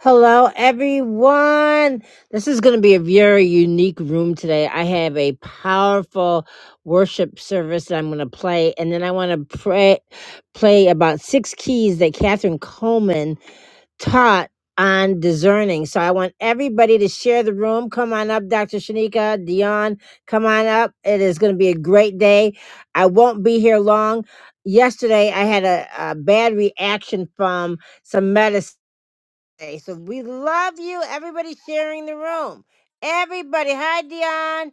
Hello, everyone. This is going to be a very unique room today. I have a powerful worship service that I'm going to play, and then I want to pray, play about six keys that Catherine Coleman taught on discerning. So I want everybody to share the room. Come on up, Dr. Shanika, Dion, come on up. It is going to be a great day. I won't be here long. Yesterday, I had a, a bad reaction from some medicine birthday. So we love you. Everybody sharing the room. Everybody, hi Dion.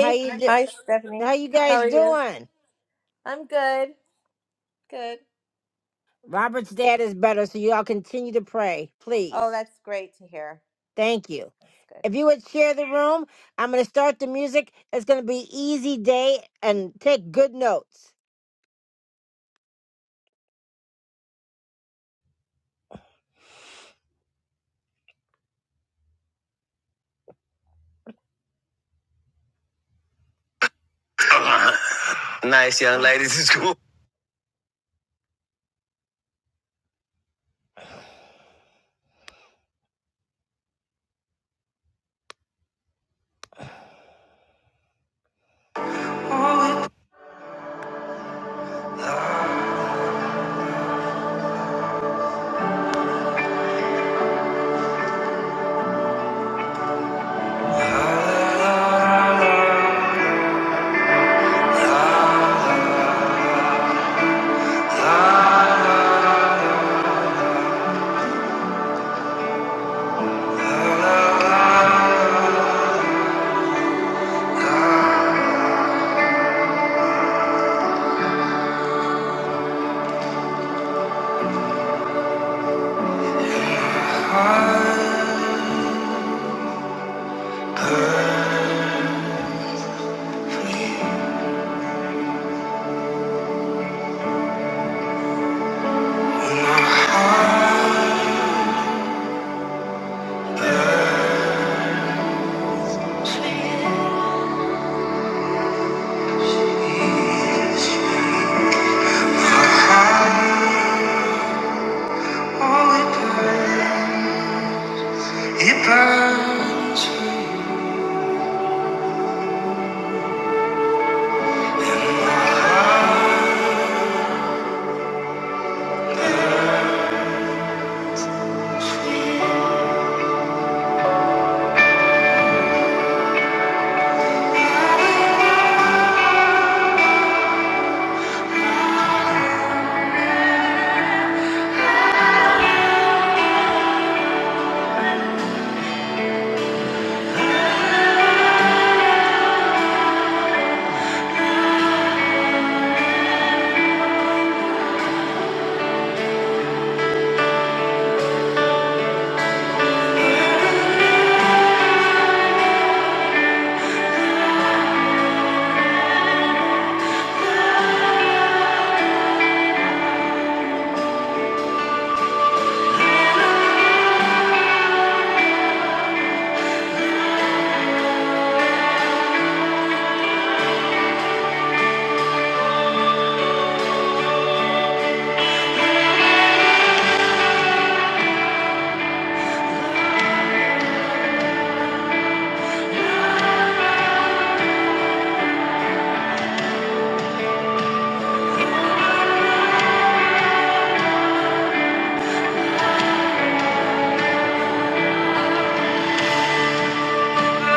How you do? Hi, Stephanie. How you How guys are you? doing? I'm good. Good. Robert's dad is better, so y'all continue to pray, Oh, please. that's great to hear. Thank you. That's good. If you would share the room, I'm going to start the music. It's going to be easy day and take good notes. Nice young ladies in school. It burns. It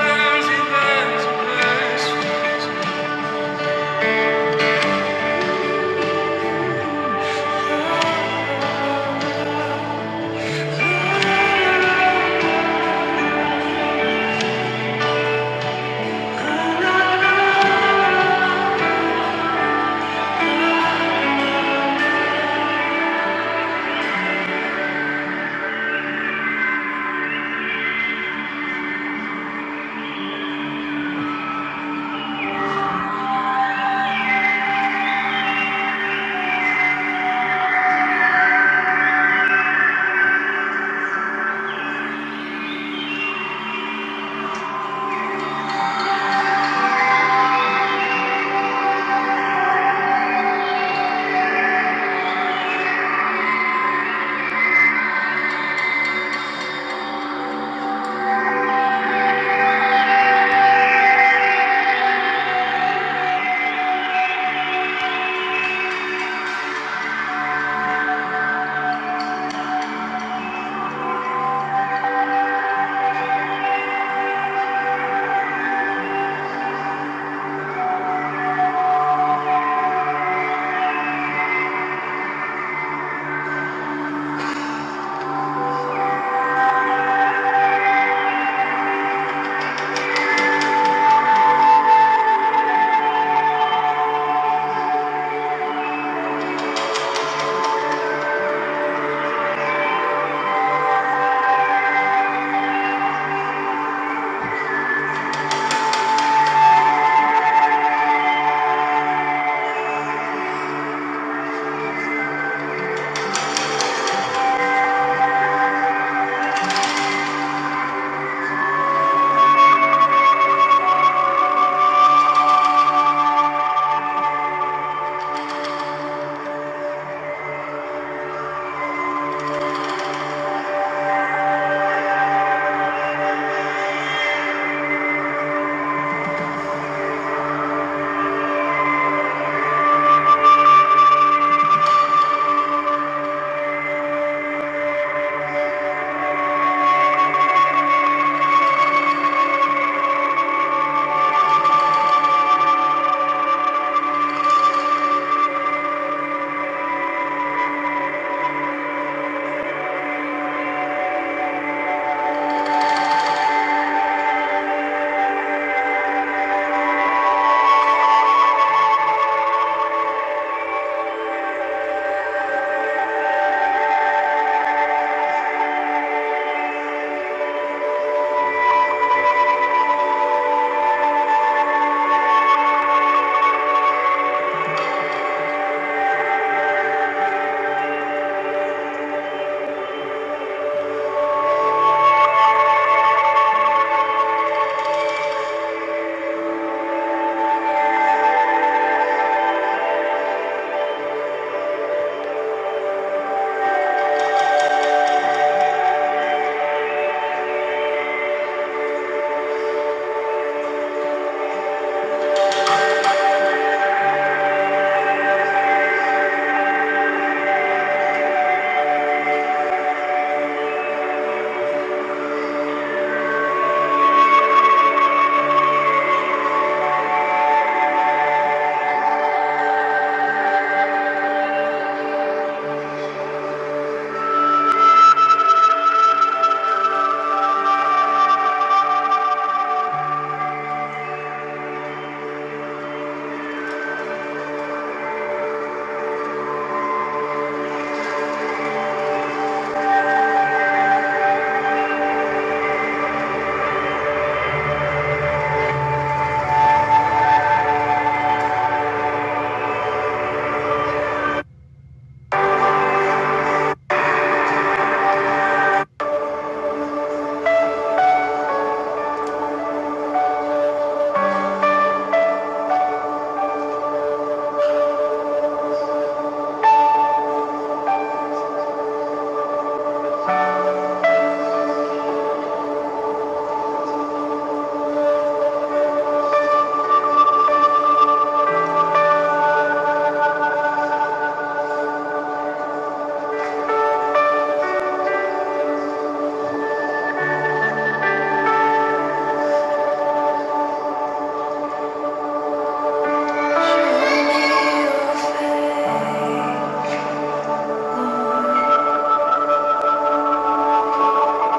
burns, it burns, it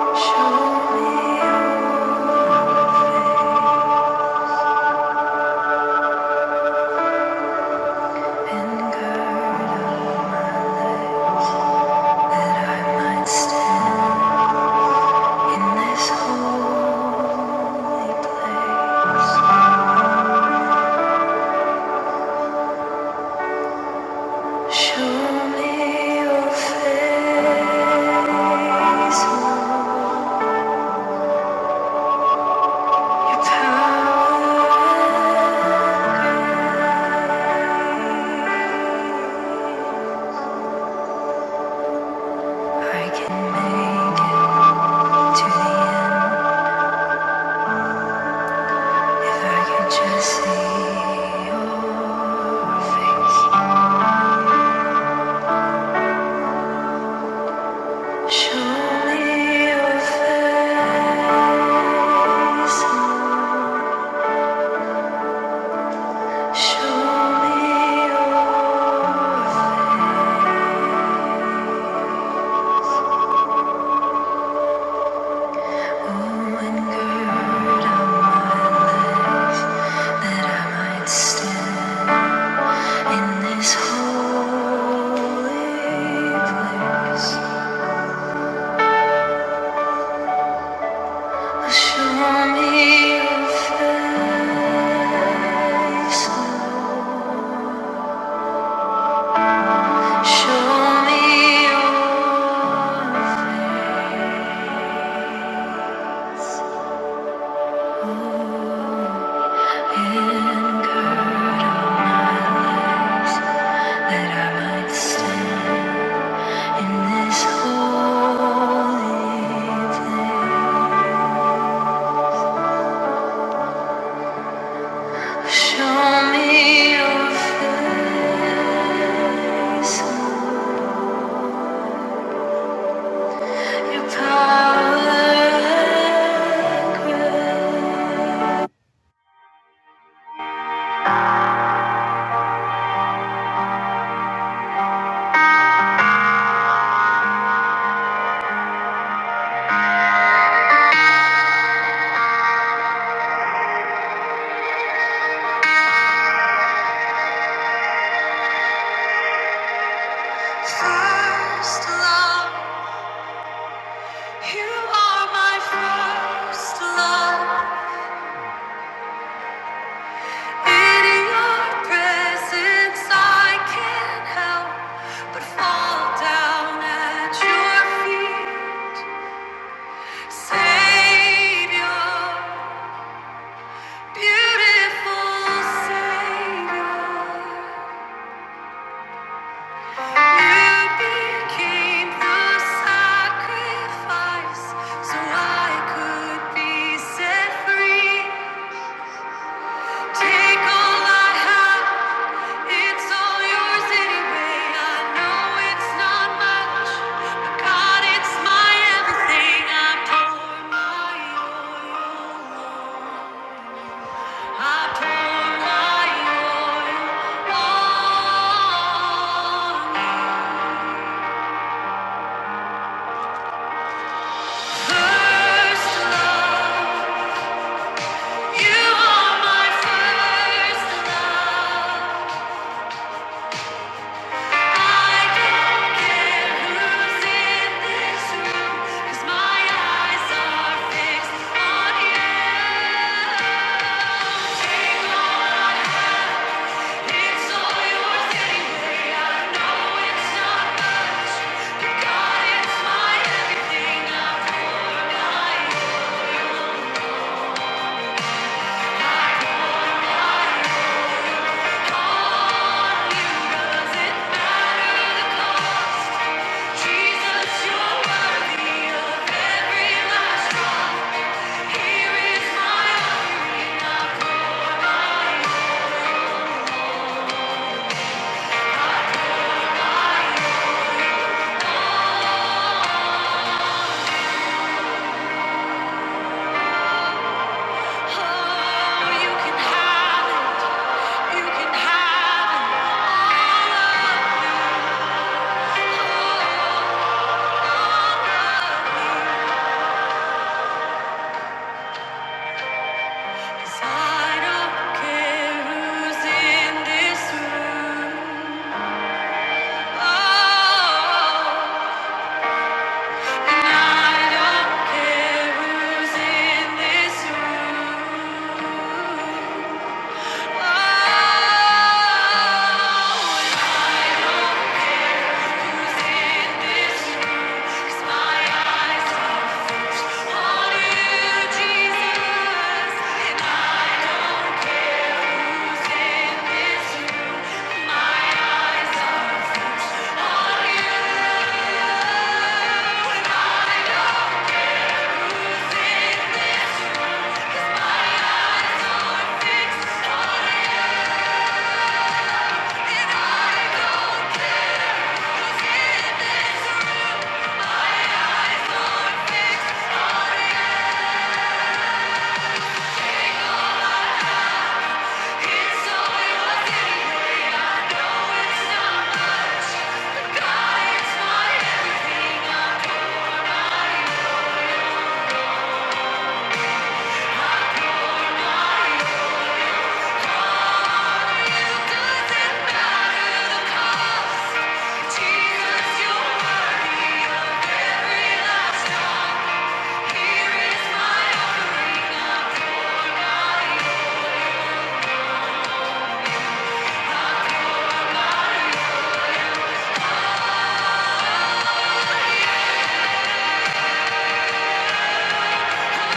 burns. Show me and gird on my leg, that I might stand in this holy place. Show me your face, It's how I can make it to the end if I can just see your face. Show me your face. Show me your face. Oh, and gird on my legs that I might stand. In this holy place, show me your face. Show me your hand, that I might stand in this holy place. Show me your face. First love, you are my first love. In your presence, I can't help but fall down at your feet, Savior, beautiful Savior. I pour my oil on you. First love, you are my first love. I don't care who's in this room, 'cause my eyes are fixed on you. Take all, it's all yours anyway. I know it's not much, but God, it's my everything. I pour out your Care who's in this room. Oh. Yeah.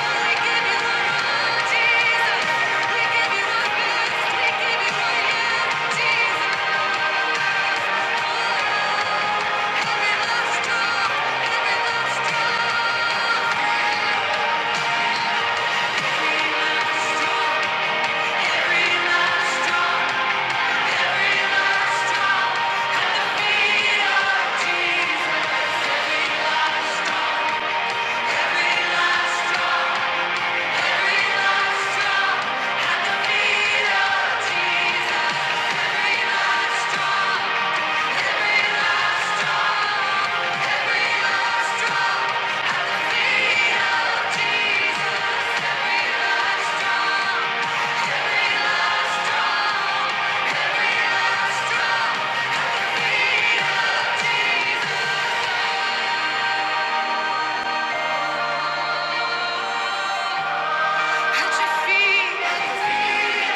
Every last drop at the feet of Jesus. At your feet, at the feet of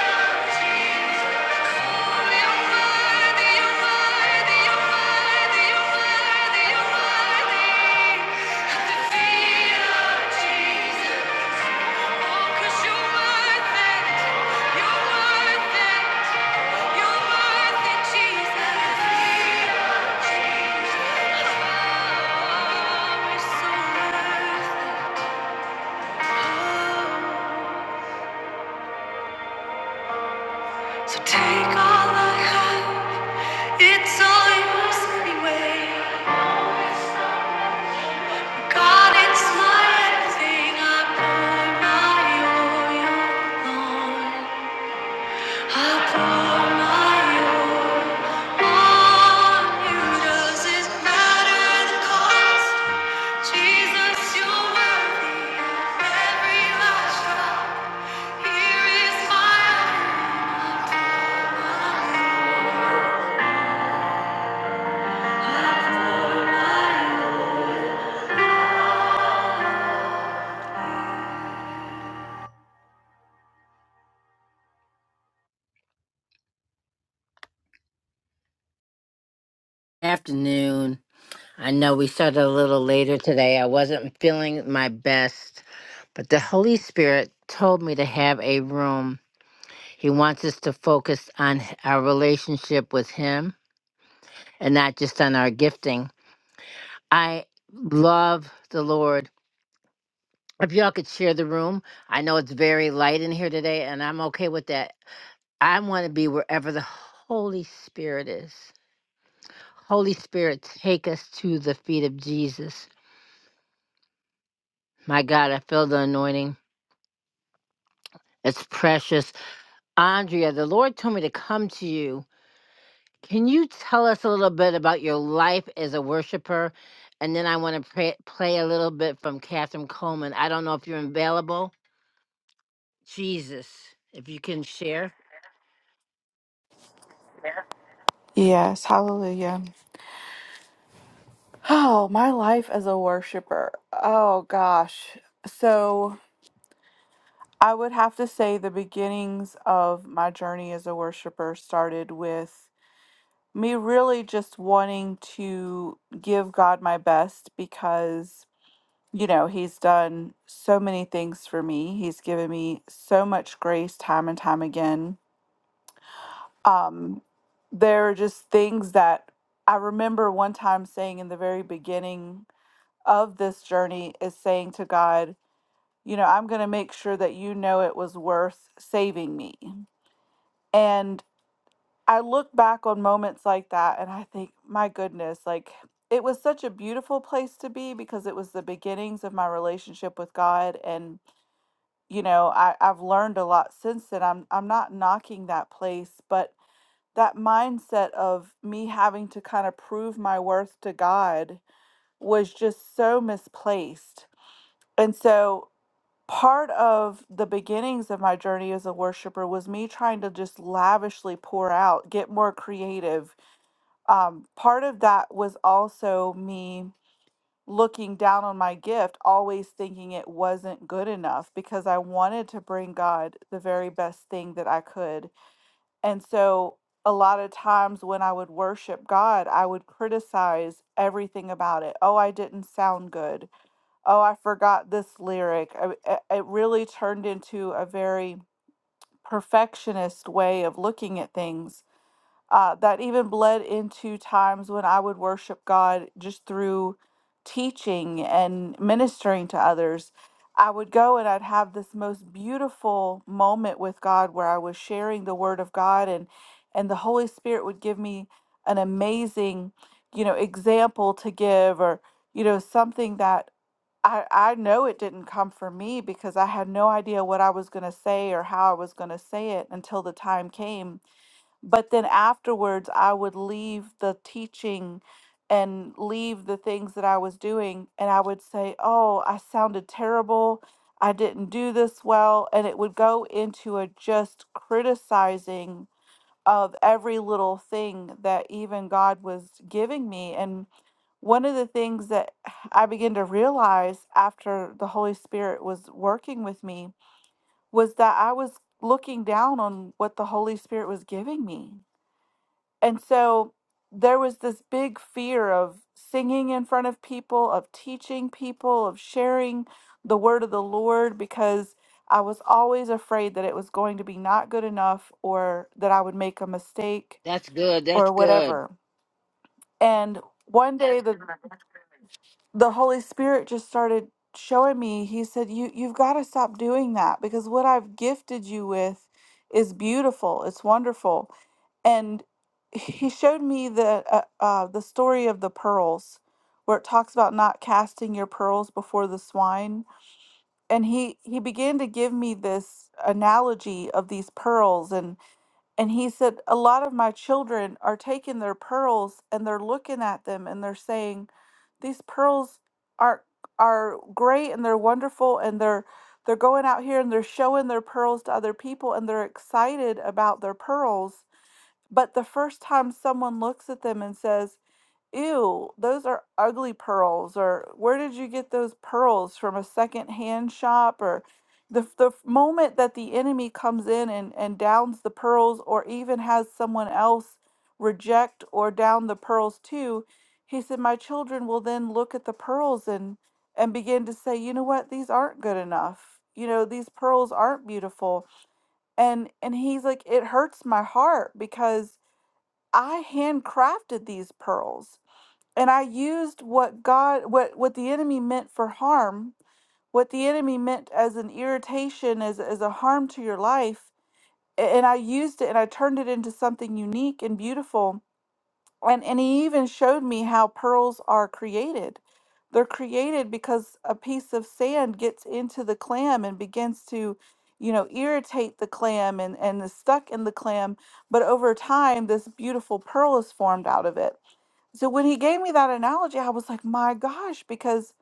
Jesus. So Take all I have, it's all yours anyway. afternoon. I know we started a little later today. I wasn't feeling my best. But the Holy Spirit told me to have a room. He wants us to focus on h- our relationship with Him and not just on our gifting. I love the Lord. If y'all could share the room, I know it's very light in here today, and I'm okay with that. I want to be wherever the Holy Spirit is. Holy Spirit, take us to the feet of Jesus. My God, I feel the anointing. It's precious. Andrea, the Lord told me to come to you Can you tell us a little bit about your life as a worshiper? And then I want to play, play a little bit from Catherine Coleman. I don't know if you're available. Jesus, if you can share. Yes, hallelujah. Oh, my life as a worshiper. Oh, gosh. So I would have to say the beginnings of my journey as a worshiper started with me really just wanting to give God my best because, you know, He's done so many things for me. He's given me so much grace time and time again. Um, there are just things that I remember one time saying in the very beginning of this journey is saying to God, you know, I'm going to make sure that you know it was worth saving me. And I look back on moments like that and I think, my goodness, like it was such a beautiful place to be because it was the beginnings of my relationship with God and you know, I, I've learned a lot since then. I'm I'm not knocking that place, but that mindset of me having to kind of prove my worth to God was just so misplaced. And so part of the beginnings of my journey as a worshiper was me trying to just lavishly pour out, get more creative. Um, part of that was also me looking down on my gift, always thinking it wasn't good enough because I wanted to bring God the very best thing that I could. And so a lot of times when I would worship God, I would criticize everything about it. Oh, I didn't sound good oh, I forgot this lyric. I, I- it really turned into a very perfectionist way of looking at things uh, that even bled into times when I would worship God just through teaching and ministering to others. I would go and I'd have this most beautiful moment with God where I was sharing the word of God and and the Holy Spirit would give me an amazing, you know, example to give or you know, something that I, I know it didn't come from me because I had no idea what I was going to say or how I was going to say it until the time came. But then afterwards, I would leave the teaching and leave the things that I was doing. And I would say, Oh, I sounded terrible. I didn't do this well. And it would go into a just criticizing of every little thing that even God was giving me. And one of the things that I began to realize after the Holy Spirit was working with me was that I was looking down on what the Holy Spirit was giving me. And so there was this big fear of singing in front of people, of teaching people, of sharing the word of the Lord because I was always afraid that it was going to be not good enough or that I would make a mistake That's good. That's or good. whatever. And one day the the Holy Spirit just started showing me. He said, "You you've got to stop doing that because what I've gifted you with is beautiful. It's wonderful." And he showed me the uh, uh, the story of the pearls, where it talks about not casting your pearls before the swine. And he he began to give me this analogy of these pearls and. And he said, A lot of my children are taking their pearls and they're looking at them and they're saying, These pearls are are great and they're wonderful and they're they're going out here and they're showing their pearls to other people and they're excited about their pearls. But the first time someone looks at them and says, Ew, those are ugly pearls. Or where did you get those pearls from a secondhand shop? Or the f- the f- moment that the enemy comes in and, and downs the pearls, or even has someone else reject or down the pearls too, he said, My children will then look at the pearls and and begin to say, you know what, these aren't good enough. You know, these pearls aren't beautiful. And and he's like, it hurts my heart because I handcrafted these pearls and I used what God what what the enemy meant for harm, what the enemy meant as an irritation as as a harm to your life, a- and I used it and I turned it into something unique and beautiful. And and he even showed me how pearls are created. They're created because a piece of sand gets into the clam and begins to you know irritate the clam and and is stuck in the clam but over time this beautiful pearl is formed out of it so when he gave me that analogy, I was like, my gosh, because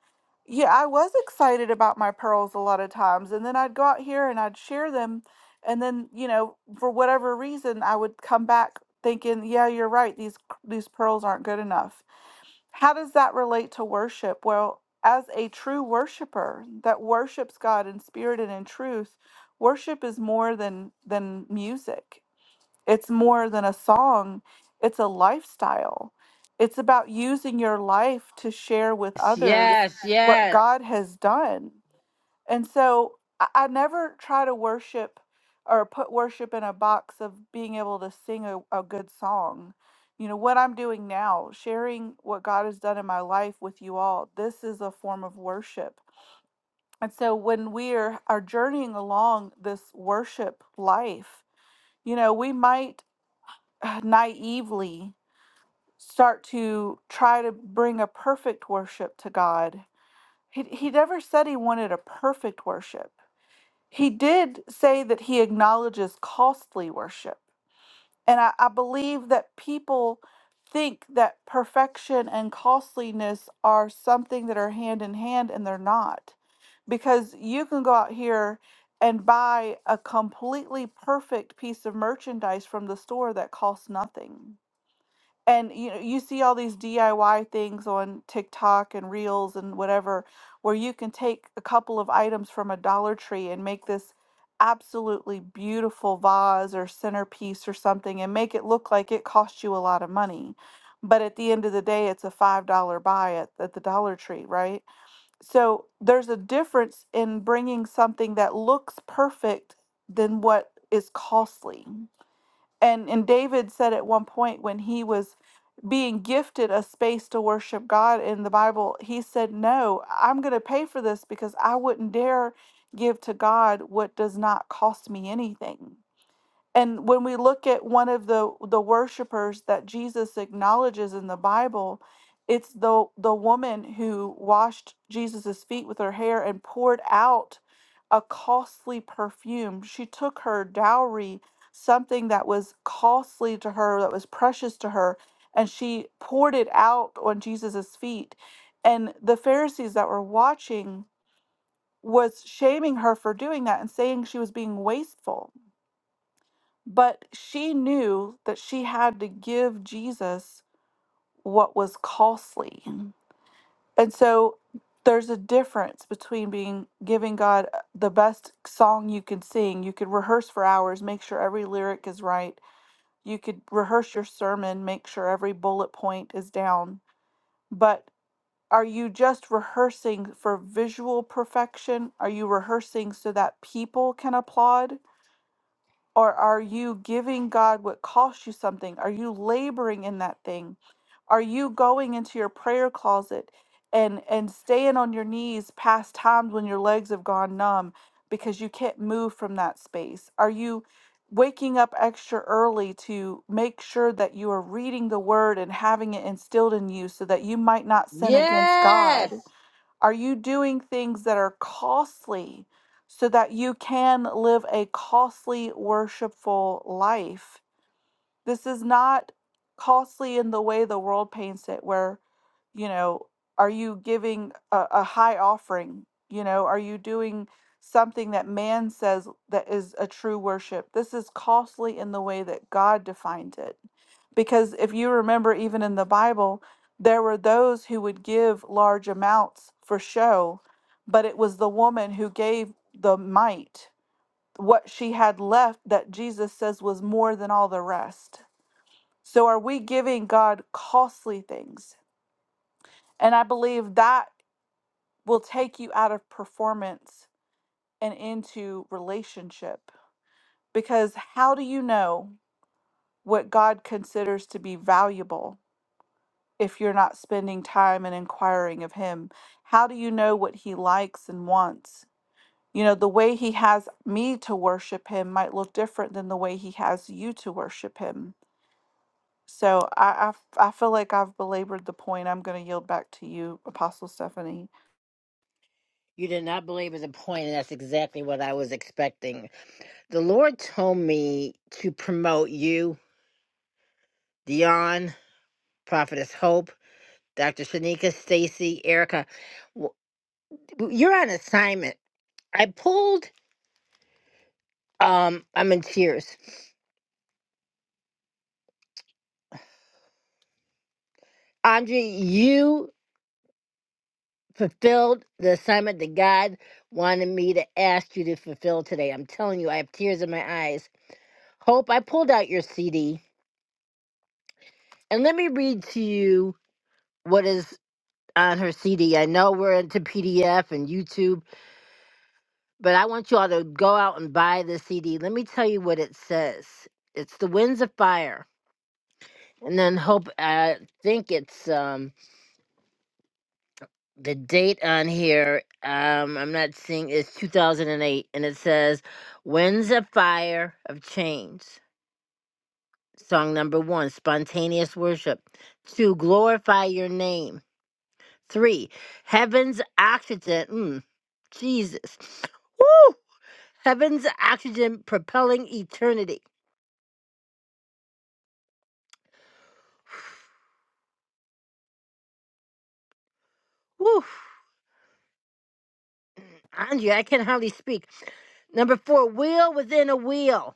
yeah, I was excited about my pearls a lot of times. And then I'd go out here and I'd share them. And then, you know, for whatever reason, I would come back thinking, yeah, you're right. These these pearls aren't good enough. How does that relate to worship? Well, as a true worshiper that worships God in spirit and in truth, worship is more than than music. It's more than a song, it's a lifestyle. It's about using your life to share with others Yes. Yes, what yes, God has done. And so I, I never try to worship or put worship in a box of being able to sing a, a good song. You know, what I'm doing now, sharing what God has done in my life with you all, this is a form of worship. And so when we are, are journeying along this worship life, you know, we might uh, naively start to try to bring a perfect worship to God. He, he never said he wanted a perfect worship. He did say that he acknowledges costly worship. And I, I believe that people think that perfection and costliness are something that are hand in hand, and they're not. Because you can go out here and buy a completely perfect piece of merchandise from the store that costs nothing and you know you see all these DIY things on TikTok and Reels and whatever where you can take a couple of items from a Dollar Tree and make this absolutely beautiful vase or centerpiece or something and make it look like it cost you a lot of money. But at the end of the day, it's a $5 buy at, at the Dollar Tree, right? So there's a difference in bringing something that looks perfect than what is costly and and David said at one point when he was being gifted a space to worship God in the Bible, he said, "No, I'm going to pay for this because I wouldn't dare give to God what does not cost me anything." And when we look at one of the the worshipers that Jesus acknowledges in the Bible, it's the the woman who washed Jesus' feet with her hair and poured out a costly perfume. She took her dowry, something that was costly to her, that was precious to her, and she poured it out on Jesus' feet. And the Pharisees that were watching was shaming her for doing that and saying she was being wasteful. But she knew that she had to give Jesus what was costly. And so there's a difference between being giving God uh, the best song you can sing. You could rehearse for hours, make sure every lyric is right. You could rehearse your sermon, make sure every bullet point is down. But are you just rehearsing for visual perfection? Are you rehearsing so that people can applaud? Or are you giving God what costs you something? Are you laboring in that thing? Are you going into your prayer closet and and staying on your knees past times when your legs have gone numb because you can't move from that space? Are you waking up extra early to make sure that you are reading the word and having it instilled in you so that you might not sin against God? yes. Are you doing things that are costly so that you can live a costly, worshipful life? This is not costly in the way the world paints it, where, you know, are you giving a, a high offering? You know, are you doing something that man says that is a true worship? This is costly in the way that God defined it. Because if you remember, even in the Bible, there were those who would give large amounts for show, but it was the woman who gave the mite, what she had left that Jesus says was more than all the rest. So are we giving God costly things? And I believe that will take you out of performance and into relationship. Because how do you know what God considers to be valuable if you're not spending time and inquiring of Him? How do you know what He likes and wants? You know, the way He has me to worship Him might look different than the way He has you to worship Him So I I I feel like I've belabored the point. I'm going to yield back to you, Apostle Stephanie. You did not believe is a point, and that's exactly what I was expecting. The Lord told me to promote you, Dion, Prophetess Hope, Dr. Shanika, Stacy, Erica. W- You're on assignment I pulled. Um, I'm in tears. Andre, you fulfilled the assignment that God wanted me to ask you to fulfill today. I'm telling you, I have tears in my eyes. Hope, I pulled out your CD, and let me read to you what is on her CD. I know we're into PDF and YouTube, but I want you all to go out and buy the CD. Let me tell you what it says. It's The Winds of Fire, and then Hope. I think it's um the date on here um i'm not seeing it's 2008 and eight, and it says winds of fire of change song number one spontaneous worship two glorify your name three heaven's oxygen mm, jesus Woo! heaven's oxygen propelling eternity Woo! andrea i can hardly speak number four wheel within a wheel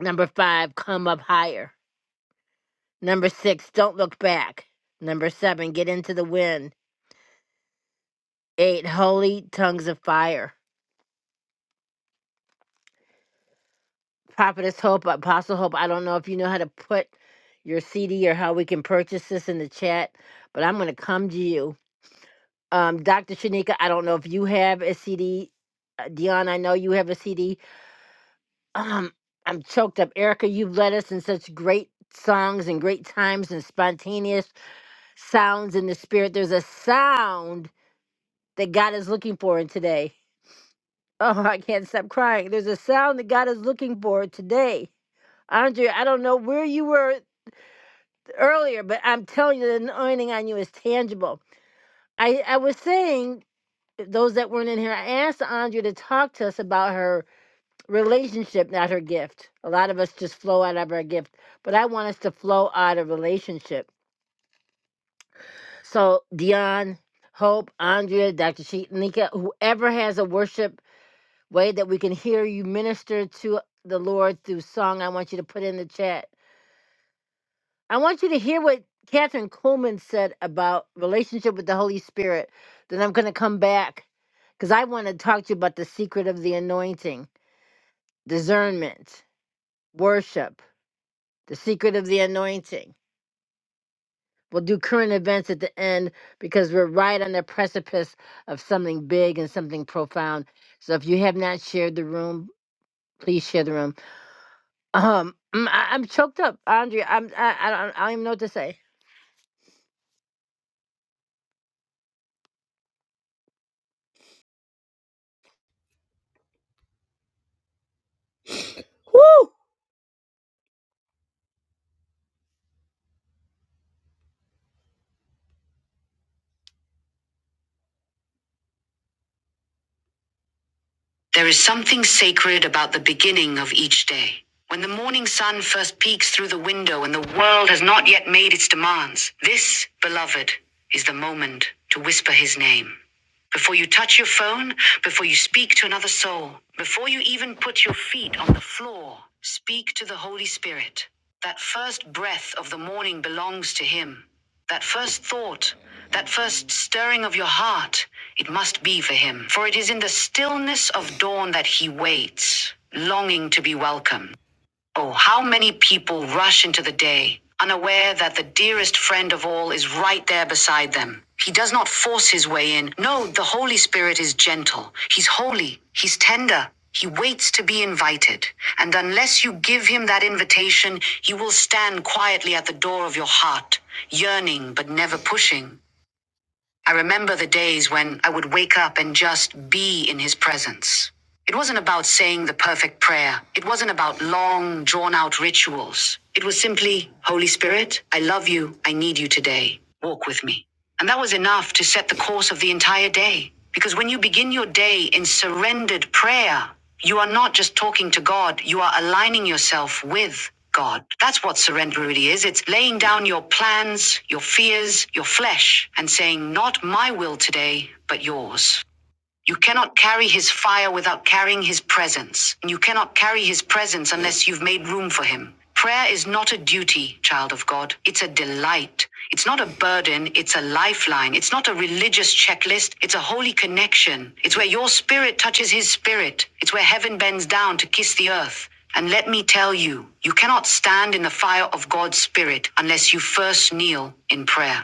number five come up higher Number six, don't look back. Number seven, get into the wind. Eight, holy tongues of fire. Prophetess Hope, Apostle Hope, I don't know if you know how to put your CD or how we can purchase this in the chat, but I'm going to come to you. Um, Dr. Shanika, I don't know if you have a CD. Uh, Dion, I know you have a CD. Um, I'm choked up. Erica, you've led us in such great songs and great times and spontaneous sounds in the spirit. There's a sound that God is looking for in today. Oh, I can't stop crying. There's a sound that God is looking for today. Andrea, I don't know where you were earlier, but I'm telling you, the anointing on you is tangible. I, I was saying, uh, those that weren't in here, I asked Andrea to talk to us about her relationship, not her gift. A lot of us just flow out of our gift, but I want us to flow out of relationship. So, Dion, Hope, Andrea, Dr. Sheet, Nika, whoever has a worship way that we can hear you minister to the Lord through song. I want you to put in the chat. I want you to hear what Catherine Coleman said about relationship with the Holy Spirit. Then I'm going to come back because I want to talk to you about the secret of the anointing, discernment, worship, the secret of the anointing. We'll do current events at the end because we're right on the precipice of something big and something profound. So if you have not shared the room, please share the room Um, mm, I, I'm choked up, Andrea. I'm I, I don't I don't even know what to say. Woo! There is something sacred about the beginning of each day. When the morning sun first peeks through the window and the world has not yet made its demands, this, beloved, is the moment to whisper his name. Before you touch your phone, before you speak to another soul, before you even put your feet on the floor, speak to the Holy Spirit. That first breath of the morning belongs to Him. That first thought, that first stirring of your heart, it must be for Him. For it is in the stillness of dawn that He waits, longing to be welcomed. Oh, how many people rush into the day, unaware that the dearest friend of all is right there beside them. He does not force his way in. No, the Holy Spirit is gentle. He's holy. He's tender. He waits to be invited. And unless you give him that invitation, he will stand quietly at the door of your heart, yearning but never pushing. I remember the days when I would wake up and just be in his presence. It wasn't about saying the perfect prayer. It wasn't about long, drawn out rituals. It was simply, Holy Spirit, I love you. I need you today. Walk with me. And that was enough to set the course of the entire day. Because when you begin your day in surrendered prayer, you are not just talking to God, you are aligning yourself with God. That's what surrender really is. It's laying down your plans, your fears, your flesh, and saying, Not my will today, but yours. You cannot carry his fire without carrying his presence, and you cannot carry his presence unless you've made room for him. Prayer is not a duty, child of God. It's a delight. It's not a burden. It's a lifeline. It's not a religious checklist. It's a holy connection. It's where your spirit touches his spirit. It's where heaven bends down to kiss the earth. And let me tell you, you cannot stand in the fire of God's Spirit unless you first kneel in prayer.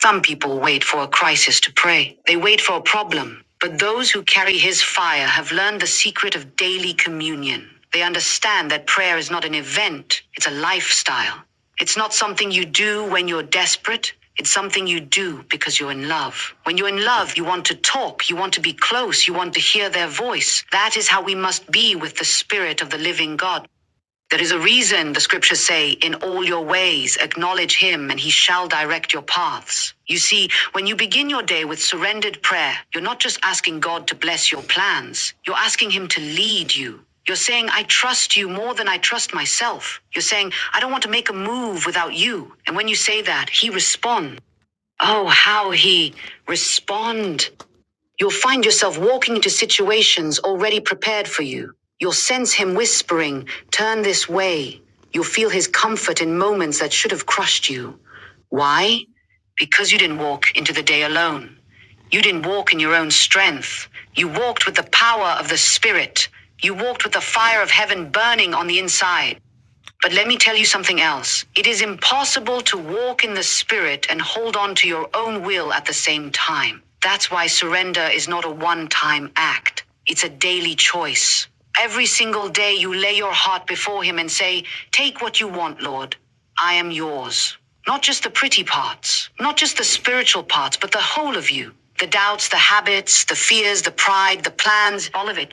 Some people wait for a crisis to pray. They wait for a problem. But those who carry his fire have learned the secret of daily communion. They understand that prayer is not an event, it's a lifestyle. It's not something you do when you're desperate. It's something you do because you're in love. When you're in love, you want to talk, you want to be close, you want to hear their voice. That is how we must be with the Spirit of the living God. There is a reason the scriptures say, in all your ways, acknowledge him and he shall direct your paths. You see, when you begin your day with surrendered prayer, you're not just asking God to bless your plans, you're asking him to lead you. You're saying, I trust you more than I trust myself. You're saying, I don't want to make a move without you. And when you say that, he responds. Oh, how he respond. You'll find yourself walking into situations already prepared for you. You'll sense him whispering, Turn this way. You'll feel his comfort in moments that should have crushed you. Why? Because you didn't walk into the day alone. You didn't walk in your own strength. You walked with the power of the Spirit. You walked with the fire of heaven burning on the inside. But let me tell you something else. It is impossible to walk in the Spirit and hold on to your own will at the same time. That's why surrender is not a one time act, it's a daily choice. Every single day you lay your heart before Him and say, Take what you want, Lord. I am yours. Not just the pretty parts, not just the spiritual parts, but the whole of you. The doubts, the habits, the fears, the pride, the plans, all of it.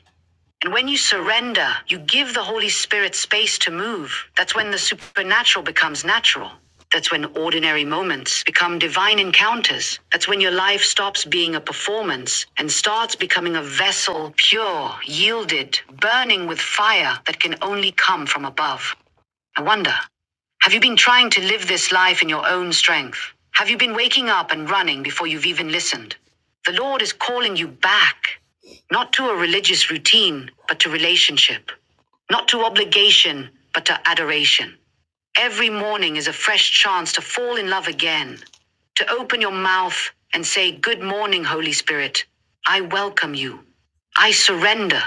And when you surrender, you give the Holy Spirit space to move. That's when the supernatural becomes natural. That's when ordinary moments become divine encounters. That's when your life stops being a performance and starts becoming a vessel, pure, yielded, burning with fire that can only come from above. I wonder, have you been trying to live this life in your own strength? Have you been waking up and running before you've even listened? The Lord is calling you back, not to a religious routine, but to relationship, not to obligation, but to adoration. Every morning is a fresh chance to fall in love again, to open your mouth and say, Good morning, Holy Spirit. I welcome you. I surrender.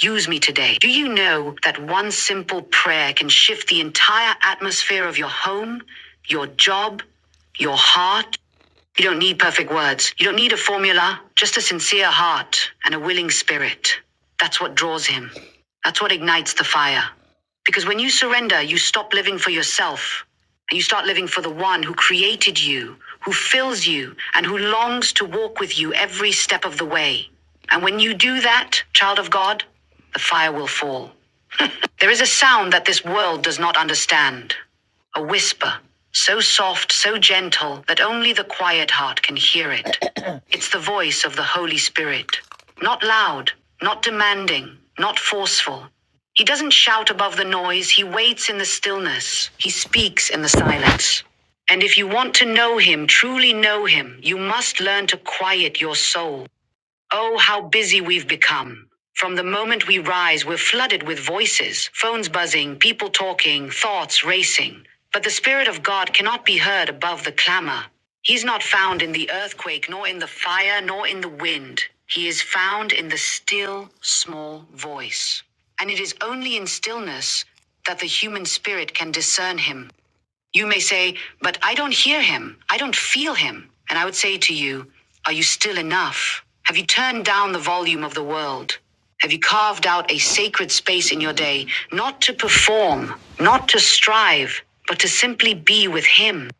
Use me today. Do you know that one simple prayer can shift the entire atmosphere of your home, your job, your heart? You don't need perfect words. You don't need a formula, just a sincere heart and a willing spirit. That's what draws him. That's what ignites the fire. Because when you surrender, you stop living for yourself and you start living for the one who created you, who fills you, and who longs to walk with you every step of the way. And when you do that, child of God, the fire will fall. There is a sound that this world does not understand a whisper, so soft, so gentle, that only the quiet heart can hear it. It's the voice of the Holy Spirit. Not loud, not demanding, not forceful. He doesn't shout above the noise, he waits in the stillness, he speaks in the silence. And if you want to know him, truly know him, you must learn to quiet your soul. Oh, how busy we've become. From the moment we rise, we're flooded with voices, phones buzzing, people talking, thoughts racing. But the Spirit of God cannot be heard above the clamor. He's not found in the earthquake, nor in the fire, nor in the wind. He is found in the still, small voice. And it is only in stillness that the human spirit can discern him. You may say, But I don't hear him. I don't feel him. And I would say to you, Are you still enough? Have you turned down the volume of the world? Have you carved out a sacred space in your day, not to perform, not to strive, but to simply be with him?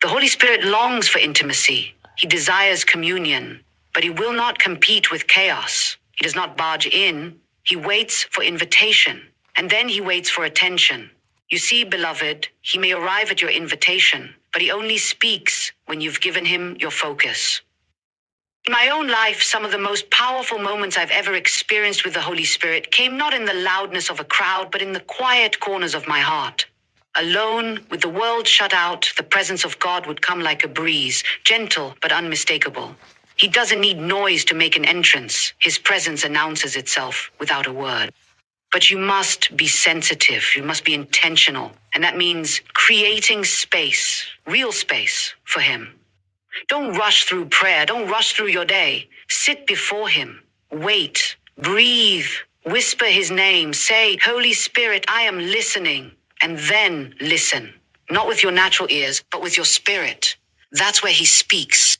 The Holy Spirit longs for intimacy. He desires communion, but he will not compete with chaos. He does not barge in. He waits for invitation, and then he waits for attention. You see, beloved, he may arrive at your invitation, but he only speaks when you've given him your focus. In my own life, some of the most powerful moments I've ever experienced with the Holy Spirit came not in the loudness of a crowd, but in the quiet corners of my heart. Alone, with the world shut out, the presence of God would come like a breeze, gentle but unmistakable. He doesn't need noise to make an entrance. His presence announces itself without a word. But you must be sensitive. You must be intentional. And that means creating space, real space for him. Don't rush through prayer. Don't rush through your day. Sit before Him. Wait. Breathe. Whisper His name. Say, Holy Spirit, I am listening. And then listen. Not with your natural ears, but with your spirit. That's where He speaks.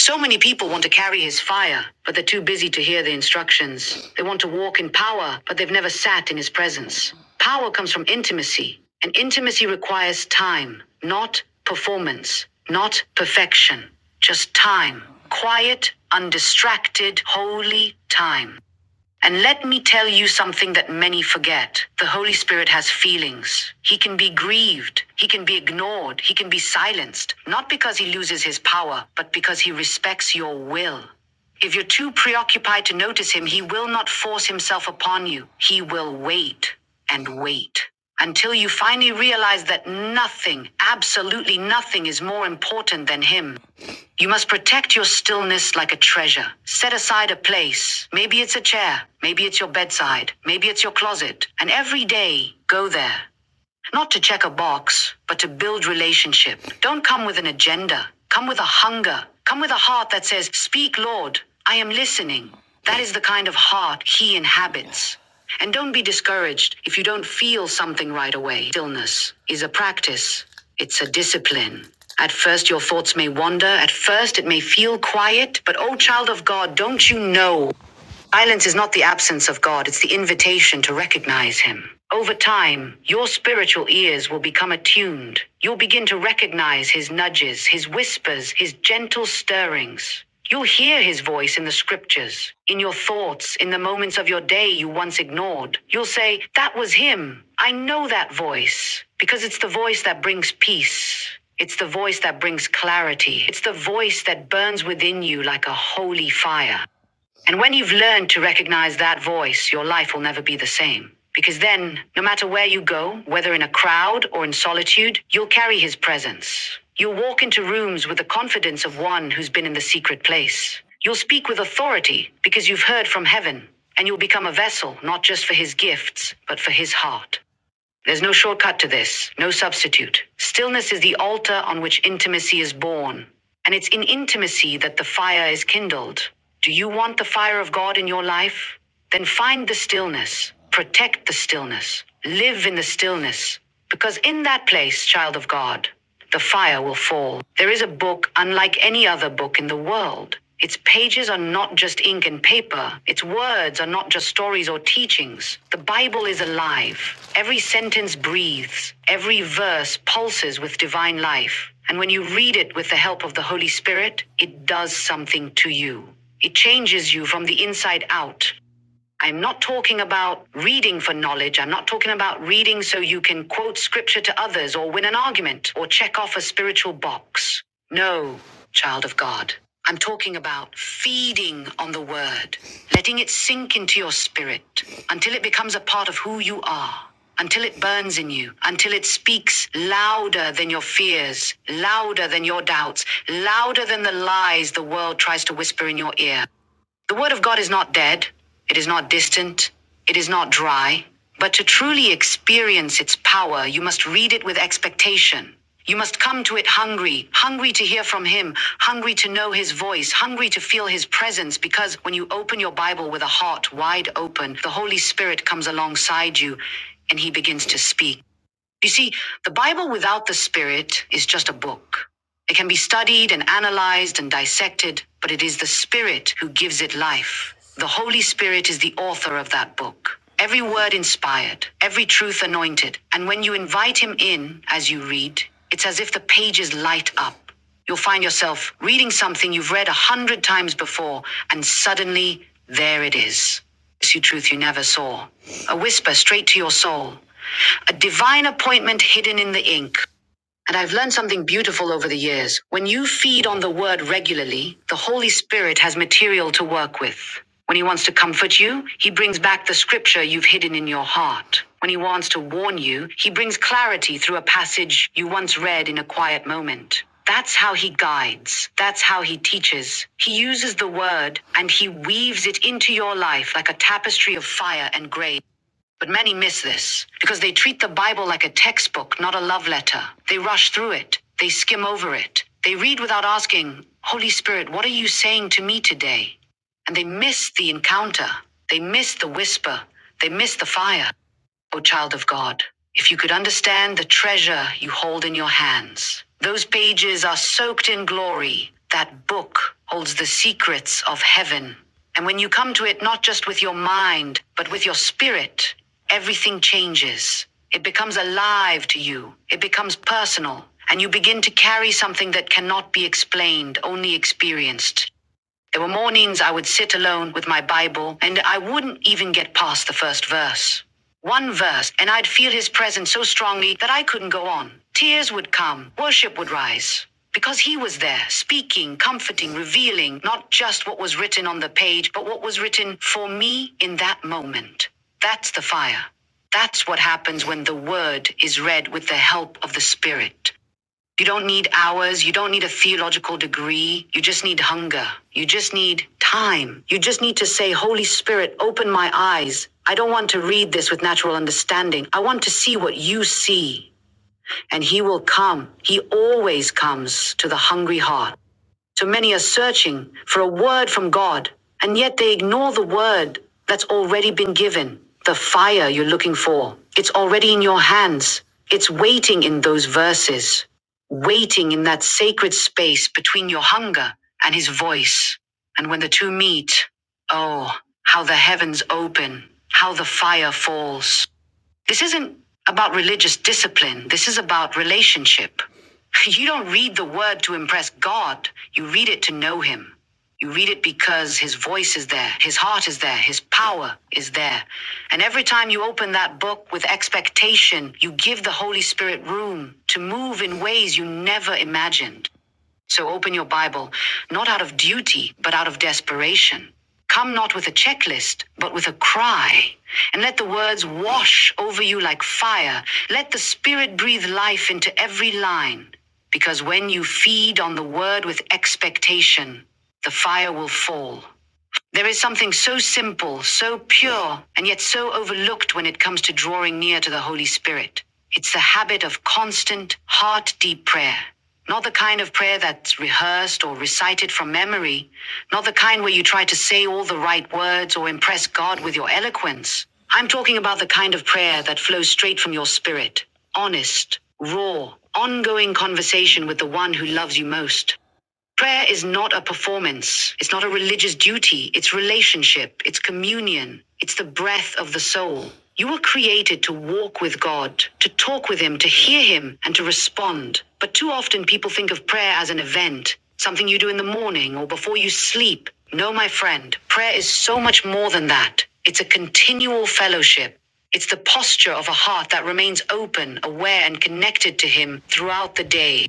So many people want to carry his fire, but they're too busy to hear the instructions. They want to walk in power, but they've never sat in his presence. Power comes from intimacy, and intimacy requires time, not performance, not perfection, just time. Quiet, undistracted, holy time. And let me tell you something that many forget. The Holy Spirit has feelings. He can be grieved. He can be ignored. He can be silenced. Not because he loses his power, but because he respects your will. If you're too preoccupied to notice him, he will not force himself upon you. He will wait and wait until you finally realize that nothing, absolutely nothing, is more important than him. You must protect your stillness like a treasure. Set aside a place. Maybe it's a chair. Maybe it's your bedside. Maybe it's your closet. And every day, go there. Not to check a box, but to build relationship. Don't come with an agenda. Come with a hunger. Come with a heart that says, Speak, Lord, I am listening. That is the kind of heart he inhabits. And don't be discouraged if you don't feel something right away. Stillness is a practice, it's a discipline. At first, your thoughts may wander. At first, it may feel quiet. But, oh, child of God, don't you know? Silence is not the absence of God, it's the invitation to recognize Him. Over time, your spiritual ears will become attuned. You'll begin to recognize His nudges, His whispers, His gentle stirrings. You'll hear His voice in the scriptures, in your thoughts, in the moments of your day you once ignored. You'll say, That was Him. I know that voice because it's the voice that brings peace. It's the voice that brings clarity. It's the voice that burns within you like a holy fire. And when you've learned to recognize that voice, your life will never be the same. Because then, no matter where you go, whether in a crowd or in solitude, you'll carry his presence. You'll walk into rooms with the confidence of one who's been in the secret place. You'll speak with authority because you've heard from heaven, and you'll become a vessel not just for his gifts, but for his heart. There's no shortcut to this, no substitute. Stillness is the altar on which intimacy is born, and it's in intimacy that the fire is kindled. Do you want the fire of God in your life? Then find the stillness, protect the stillness, live in the stillness, because in that place, child of God, the fire will fall. There is a book unlike any other book in the world. Its pages are not just ink and paper. Its words are not just stories or teachings. The Bible is alive. Every sentence breathes. Every verse pulses with divine life. And when you read it with the help of the Holy Spirit, it does something to you. It changes you from the inside out. I'm not talking about reading for knowledge. I'm not talking about reading so you can quote scripture to others or win an argument or check off a spiritual box. No, child of God. I'm talking about feeding on the word, letting it sink into your spirit until it becomes a part of who you are until it burns in you, until it speaks louder than your fears, louder than your doubts, louder than the lies the world tries to whisper in your ear. The Word of God is not dead, it is not distant, it is not dry. But to truly experience its power, you must read it with expectation. You must come to it hungry, hungry to hear from Him, hungry to know His voice, hungry to feel His presence, because when you open your Bible with a heart wide open, the Holy Spirit comes alongside you and He begins to speak. You see, the Bible without the Spirit is just a book. It can be studied and analyzed and dissected, but it is the Spirit who gives it life. The Holy Spirit is the author of that book. Every word inspired, every truth anointed. And when you invite Him in as you read, it's as if the pages light up. You'll find yourself reading something you've read a hundred times before, and suddenly there it is. It's you truth you never saw. A whisper straight to your soul a divine appointment hidden in the ink. And I've learned something beautiful over the years. When you feed on the word regularly, the Holy Spirit has material to work with. When he wants to comfort you, he brings back the scripture you've hidden in your heart. When he wants to warn you, he brings clarity through a passage you once read in a quiet moment. That's how he guides. That's how he teaches. He uses the word and he weaves it into your life like a tapestry of fire and grace. But many miss this because they treat the Bible like a textbook, not a love letter. They rush through it, they skim over it, they read without asking, Holy Spirit, what are you saying to me today? And they miss the encounter, they miss the whisper, they miss the fire. O child of God, if you could understand the treasure you hold in your hands, those pages are soaked in glory. That book holds the secrets of heaven. And when you come to it, not just with your mind, but with your spirit, everything changes. It becomes alive to you, it becomes personal, and you begin to carry something that cannot be explained, only experienced. There were mornings I would sit alone with my Bible and I wouldn't even get past the first verse. One verse, and I'd feel his presence so strongly that I couldn't go on. Tears would come, worship would rise. Because he was there, speaking, comforting, revealing not just what was written on the page, but what was written for me in that moment. That's the fire. That's what happens when the word is read with the help of the Spirit. You don't need hours. You don't need a theological degree. You just need hunger. You just need time. You just need to say, Holy Spirit, open my eyes. I don't want to read this with natural understanding. I want to see what you see. And He will come. He always comes to the hungry heart. So many are searching for a word from God, and yet they ignore the word that's already been given. The fire you're looking for. It's already in your hands. It's waiting in those verses, waiting in that sacred space between your hunger and his voice. And when the two meet, oh, how the heavens open, how the fire falls. This isn't about religious discipline, this is about relationship. You don't read the word to impress God, you read it to know Him. You read it because His voice is there, His heart is there, His power is there. And every time you open that book with expectation, you give the Holy Spirit room to move in ways you never imagined. So open your Bible, not out of duty, but out of desperation. Come not with a checklist, but with a cry. And let the words wash over you like fire. Let the Spirit breathe life into every line. Because when you feed on the word with expectation, the fire will fall. There is something so simple, so pure, and yet so overlooked when it comes to drawing near to the Holy Spirit. It's the habit of constant, heart deep prayer. Not the kind of prayer that's rehearsed or recited from memory, not the kind where you try to say all the right words or impress God with your eloquence. I'm talking about the kind of prayer that flows straight from your spirit honest, raw, ongoing conversation with the one who loves you most. Prayer is not a performance. It's not a religious duty. It's relationship. It's communion. It's the breath of the soul. You were created to walk with God, to talk with Him, to hear Him, and to respond. But too often people think of prayer as an event, something you do in the morning or before you sleep. No, my friend, prayer is so much more than that. It's a continual fellowship. It's the posture of a heart that remains open, aware, and connected to Him throughout the day.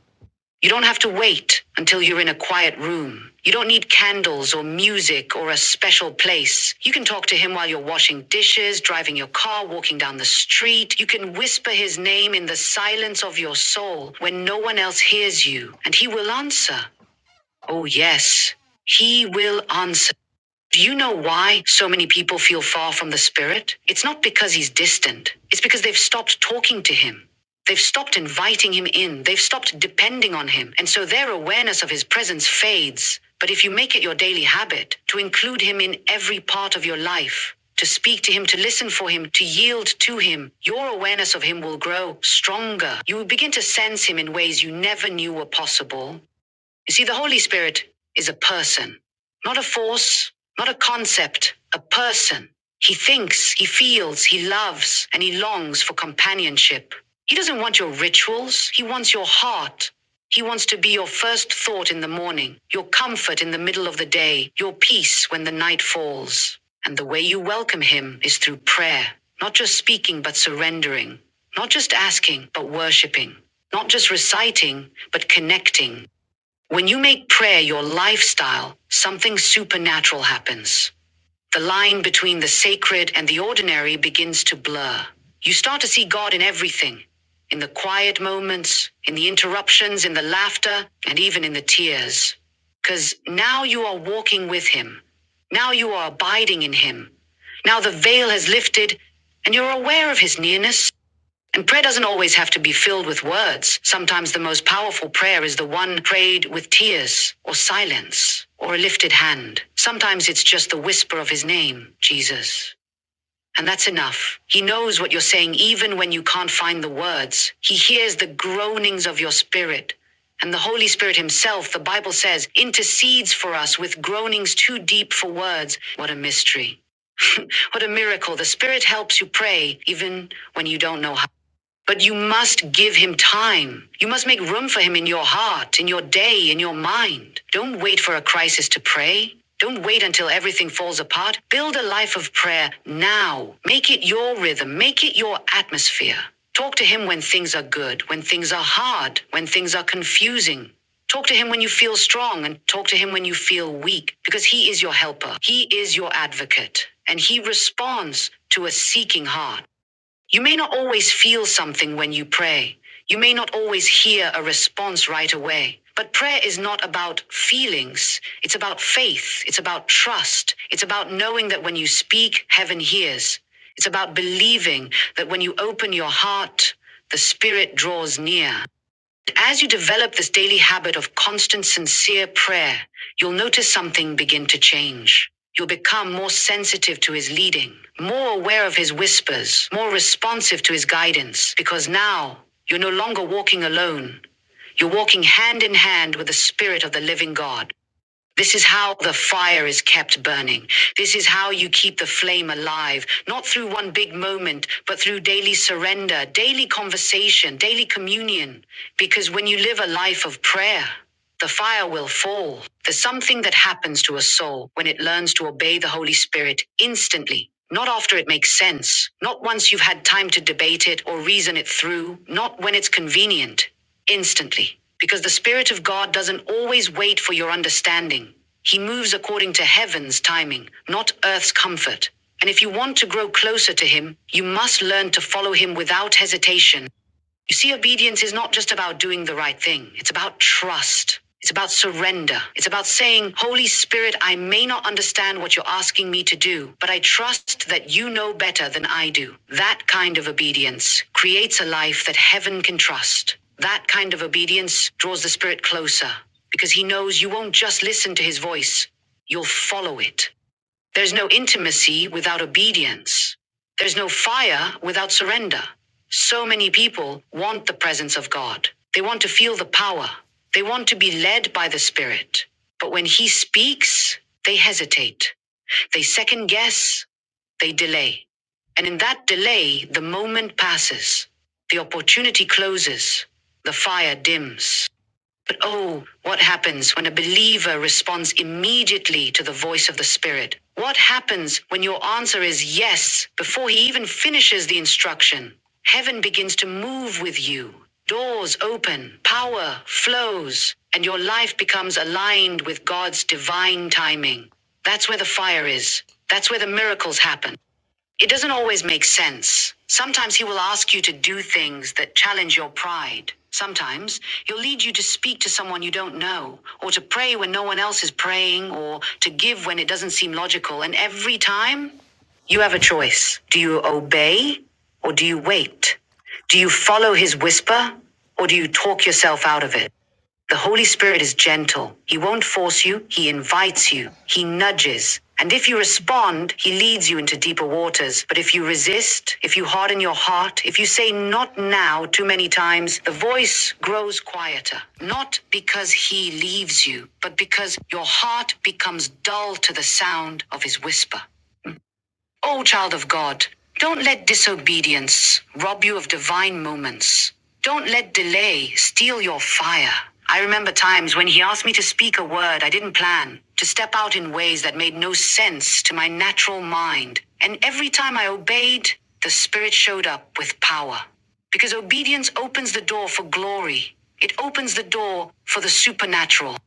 You don't have to wait until you're in a quiet room. You don't need candles or music or a special place. You can talk to him while you're washing dishes, driving your car, walking down the street. You can whisper his name in the silence of your soul when no one else hears you, and he will answer. Oh, yes, he will answer. Do you know why so many people feel far from the Spirit? It's not because he's distant, it's because they've stopped talking to him. They've stopped inviting him in, they've stopped depending on him, and so their awareness of his presence fades. But if you make it your daily habit to include him in every part of your life, to speak to him, to listen for him, to yield to him, your awareness of him will grow stronger. You will begin to sense him in ways you never knew were possible. You see, the Holy Spirit is a person, not a force, not a concept, a person. He thinks, he feels, he loves, and he longs for companionship. He doesn't want your rituals, he wants your heart. He wants to be your first thought in the morning, your comfort in the middle of the day, your peace when the night falls. And the way you welcome him is through prayer, not just speaking, but surrendering, not just asking, but worshiping, not just reciting, but connecting when you make prayer your lifestyle, something supernatural happens. The line between the sacred and the ordinary begins to blur. You start to see God in everything in the quiet moments, in the interruptions, in the laughter, and even in the tears. Because now you are walking with Him. Now you are abiding in Him. Now the veil has lifted, and you're aware of His nearness. And prayer doesn't always have to be filled with words. Sometimes the most powerful prayer is the one prayed with tears or silence or a lifted hand. Sometimes it's just the whisper of his name, Jesus. And that's enough. He knows what you're saying even when you can't find the words. He hears the groanings of your spirit. And the Holy Spirit Himself, the Bible says, intercedes for us with groanings too deep for words. What a mystery. What a miracle. The Spirit helps you pray even when you don't know how. But you must give him time. You must make room for him in your heart, in your day, in your mind. Don't wait for a crisis to pray. Don't wait until everything falls apart. Build a life of prayer now. Make it your rhythm. Make it your atmosphere. Talk to him when things are good, when things are hard, when things are confusing. Talk to him when you feel strong and talk to him when you feel weak, because he is your helper. He is your advocate, and he responds to a seeking heart. You may not always feel something when you pray. You may not always hear a response right away. But prayer is not about feelings. It's about faith. It's about trust. It's about knowing that when you speak, heaven hears. It's about believing that when you open your heart, the Spirit draws near. As you develop this daily habit of constant, sincere prayer, you'll notice something begin to change. You'll become more sensitive to his leading, more aware of his whispers, more responsive to his guidance, because now you're no longer walking alone. You're walking hand in hand with the Spirit of the living God. This is how the fire is kept burning. This is how you keep the flame alive, not through one big moment, but through daily surrender, daily conversation, daily communion. Because when you live a life of prayer, the fire will fall. There's something that happens to a soul when it learns to obey the Holy Spirit instantly. Not after it makes sense. Not once you've had time to debate it or reason it through. Not when it's convenient. Instantly. Because the Spirit of God doesn't always wait for your understanding. He moves according to heaven's timing, not earth's comfort. And if you want to grow closer to Him, you must learn to follow Him without hesitation. You see, obedience is not just about doing the right thing, it's about trust. It's about surrender. It's about saying, Holy Spirit, I may not understand what you're asking me to do, but I trust that you know better than I do. That kind of obedience creates a life that heaven can trust. That kind of obedience draws the Spirit closer because he knows you won't just listen to his voice, you'll follow it. There's no intimacy without obedience. There's no fire without surrender. So many people want the presence of God. They want to feel the power. They want to be led by the Spirit. But when He speaks, they hesitate. They second guess. They delay. And in that delay, the moment passes. The opportunity closes. The fire dims. But oh, what happens when a believer responds immediately to the voice of the Spirit? What happens when your answer is yes before he even finishes the instruction? Heaven begins to move with you. Doors open, power flows, and your life becomes aligned with God's divine timing. That's where the fire is. That's where the miracles happen. It doesn't always make sense. Sometimes he will ask you to do things that challenge your pride. Sometimes he'll lead you to speak to someone you don't know, or to pray when no one else is praying, or to give when it doesn't seem logical. And every time, you have a choice. Do you obey, or do you wait? Do you follow his whisper, or do you talk yourself out of it? The Holy Spirit is gentle. He won't force you, He invites you, He nudges. And if you respond, He leads you into deeper waters. But if you resist, if you harden your heart, if you say not now too many times, the voice grows quieter. Not because He leaves you, but because your heart becomes dull to the sound of His whisper. O child of God, don't let disobedience rob you of divine moments. Don't let delay steal your fire. I remember times when he asked me to speak a word I didn't plan, to step out in ways that made no sense to my natural mind. And every time I obeyed, the Spirit showed up with power. Because obedience opens the door for glory, it opens the door for the supernatural.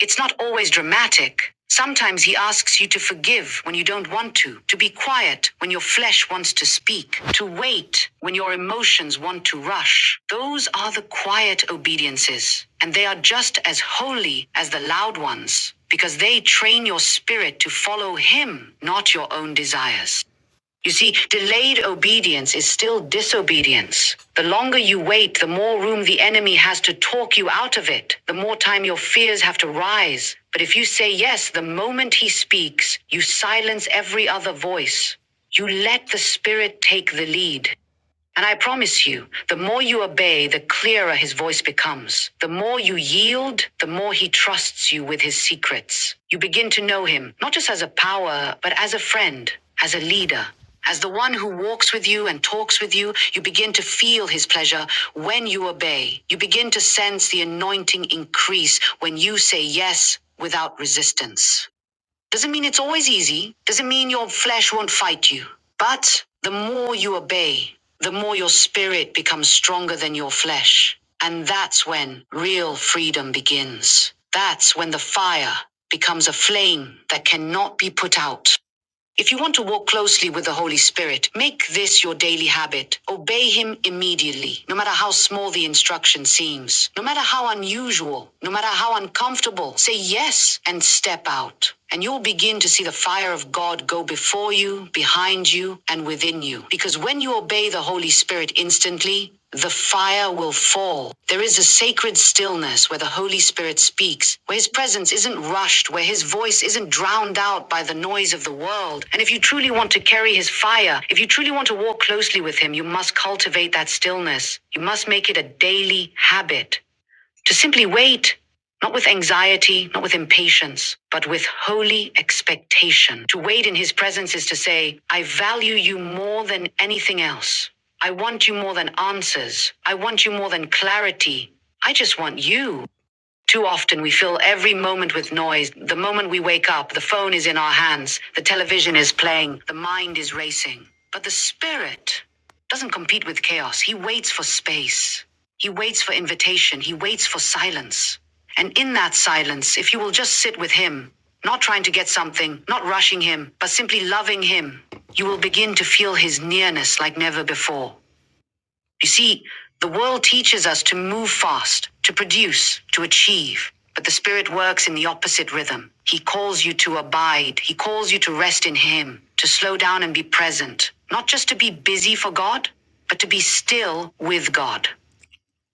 It's not always dramatic. Sometimes he asks you to forgive when you don't want to, to be quiet when your flesh wants to speak, to wait when your emotions want to rush. Those are the quiet obediences, and they are just as holy as the loud ones, because they train your spirit to follow him, not your own desires. You see, delayed obedience is still disobedience. The longer you wait, the more room the enemy has to talk you out of it, the more time your fears have to rise. But if you say yes the moment he speaks, you silence every other voice. You let the Spirit take the lead. And I promise you, the more you obey, the clearer his voice becomes. The more you yield, the more he trusts you with his secrets. You begin to know him, not just as a power, but as a friend, as a leader. As the one who walks with you and talks with you, you begin to feel his pleasure when you obey. You begin to sense the anointing increase when you say yes without resistance. Doesn't mean it's always easy, doesn't mean your flesh won't fight you. But the more you obey, the more your spirit becomes stronger than your flesh. And that's when real freedom begins. That's when the fire becomes a flame that cannot be put out. If you want to walk closely with the Holy Spirit, make this your daily habit. Obey Him immediately, no matter how small the instruction seems, no matter how unusual, no matter how uncomfortable. Say yes and step out. And you'll begin to see the fire of God go before you, behind you, and within you. Because when you obey the Holy Spirit instantly, the fire will fall. There is a sacred stillness where the Holy Spirit speaks, where his presence isn't rushed, where his voice isn't drowned out by the noise of the world. And if you truly want to carry his fire, if you truly want to walk closely with him, you must cultivate that stillness. You must make it a daily habit to simply wait, not with anxiety, not with impatience, but with holy expectation. To wait in his presence is to say, I value you more than anything else. I want you more than answers. I want you more than clarity. I just want you. Too often we fill every moment with noise. The moment we wake up, the phone is in our hands, the television is playing, the mind is racing. But the spirit doesn't compete with chaos. He waits for space. He waits for invitation. He waits for silence. And in that silence, if you will just sit with him, not trying to get something, not rushing him, but simply loving him, you will begin to feel his nearness like never before. You see, the world teaches us to move fast, to produce, to achieve. But the Spirit works in the opposite rhythm. He calls you to abide. He calls you to rest in Him, to slow down and be present. Not just to be busy for God, but to be still with God.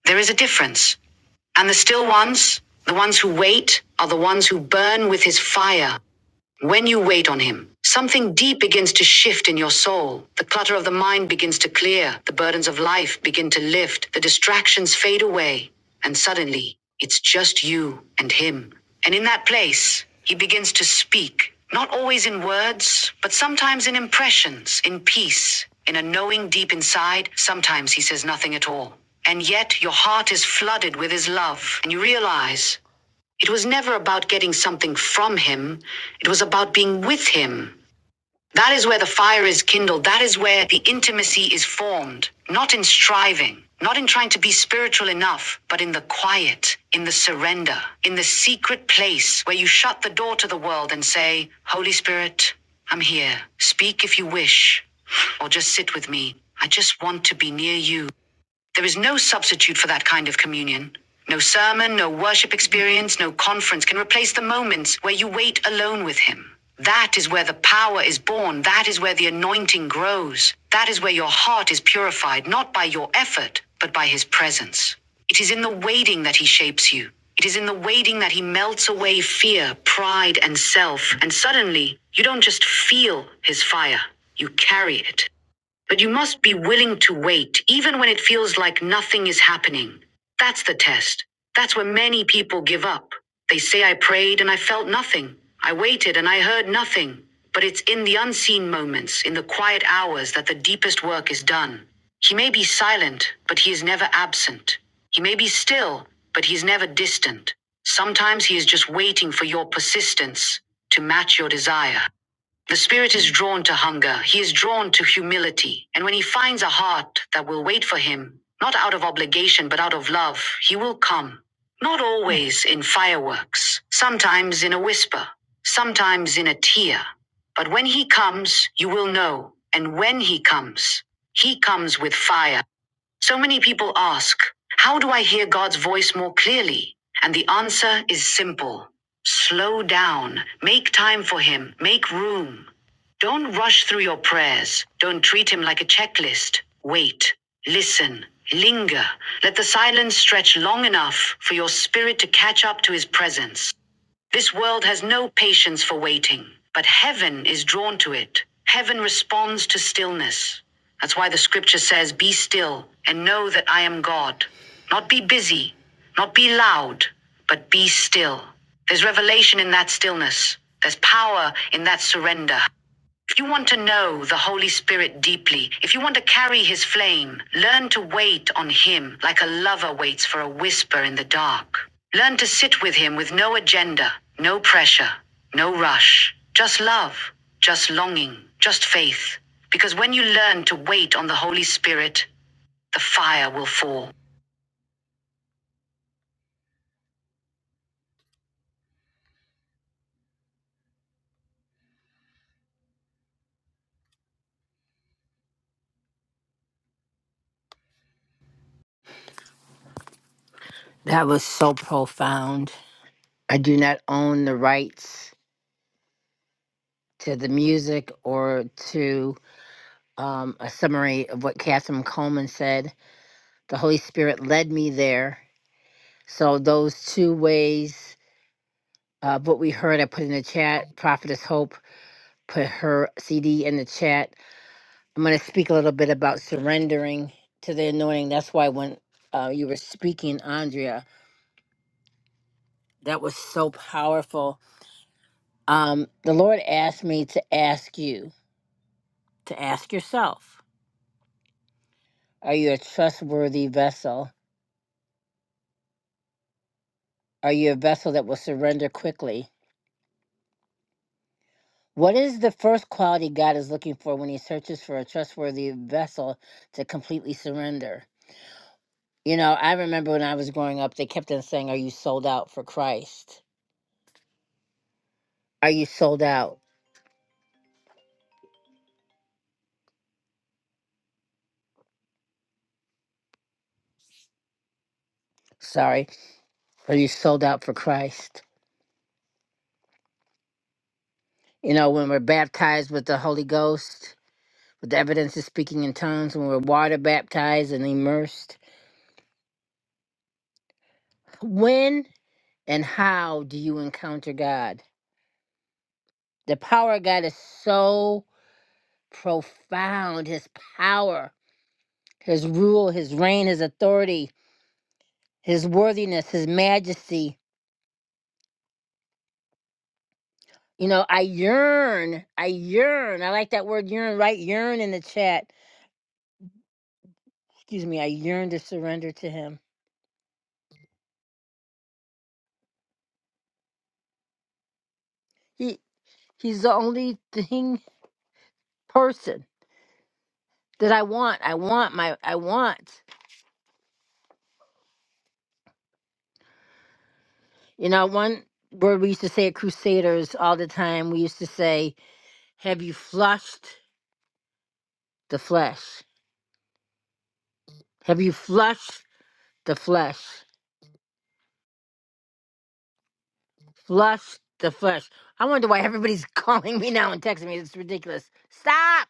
There is a difference. And the still ones, the ones who wait, are the ones who burn with His fire, when you wait on Him, something deep begins to shift in your soul. The clutter of the mind begins to clear, the burdens of life begin to lift, the distractions fade away, and suddenly it's just you and Him. And in that place, He begins to speak, not always in words, but sometimes in impressions, in peace, in a knowing deep inside. Sometimes He says nothing at all. And yet your heart is flooded with His love, and you realize. It was never about getting something from him, it was about being with him. That is where the fire is kindled. That is where the intimacy is formed. Not in striving, not in trying to be spiritual enough, but in the quiet, in the surrender, in the secret place where you shut the door to the world and say, Holy Spirit, I'm here. Speak if you wish, or just sit with me. I just want to be near you. There is no substitute for that kind of communion. No sermon, no worship experience, no conference can replace the moments where you wait alone with Him. That is where the power is born. That is where the anointing grows. That is where your heart is purified, not by your effort, but by His presence. It is in the waiting that He shapes you. It is in the waiting that He melts away fear, pride, and self. And suddenly, you don't just feel His fire, you carry it. But you must be willing to wait, even when it feels like nothing is happening. That's the test. That's where many people give up. They say, I prayed and I felt nothing. I waited and I heard nothing. But it's in the unseen moments, in the quiet hours, that the deepest work is done. He may be silent, but he is never absent. He may be still, but he's never distant. Sometimes he is just waiting for your persistence to match your desire. The spirit is drawn to hunger, he is drawn to humility, and when he finds a heart that will wait for him, not out of obligation but out of love, he will come. Not always in fireworks, sometimes in a whisper, sometimes in a tear. But when he comes, you will know, and when he comes, he comes with fire. So many people ask, How do I hear God's voice more clearly? And the answer is simple slow down, make time for Him, make room. Don't rush through your prayers, don't treat Him like a checklist. Wait, listen, linger. Let the silence stretch long enough for your spirit to catch up to His presence. This world has no patience for waiting, but heaven is drawn to it. Heaven responds to stillness. That's why the scripture says, Be still and know that I am God. Not be busy, not be loud, but be still. There's revelation in that stillness, there's power in that surrender. If you want to know the Holy Spirit deeply, if you want to carry his flame, learn to wait on him like a lover waits for a whisper in the dark. Learn to sit with him with no agenda, no pressure, no rush, just love, just longing, just faith. Because when you learn to wait on the Holy Spirit, the fire will fall. That was so profound. I do not own the rights to the music or to um, a summary of what Catherine Coleman said. The Holy Spirit led me there. So those two ways, uh, what we heard, I put in the chat. Prophetess Hope put her CD in the chat. I'm going to speak a little bit about surrendering to the anointing. That's why when uh, you were speaking, Andrea, that was so powerful. Um, the Lord asked me to ask you to ask yourself: Are you a trustworthy vessel? Are you a vessel that will surrender quickly? What is the first quality God is looking for when he searches for a trustworthy vessel to completely surrender? You know, I remember when I was growing up, they kept on saying, Are you sold out for Christ? Are you sold out? Sorry. Are you sold out for Christ? You know, when we're baptized with the Holy Ghost, with the evidence of speaking in tongues, when we're water baptized and immersed, when and how do you encounter God? The power of God is so profound, his power. his rule, his reign, his authority, his worthiness, his majesty. You know, I yearn, I yearn. I like that word yearn, right? Yearn in the chat. Excuse me, I yearn to surrender to him. He he's the only thing person that I want. I want my I want. You know, one word we used to say at Crusaders all the time, we used to say, Have you flushed the flesh? Have you flushed the flesh? Flush the flush. I wonder why everybody's calling me now and texting me. It's ridiculous. Stop!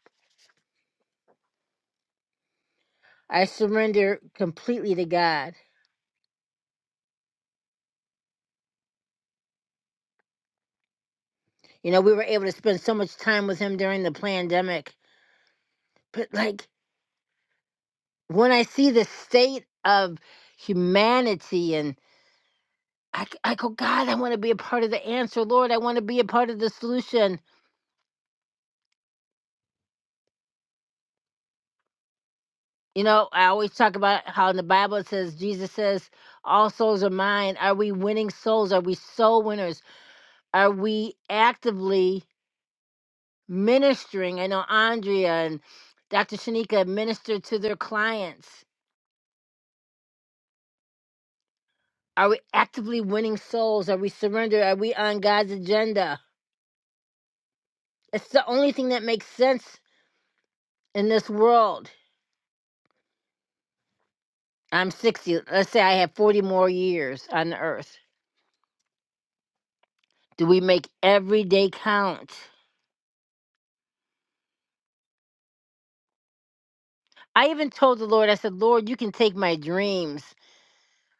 I surrender completely to God. You know, we were able to spend so much time with Him during the pandemic. But, like, when I see the state of humanity and I, c- I go, God, I want to be a part of the answer, Lord. I want to be a part of the solution. You know, I always talk about how in the Bible it says, Jesus says, all souls are mine. Are we winning souls? Are we soul winners? Are we actively ministering. I know Andrea and Dr. Shanika minister to their clients. Are we actively winning souls? Are we surrendered? Are we on God's agenda? It's the only thing that makes sense in this world. I'm 60. Let's say I have 40 more years on the earth. Do we make every day count? I even told the Lord, I said, Lord, you can take my dreams.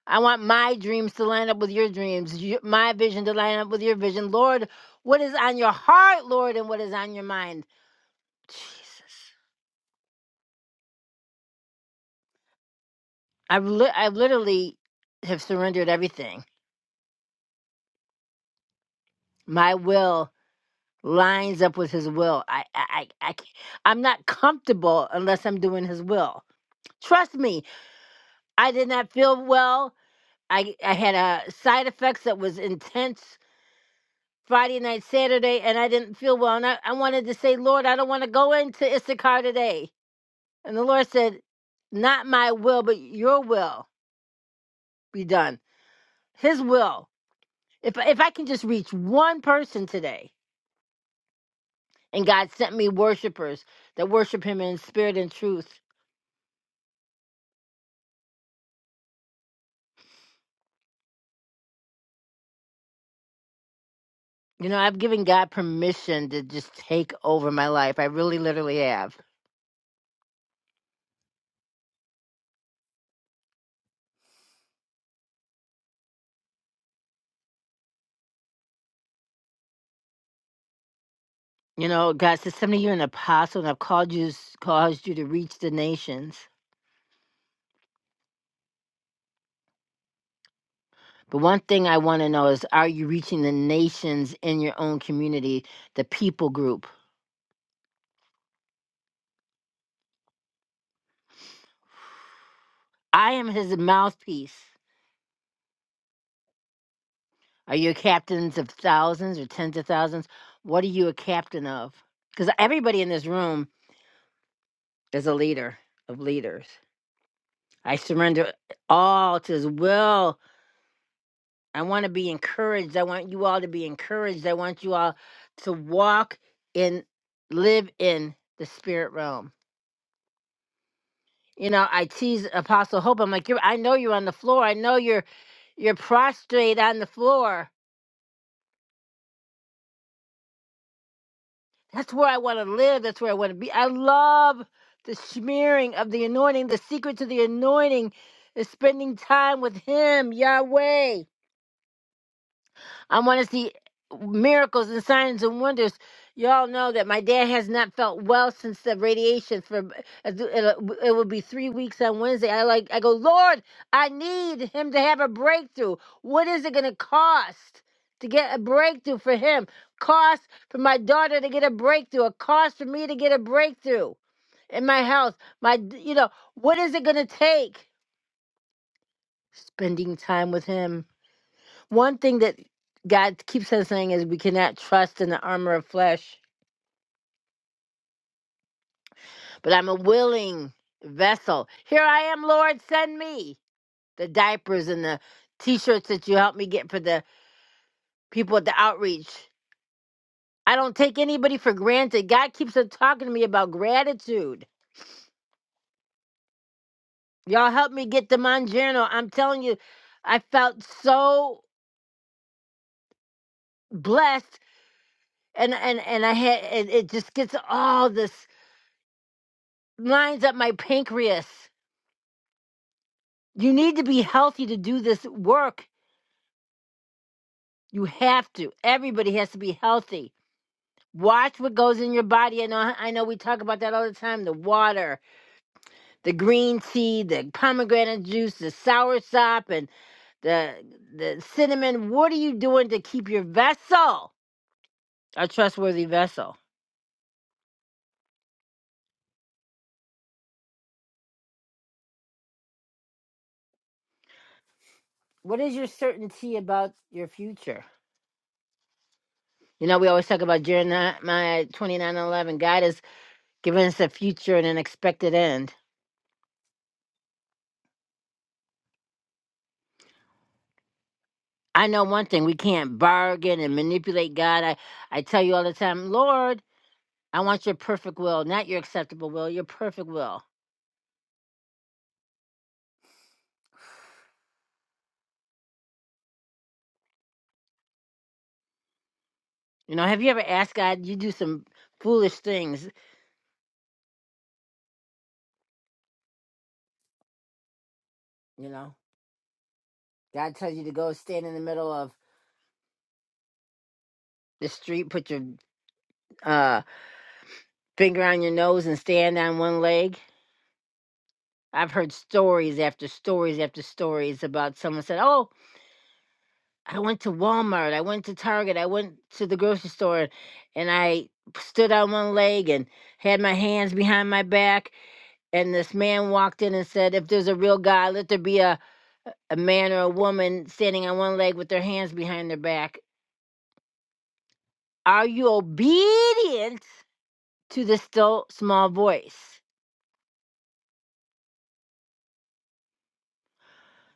I want my dreams to line up with your dreams, you- my vision to line up with your vision. Lord, what is on your heart, Lord, and what is on your mind? Jesus. I've li- I literally have surrendered everything. My will lines up with his will. I, I, I, I c- I'm not comfortable unless I'm doing his will. Trust me, I did not feel well. I, I had a side effects that was intense Friday night, Saturday, and I didn't feel well. And I, I wanted to say, Lord, I don't want to go into Issachar today. And the Lord said, Not my will, but your will be done. His will. If if I can just reach one person today, and God sent me worshipers that worship Him in spirit and truth, you know, I've given God permission to just take over my life. I really, literally have. You know, God says, "Some of you are an apostle, and I've called you, caused you to reach the nations." But one thing I want to know is, are you reaching the nations in your own community, the people group? I am His mouthpiece. Are you captains of thousands or tens of thousands? What are you a captain of? Because everybody in this room is a leader of leaders. I surrender all to his will. I want to be encouraged. I want you all to be encouraged. I want you all to walk in, live in the spirit realm. You know, I tease Apostle Hope. I'm like, you're, I know you're on the floor. I know you're, you're prostrate on the floor That's where I want to live. That's where I want to be. I love the smearing of the anointing. The secret to the anointing is spending time with Him, Yahweh. I want to see uh, miracles and signs and wonders. Y'all know that my dad has not felt well since the radiation. For it'll- it will be three weeks on Wednesday. I like I go, Lord, I need him to have a breakthrough. What is it going to cost to get a breakthrough for him? Cost for my daughter to get a breakthrough. A cost for me to get a breakthrough in my health. My, you know, what is it going to take? Spending time with him one thing that God keeps on saying is we cannot trust in the armor of flesh, but I'm a willing vessel. Here I am, Lord, send me the diapers and the t shirts that you helped me get for the people at the outreach. I don't take anybody for granted. God keeps on talking to me about gratitude. Y'all helped me get the Mangiano. I'm telling you, I felt so blessed and and and I had and it it just gets all this lines up my pancreas You need to be healthy to do this work. You have to. Everybody has to be healthy. Watch what goes in your body. I know I know we talk about that all the time. The water, the green tea, the pomegranate juice, the sour sop, and the the cinnamon. What are you doing to keep your vessel a trustworthy vessel? What is your certainty about your future? You know, we always talk about Jeremiah twenty nine eleven. God has given us a future and an expected end. I know one thing, we can't bargain and manipulate God. I, I tell you all the time, Lord, I want your perfect will, not your acceptable will, your perfect will. You know, have you ever asked God, you do some foolish things, you know? God tells you to go stand in the middle of the street, put your uh, finger on your nose and stand on one leg. I've heard stories after stories after stories about someone said, "Oh, I went to Walmart, I went to Target, I went to the grocery store, and I stood on one leg and had my hands behind my back. And this man walked in and said, If there's a real God, let there be a, a man or a woman standing on one leg with their hands behind their back. Are you obedient to the still small voice?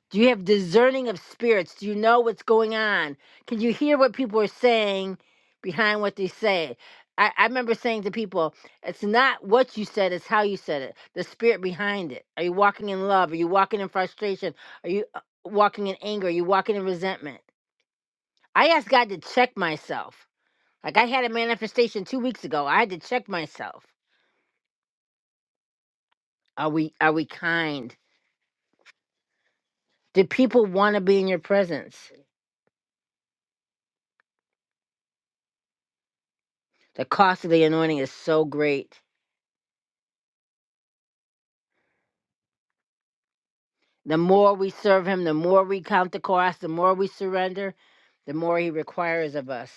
Do you have discerning of spirits? Do you know what's going on? Can you hear what people are saying behind what they say? I, I remember saying to people, it's not what you said, it's how you said it, the spirit behind it. Are you walking in love? Are you walking in frustration? Are you uh, walking in anger? Are you walking in resentment? I asked God to check myself. Like I had a manifestation two weeks ago. I had to check myself. Are we are we kind? Do people want to be in your presence? The cost of the anointing is so great. The more we serve him, the more we count the cost, the more we surrender, the more he requires of us.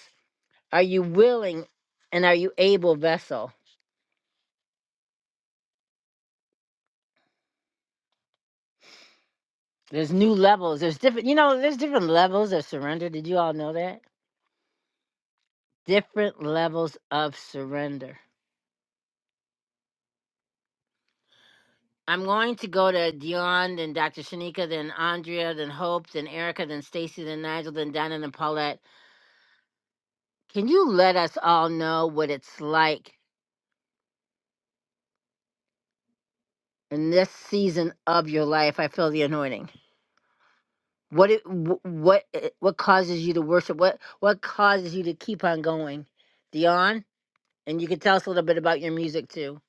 Are you willing and are you able vessel? There's new levels. There's different, you know, there's different levels of surrender. Did you all know that? Different levels of surrender. I'm going to go to Dion, then Dr. Shanika, then Andrea, then Hope, then Erica, then Stacy, then Nigel, then Donna, and Paulette. Can you let us all know what it's like in this season of your life? I feel the anointing What it, wh- what uh, what causes you to worship? What what causes you to keep on going, Dion? And you can tell us a little bit about your music too.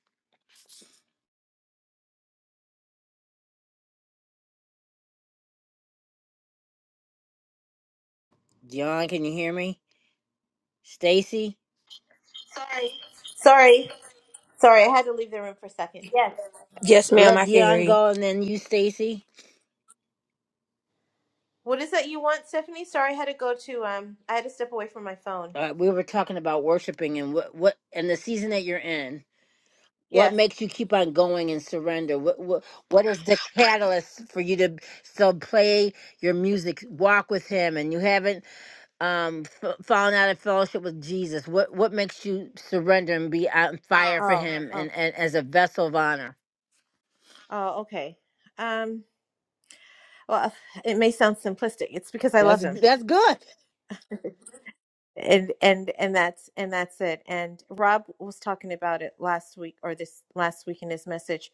Dion, can you hear me? Stacy, Sorry. Sorry, I had to leave the room for a second. Yes. Yes, ma'am, let I can hear Dion you. go, and then you, Stacy. What is that you want, Stephanie? Sorry, I had to go to um I had to step away from my phone. Uh, we were talking about worshiping and what what and the season that you're in. What Yes. makes you keep on going and surrender? What what what is the catalyst for you to still play your music, walk with Him, and you haven't? um f- falling out of fellowship with Jesus? What what makes you surrender and be on fire for Oh, Him oh. and, and as a vessel of honor? Oh, okay. Um well, it may sound simplistic. It's because I love That's him. that's good. and and and that's and that's it and rob was talking about it last week or this last week in his message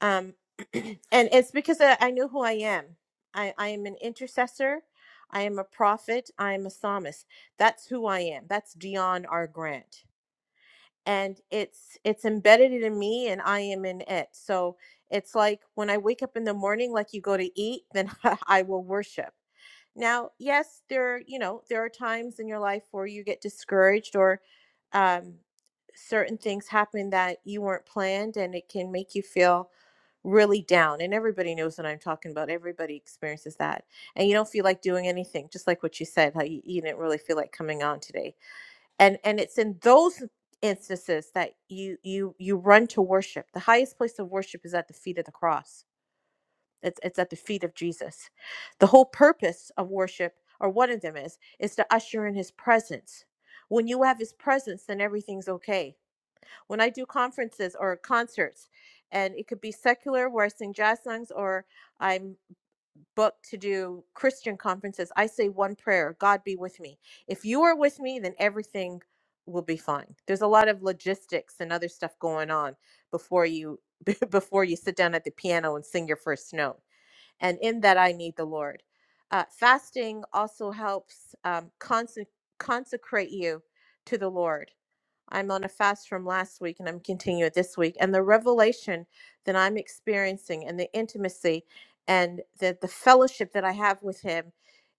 um and it's because I, I know who i am i i am an intercessor i am a prophet i am a psalmist that's who i am that's dion r grant and it's it's embedded in me and i am in it so it's like when i wake up in the morning like you go to eat then i will worship now, yes, there, you know, there are times in your life where you get discouraged or um, certain things happen that you weren't planned and it can make you feel really down. And everybody knows what I'm talking about. Everybody experiences that. And you don't feel like doing anything, just like what you said, how you, you didn't really feel like coming on today. And and it's in those instances that you you you run to worship. The highest place of worship is at the feet of the cross it's, it's at the feet of Jesus. The whole purpose of worship, or one of them is, is to usher in his presence. When you have his presence, then everything's okay. When I do conferences or concerts, and it could be secular where I sing jazz songs, or I'm booked to do Christian conferences, I say one prayer God be with me. If you are with me, then everything will be fine. There's a lot of logistics and other stuff going on before you before you sit down at the piano and sing your first note and in that I need the Lord. Uh, fasting also helps um, conse- consecrate you to the Lord. I'm on a fast from last week and I'm continuing it this week. And the revelation that I'm experiencing and the intimacy and the, the fellowship that I have with Him,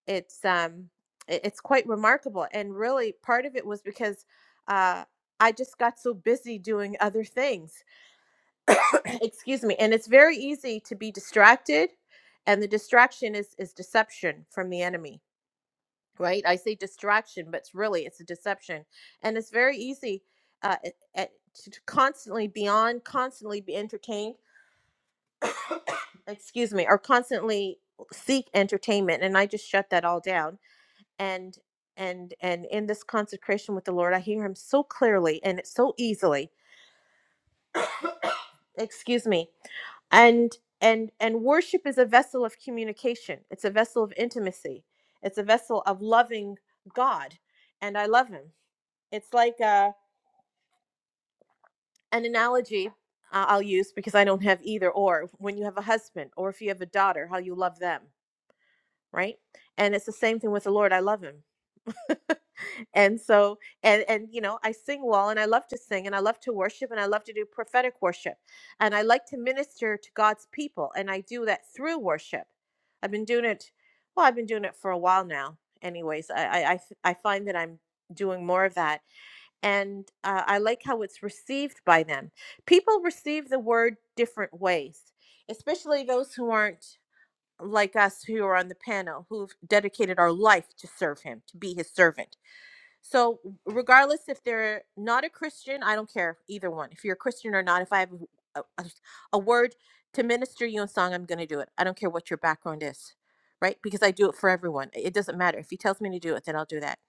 it's, um, it- it's quite remarkable. And really, part of it was because uh, I just got so busy doing other things excuse me and it's very easy to be distracted and the distraction is is deception from the enemy right i say distraction but it's really it's a deception and it's very easy uh, it- it- to to constantly be on constantly be entertained excuse me or constantly seek entertainment and i just shut that all down and and and in this consecration with the lord i hear him so clearly and so easily excuse me and and and worship is a vessel of communication it's a vessel of intimacy it's a vessel of loving god and i love him it's like uh, an analogy I- i'll use because i don't have either or when you have a husband or if you have a daughter how you love them right and it's the same thing with the lord i love him and so and and you know i sing well and i love to sing and i love to worship and i love to do prophetic worship and i like to minister to god's people and i do that through worship i've been doing it well i've been doing it for a while now anyways i i i, f- I find that i'm doing more of that and uh, i like how it's received by them people receive the word different ways especially those who aren't like us who are on the panel who've dedicated our life to serve him to be his servant so, regardless if they're not a Christian, I don't care either one. If you're a Christian or not, if I have a, a, a word to minister you in song, I'm going to do it. I don't care what your background is, right? Because I do it for everyone. It doesn't matter. If he tells me to do it, then I'll do that.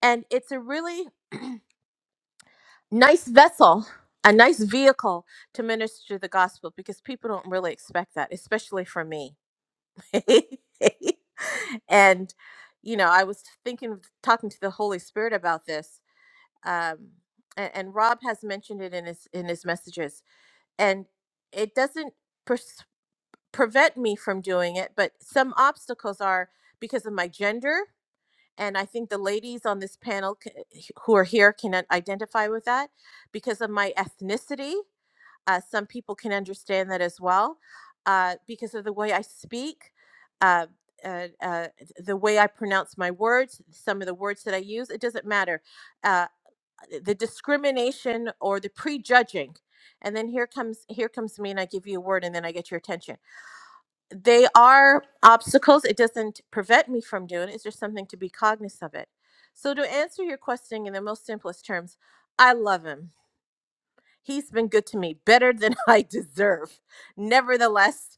And it's a really nice vessel, a nice vehicle to minister the gospel because people don't really expect that, especially from me. and, you know, I was thinking, of talking to the Holy Spirit about this um, and, and Rob has mentioned it in his in his messages, and it doesn't pers- prevent me from doing it, but some obstacles are because of my gender, and I think the ladies on this panel c- who are here can i- identify with that because of my ethnicity. Uh, some people can understand that as well uh, because of the way I speak. Uh, uh, uh, the way I pronounce my words, some of the words that I use, it doesn't matter Uh, the discrimination or the prejudging and then here comes here comes me and i give you a word and then i get your attention they are obstacles it doesn't prevent me from doing it it's just something to be cognizant of it so to answer your question in the most simplest terms i love him he's been good to me better than i deserve nevertheless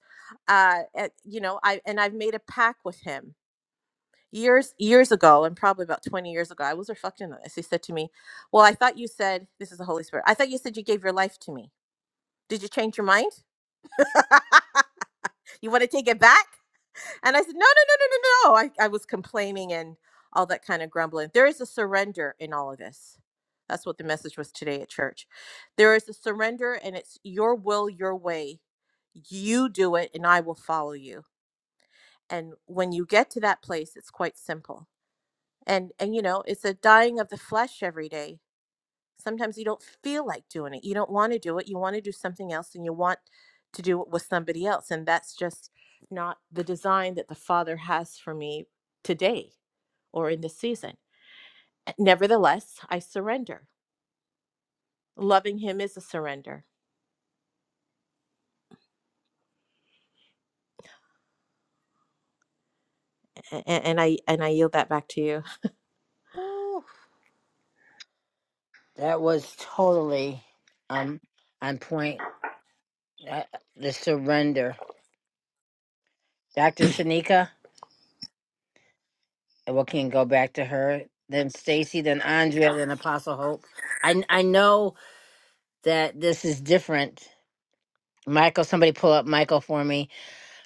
uh eh, you know i and i've made a pact with him years years ago and probably about 20 years ago i was reflecting on this he said to me well i thought you said this is the holy spirit i thought you said you gave your life to me did you change your mind you want to take it back and i said no no no no no no no." I, I was complaining and all that kind of grumbling there is a surrender in all of this that's what the message was today at church there is a surrender and it's your will your way you do it and i will follow you and when you get to that place it's quite simple and and you know it's a dying of the flesh every day sometimes you don't feel like doing it you don't want to do it you want to do something else and you want to do it with somebody else and that's just not the design that the father has for me today or in this season Uh, nevertheless i surrender loving him is a surrender and, and i and i yield that back to you Ooh, that was totally um on point. Uh, the surrender, Doctor Shanika, and we can go back to her. Then Stacy, then Andrea, then Apostle Hope. I I know that this is different. Michael, somebody pull up Michael for me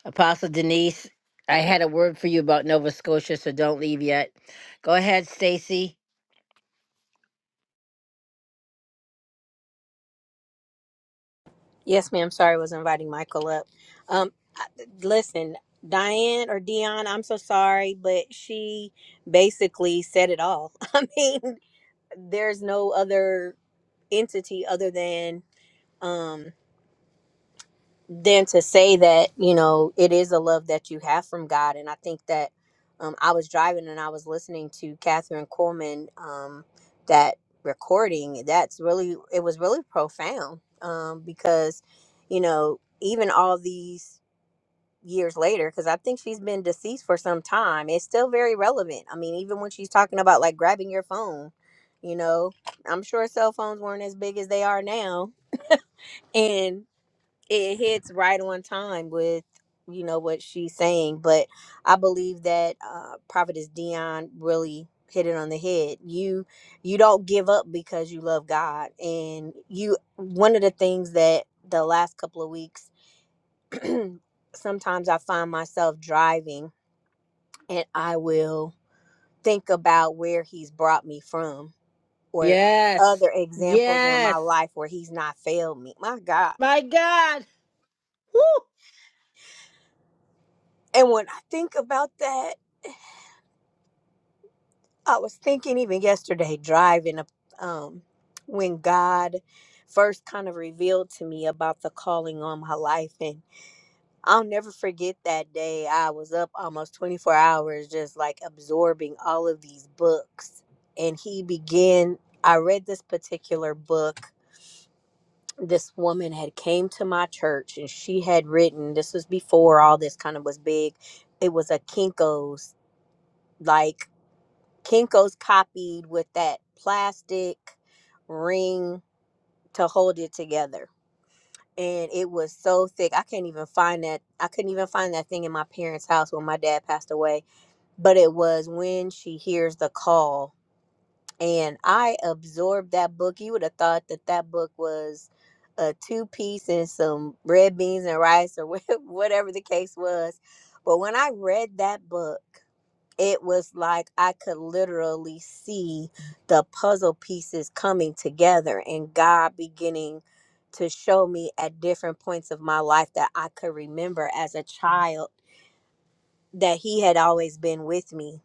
Apostle Denise, I had a word for you about Nova Scotia, so don't leave yet. Go ahead, Stacy. Yes, ma'am. Sorry, I was inviting Michael up. Um, I- listen, Diane or Dion, I'm so sorry, but she basically said it all. I mean, there's no other entity other than um, than to say that you know it is a love that you have from God, and I think that um, I was driving and I was listening to Catherine Coleman um, that recording. That's really it was really profound um, because you know even all these years later, because I think she's been deceased for some time, it's still very relevant. I mean, even when she's talking about like grabbing your phone, you know, I'm sure cell phones weren't as big as they are now, and it hits right on time with you know what she's saying but i believe that uh prophetess dion really hit it on the head you you don't give up because you love god and you one of the things that the last couple of weeks sometimes i find myself driving and i will think about where he's brought me from or Yes. other examples in my Yes. life where he's not failed me my god My God. Woo. and when i think about that I was thinking even yesterday driving up um when God first kind of revealed to me about the calling on my life and I'll never forget that day. I was up almost 24 hours just like absorbing all of these books and he began I read this particular book. This woman had came to my church and she had written this was before all this kind of was big. It was a Kinko's like Kinko's copied with that plastic ring to hold it together. And it was so thick. I can't even find that. I couldn't even find that thing in my parents' house when my dad passed away. But it was when she hears the call. And I absorbed that book. You would have thought that that book was a two piece and some red beans and rice or whatever the case was. But when I read that book, it was like I could literally see the puzzle pieces coming together and God beginning to show me at different points of my life that I could remember as a child that He had always been with me.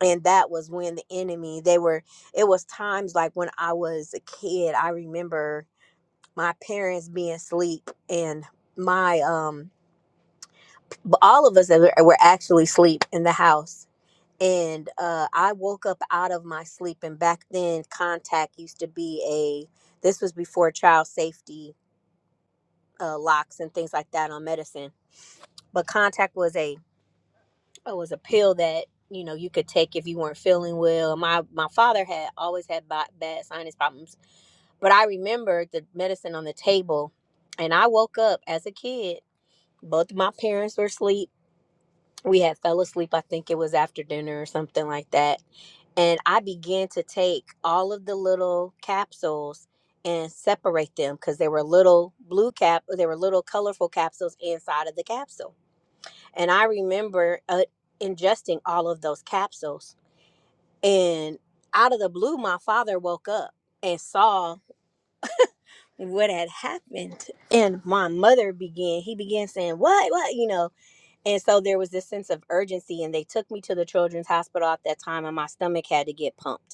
And that was when the enemy, they were, it was times like when I was a kid, I remember my parents being asleep and my, um, all of us that were were actually asleep in the house and uh, I woke up out of my sleep. And back then, contact used to be a. This was before child safety uh, locks and things like that on medicine. But contact was a it was a pill that you know you could take if you weren't feeling well. My my father had always had bi- bad sinus problems, but I remembered the medicine on the table, and I woke up as a kid. Both of my parents were asleep. We had fell asleep. I think it was after dinner or something like that and I began to take all of the little capsules and separate them because they were little blue cap, they were little colorful capsules inside of the capsule. And I remember uh, ingesting all of those capsules. And out of the blue, my father woke up and saw what had happened. And my mother began, he began saying, What, what, you know? And so there was this sense of urgency. And they took me to the children's hospital at that time, and my stomach had to get pumped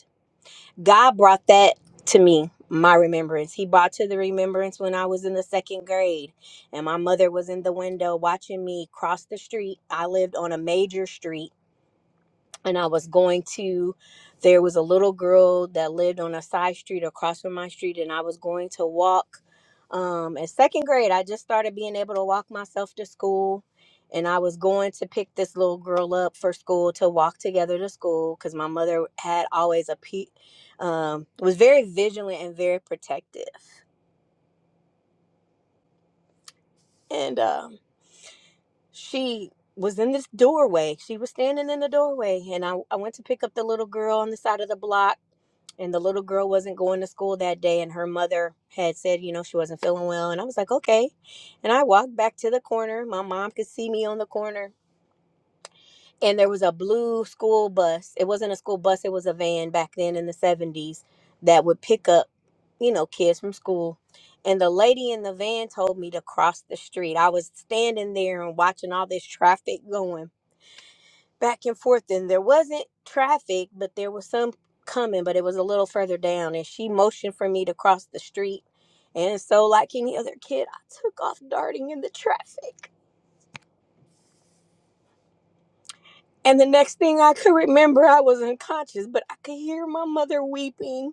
God brought that to me, my remembrance. He brought to the remembrance when I was in the second grade and my mother was in the window watching me cross the street. I lived on a major street and I was going to there was a little girl that lived on a side street across from my street and I was going to walk um in second grade I just started being able to walk myself to school and I was going to pick this little girl up for school to walk together to school cuz my mother had always a pe- um was very vigilant and very protective and um she was in this doorway. She was standing in the doorway, and I, I went to pick up the little girl on the side of the block and the little girl wasn't going to school that day and her mother had said you know she wasn't feeling well and i was like okay and i walked back to the corner my mom could see me on the corner and there was a blue school bus it wasn't a school bus it was a van back then in the 70s that would pick up you know kids from school and the lady in the van told me to cross the street i was standing there and watching all this traffic going back and forth and there wasn't traffic but there was some coming but it was a little further down and she motioned for me to cross the street and so like any other kid i took off darting in the traffic and the next thing i could remember i was unconscious but i could hear my mother weeping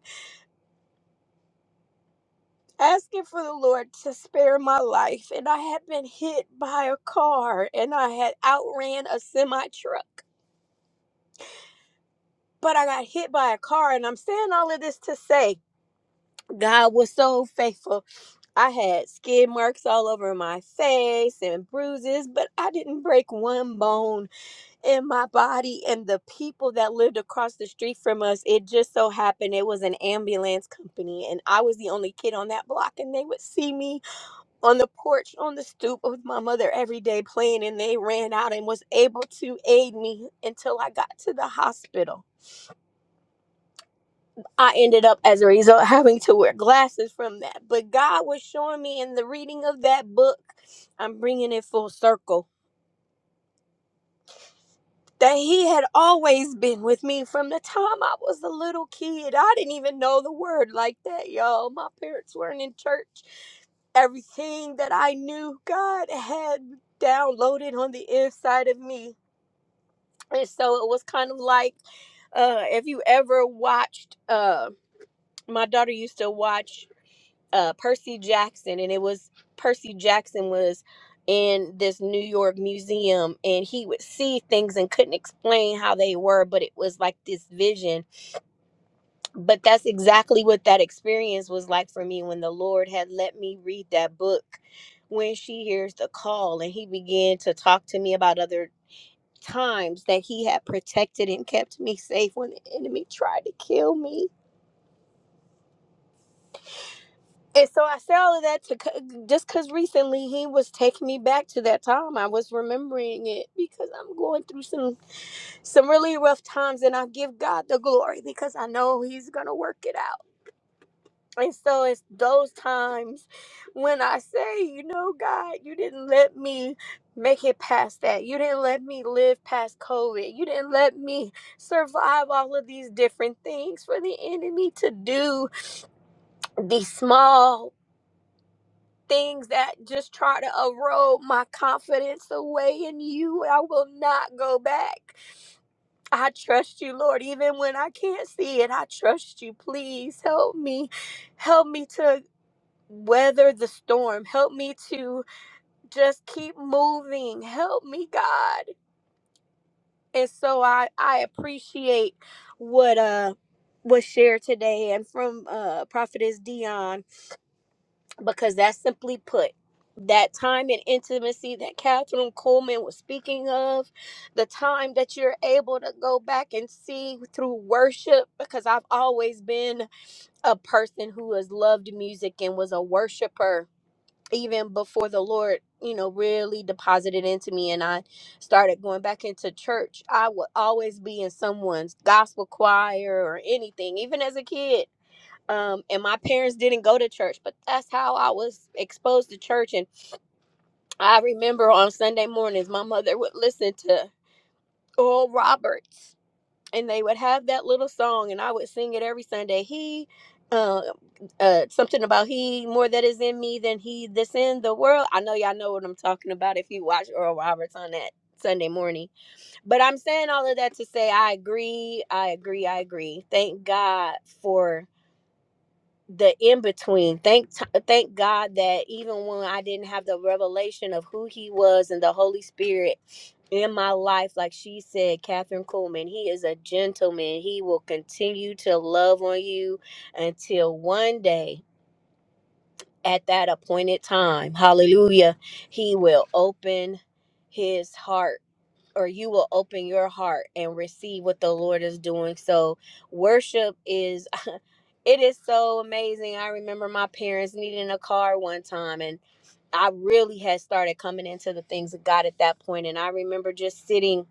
asking for the lord to spare my life and i had been hit by a car and i had outran a semi truck but i got hit by a car and i'm saying all of this to say god was so faithful I had skid marks all over my face and bruises, but I didn't break one bone in my body. And the people that lived across the street from us, it just so happened it was an ambulance company. And I was the only kid on that block. And they would see me on the porch, on the stoop with my mother every day playing. And they ran out and was able to aid me until I got to the hospital. I ended up, as a result, having to wear glasses from that. But God was showing me in the reading of that book, I'm bringing it full circle, that He had always been with me from the time I was a little kid. I didn't even know the word like that, y'all. My parents weren't in church. Everything that I knew, God had downloaded on the inside of me. And so it was kind of like uh, if you ever watched, uh, my daughter used to watch. uh, Percy Jackson, and it was Percy Jackson was in this New York museum, and he would see things and couldn't explain how they were, but it was like this vision. But that's exactly what that experience was like for me when the Lord had let me read that book. When she hears the call, and he began to talk to me about other times that he had protected and kept me safe when the enemy tried to kill me And so I say all of that to c- just because recently he was taking me back to that time. I was remembering it because I'm going through some some really rough times, and I give God the glory because I know He's gonna work it out. And so it's those times when I say, you know, God, you didn't let me make it past that. You didn't let me live past COVID. You didn't let me survive all of these different things for the enemy to do. These small things that just try to erode my confidence away in you. I will not go back. I trust you, Lord, even when I can't see it. I trust you. Please help me. Help me to weather the storm. Help me to just keep moving. Help me, God. And so I I appreciate what uh was shared today and from uh prophetess Dion because that's simply put that time and intimacy that Catherine Coleman was speaking of, the time that you're able to go back and see through worship, because I've always been a person who has loved music and was a worshiper even before the Lord, you know, really deposited into me and I started going back into church. I would always be in someone's gospel choir or anything, even as a kid um and my parents didn't go to church but that's how i was exposed to church and i remember on sunday mornings my mother would listen to oral roberts and they would have that little song and i would sing it every sunday he uh, uh something about he more that is in me than he that's in the world i know y'all know what i'm talking about if you watch oral roberts on that sunday morning but i'm saying all of that to say i agree i agree i agree thank god for the in between. Thank t- thank God that even when I didn't have the revelation of who He was and the Holy Spirit in my life, like she said, Catherine Coleman, He is a gentleman. He will continue to love on you until one day at that appointed time. Hallelujah. He will open His heart or you will open your heart and receive what the Lord is doing. So worship is it is so amazing. I remember my parents needing a car one time and I really had started coming into the things of God at that point point. and I remember just sitting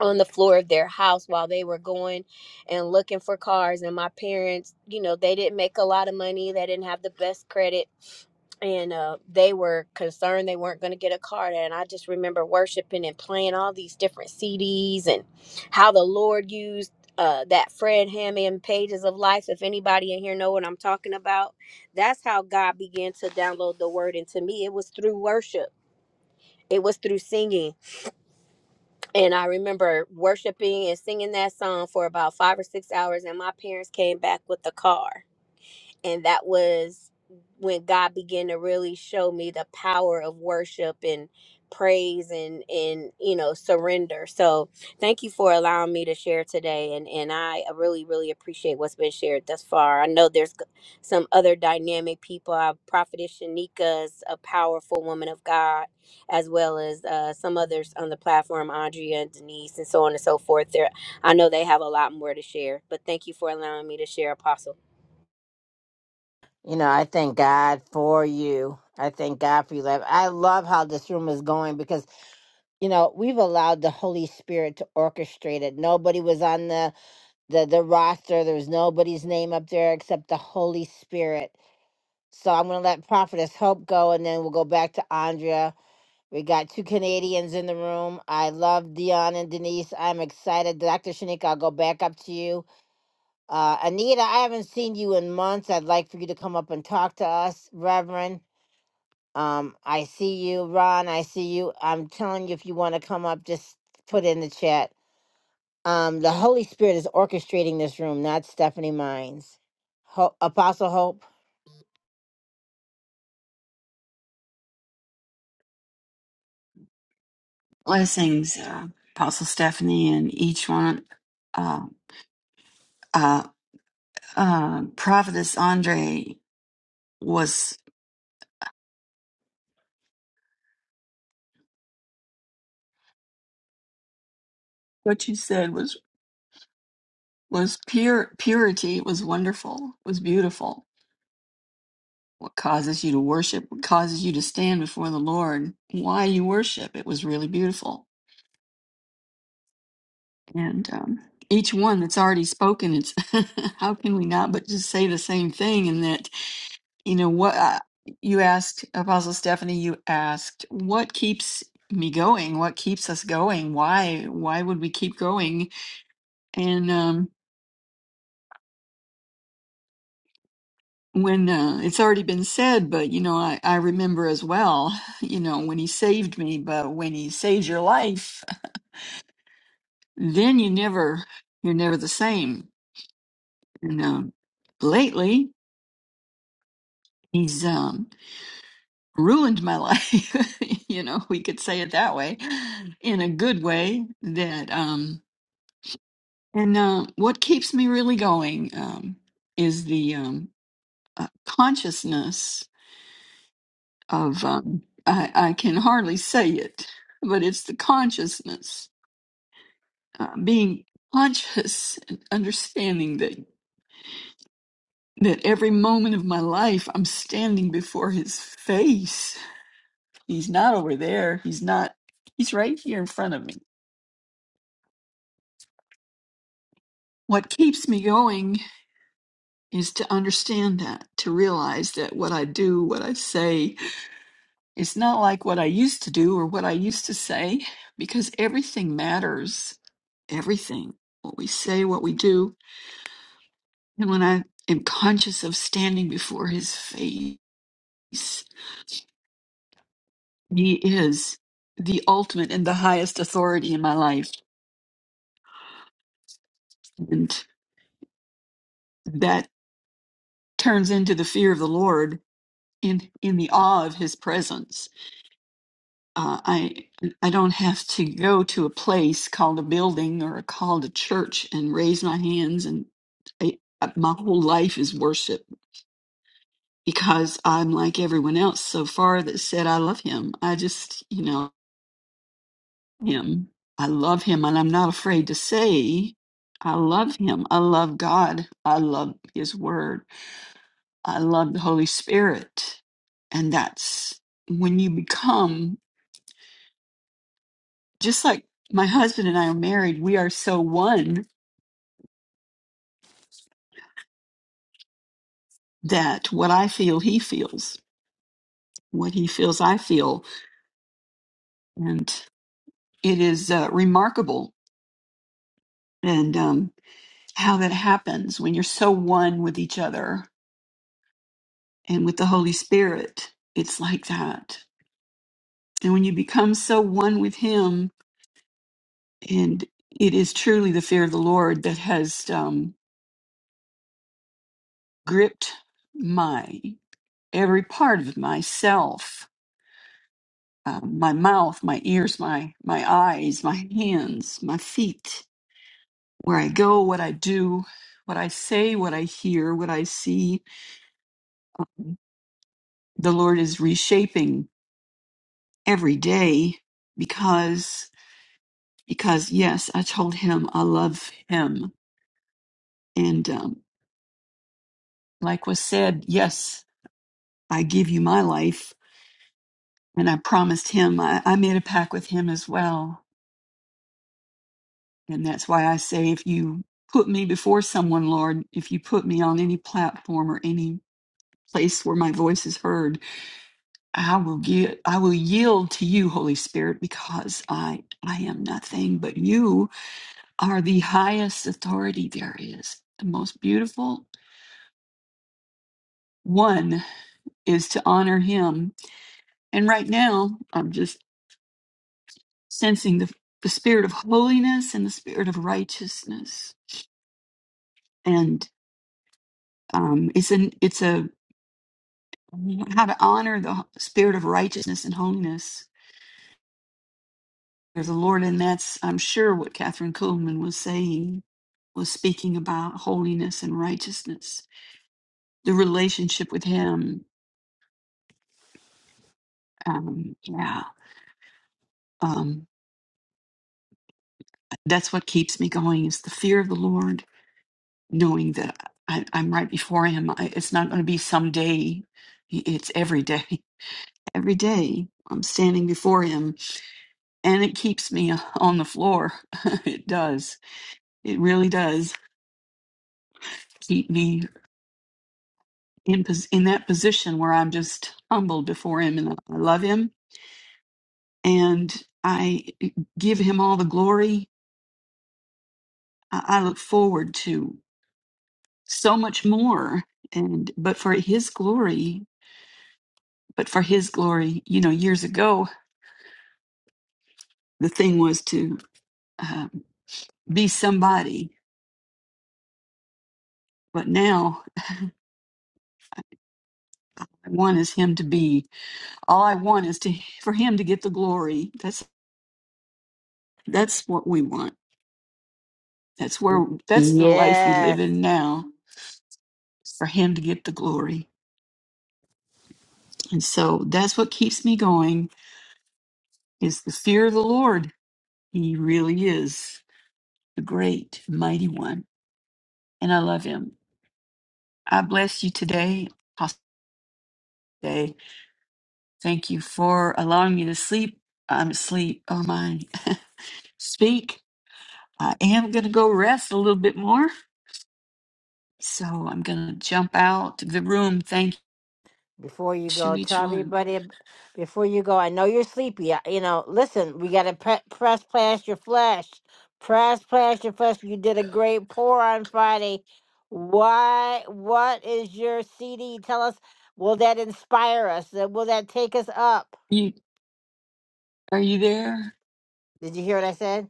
on the floor of their house while they were going and looking for cars and my parents you know they didn't make a lot of money they didn't have the best credit and uh, they were concerned they weren't going to get a car and i just remember worshiping and playing all these different cds and how the lord used uh, that fred hammond pages of life if anybody in here know what i'm talking about that's how god began to download the word into me it was through worship it was through singing and I remember worshiping and singing that song for about five or six hours, and my parents came back with the car and that was when God began to really show me the power of worship and praise and and you know surrender. So thank you for allowing me to share today, and and I really really appreciate what's been shared thus far. I know there's g- some other dynamic people. Uh, Prophetess Shanika is a powerful woman of God, as well as uh, some others on the platform, Andrea and Denise, and so on and so forth. There, I know they have a lot more to share. But thank you for allowing me to share, Apostle. You know, I thank God for you. I thank God for you, love. I love how this room is going because, you know, we've allowed the Holy Spirit to orchestrate it. Nobody was on the, the, the roster. There was nobody's name up there except the Holy Spirit. So I'm going to let Prophetess Hope go, and then we'll go back to Andrea We got two Canadians in the room. I love Dion and Denise. I'm excited. Dr. Shanika, I'll go back up to you. Uh, Anita, I haven't seen you in months. I'd like for you to come up and talk to us, Reverend. Um, I see you, Ron. I see you. I'm telling you, if you want to come up, just put in the chat. Um, the Holy Spirit is orchestrating this room, not Stephanie Mines. Ho- Apostle Hope. Blessings, uh, Apostle Stephanie, and each one. Uh, uh, uh, Prophetess Andre was what you said was was pure purity. It was wonderful. It was beautiful. What causes you to worship? What causes you to stand before the Lord? Why you worship? It was really beautiful. And um, each one that's already spoken, it's how can we not but just say the same thing? And that you know what uh, you asked apostle stephanie you asked what keeps me going what keeps us going why why would we keep going and um when uh, it's already been said but you know I, I remember as well you know when he saved me but when he saved your life then you never you're never the same and um lately he's um ruined my life you know we could say it that way in a good way that um And uh, what keeps me really going um, is the um, uh, consciousness of, um, I, I can hardly say it, but it's the consciousness, uh, being conscious and understanding that, that every moment of my life I'm standing before his face. He's not over there, he's not, he's right here in front of me. What keeps me going is to understand that, to realize that what I do, what I say, It's not like what I used to do or what I used to say because everything matters. Everything. What we say, what we do. And when I am conscious of standing before his face, he is the ultimate and the highest authority in my life. And that turns into the fear of the Lord in, in the awe of his presence uh, I I don't have to go to a place called a building or called a church and raise my hands and I, uh, my whole life is worship because I'm like everyone else so far that said I love him. I just you know him. I love him and I'm not afraid to say I love him. I love God. I love his word. I love the Holy Spirit. And that's when you become just like my husband and I are married, we are so one that what I feel, he feels. What he feels, I feel. And it is uh, remarkable and um, how that happens when you're so one with each other and with the Holy Spirit. It's like that. And when you become so one with him, and it is truly the fear of the Lord that has um, gripped my every part of myself um, my mouth, my ears, my my eyes, my hands, my feet, where I go, what I do, what I say, what I hear, what I see. The Lord is reshaping every day because because yes, I told Him I love Him, and um, like was said, yes, I give you my life, and I promised Him I, I made a pact with Him as well And that's why I say if you put me before someone, Lord, if you put me on any platform or any place where my voice is heard, I will give I will yield to you, Holy Spirit, because I I am nothing, but you are the highest authority there is. The most beautiful one is to honor him. And right now, I'm just sensing the the spirit of holiness and the spirit of righteousness. And um, it's an it's a how to honor the spirit of righteousness and holiness of the Lord. And that's, I'm sure, what Catherine Kuhlman was saying, was speaking about holiness and righteousness, the relationship with Him. Um, yeah, um, that's what keeps me going is the fear of the Lord, knowing that I, I'm right before Him. I, it's not going to be someday, it's every day. Every day I'm standing before Him, and it keeps me on the floor. it does. It really does. keep me in pos- in that position where I'm just humbled before Him and I love Him and I eh, give Him all the glory. I, I look forward to so much more, and but for His glory, but for His glory, you know, years ago the thing was to uh, be somebody, but now I want is Him to be. All I want is to for Him to get the glory. That's that's what we want. That's where that's the life we live Yes, in now for him to get the glory. And so that's what keeps me going is the fear of the Lord. He really is the great mighty one. And I love him. I bless you today. Apostle Day. Thank you for allowing me to sleep. I'm asleep. Oh my speak. I am gonna go rest a little bit more. So I'm gonna jump out of the room. Thank Before you you to go, each tell one. everybody. ab- Before you go, I know you're sleepy. I- You know, listen, we gotta pre- press past your flesh. Press past your flesh. You did a great pour on Friday. Why? What is your CD? Tell us. Will that inspire us? Uh, Will that take us up? You are you there? Did you hear what I said?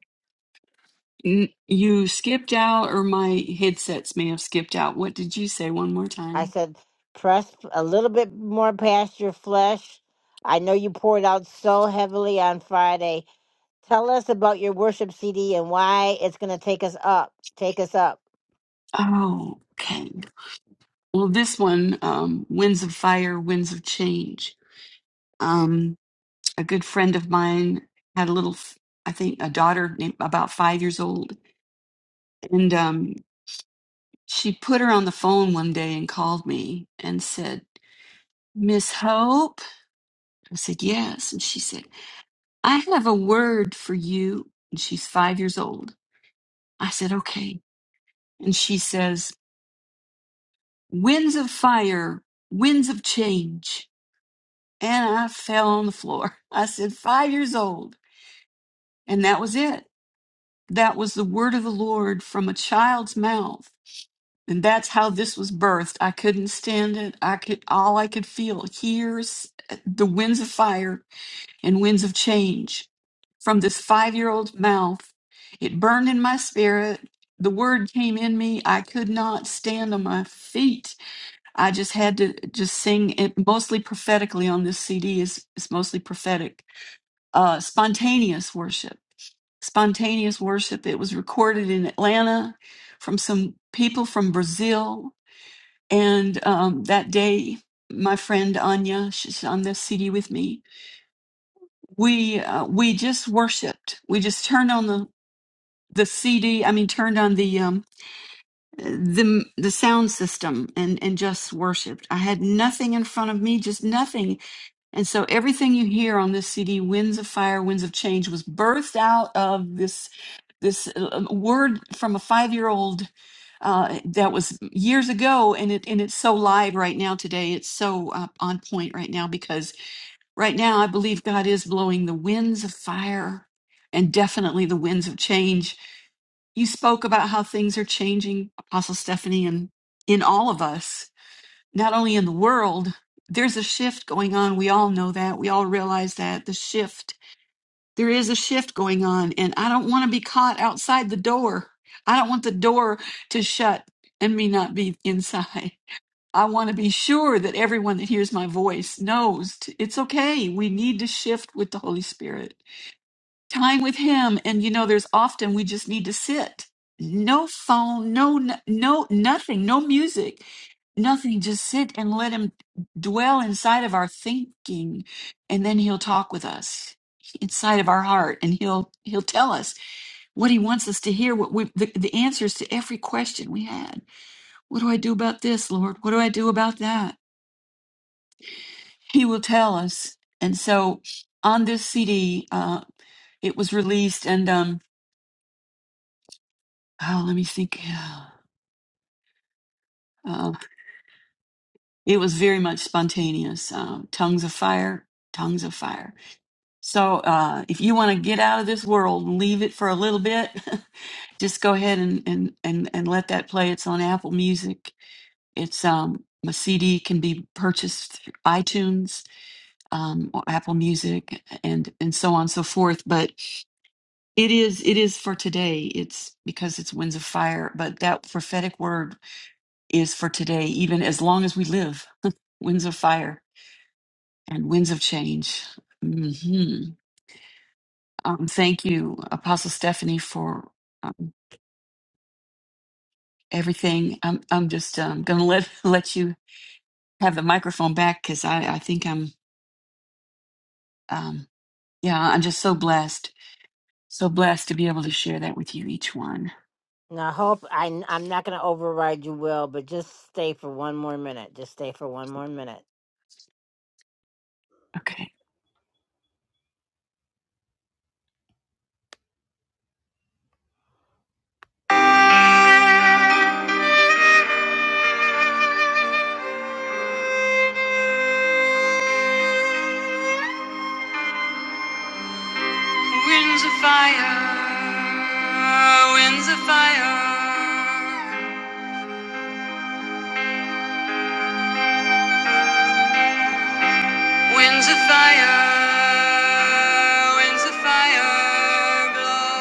N- You skipped out, or my headsets may have skipped out. What did you say one more I time? said press a little bit more past your flesh. I know you poured out so heavily on Friday Tell us about your worship CD and why it's going to take us up. Take us up. Oh, okay. Well, this one, um, Winds of Fire, Winds of Change. Um, a good friend of mine had a little, f- I think, a daughter named, about five years old. And um, she put her on the phone one day and called me and said, Miss Hope? I said, Yes. And she said, I have a word for you. And she's five years old. I said, Okay. And she says, Winds of fire, winds of change. And I fell on the floor. I said, Five years old. And that was it. That was the word of the Lord from a child's mouth. And that's how this was birthed. I couldn't stand it. I could, all I could feel, here's the winds of fire and winds of change from this five year old's mouth. It burned in my spirit. The word came in me. I could not stand on my feet I just had to just sing it mostly prophetically on this CD is it's mostly prophetic. Uh, spontaneous worship, spontaneous worship. It was recorded in Atlanta from some people from Brazil, and um, that day, my friend Anya, she's on this CD with me. We uh, we just worshipped. We just turned on the the CD. I mean, turned on the um, the the sound system and and just worshipped. I had nothing in front of me, just nothing And so everything you hear on this CD, Winds of Fire, Winds of Change, was birthed out of this this uh, word from a five year old uh, that was years ago, and it and it's so live right now today. It's so uh, on point right now because right now I believe God is blowing the winds of fire, and definitely the winds of change. You spoke about how things are changing, Apostle Stephanie, and in all of us not only in the world, there's a shift going on. We all know that. We all realize that the shift. There is a shift going on, and I don't want to be caught outside the door. I don't want the door to shut and me not be inside. I want to be sure that everyone that hears my voice knows t- it's okay. We need to shift with the Holy Spirit. Time with Him, and you know, there's often we just need to sit. No phone, no, no, nothing, no music Nothing, just sit and let him dwell inside of our thinking, and then he'll talk with us inside of our heart, and he'll he'll tell us what he wants us to hear, what we the, the answers to every question we had. What do I do about this, Lord? What do I do about that? He will tell us. And so, on this CD, uh, it was released, and um, oh, let me think. Uh, it was very much spontaneous. Um, tongues of fire, tongues of fire So uh, if you want to get out of this world and leave it for a little bit, just go ahead and, and, and, and let that play. It's on Apple Music. It's um, my CD can be purchased through iTunes, um, or Apple Music, and and so on and so forth. But it is it is for today. It's because it's Winds of Fire. But that prophetic word is for today, even as long as we live. Winds of Fire and Winds of Change. hmm Um, thank you, Apostle Stephanie, for um, everything. I'm I'm just um, gonna let let you have the microphone back because I I think I'm um yeah I'm just so blessed, so blessed to be able to share that with you each one. Now, I hope I, I'm not going to override you, Will, but just stay for one more minute. Just stay for one more minute. Okay. Winds of fire, winds of fire, winds of fire, winds of fire, blow.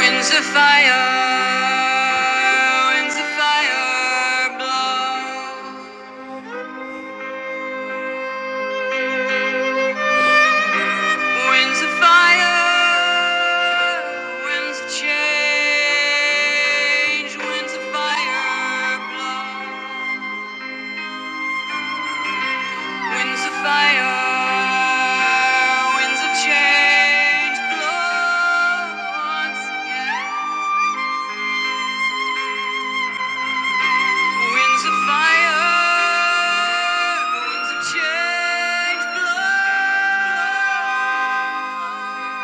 Winds of fire, winds of fire, blow. Winds of fire, winds of change, winds of fire blow. Winds of fire, winds of change blow once again. Winds of fire, winds of change blow.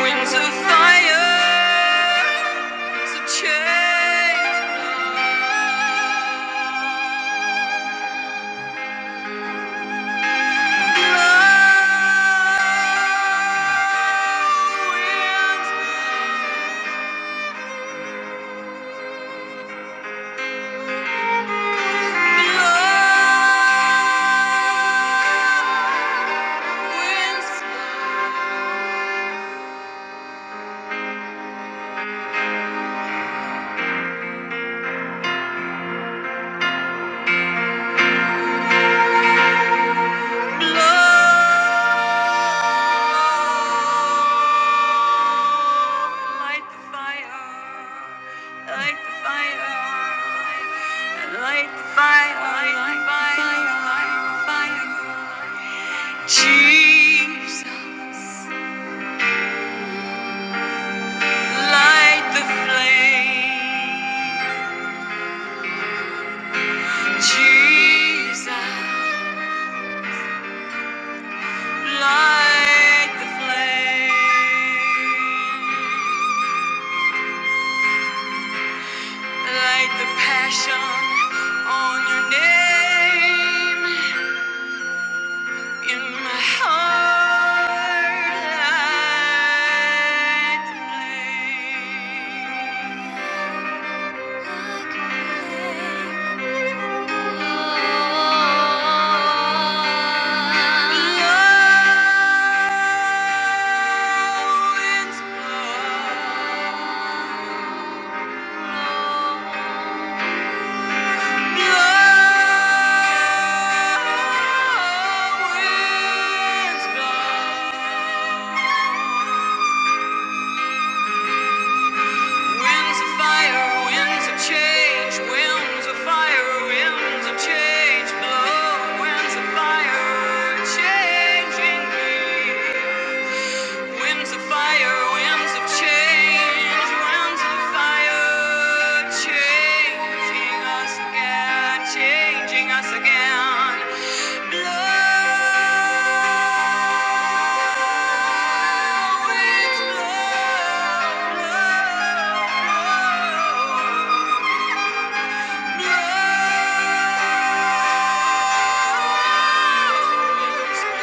Winds of fire, winds of change. Thank you. Jesus, light the flame. Jesus. Light the flame. Like the passion on your name in my heart, like the flame, like the flame. Love is love. Change, blow, winds of fire, changing me. Winds of fire, winds of change, winds of fire, changing us again, changing us again. Blow, winds blow, blow, blow,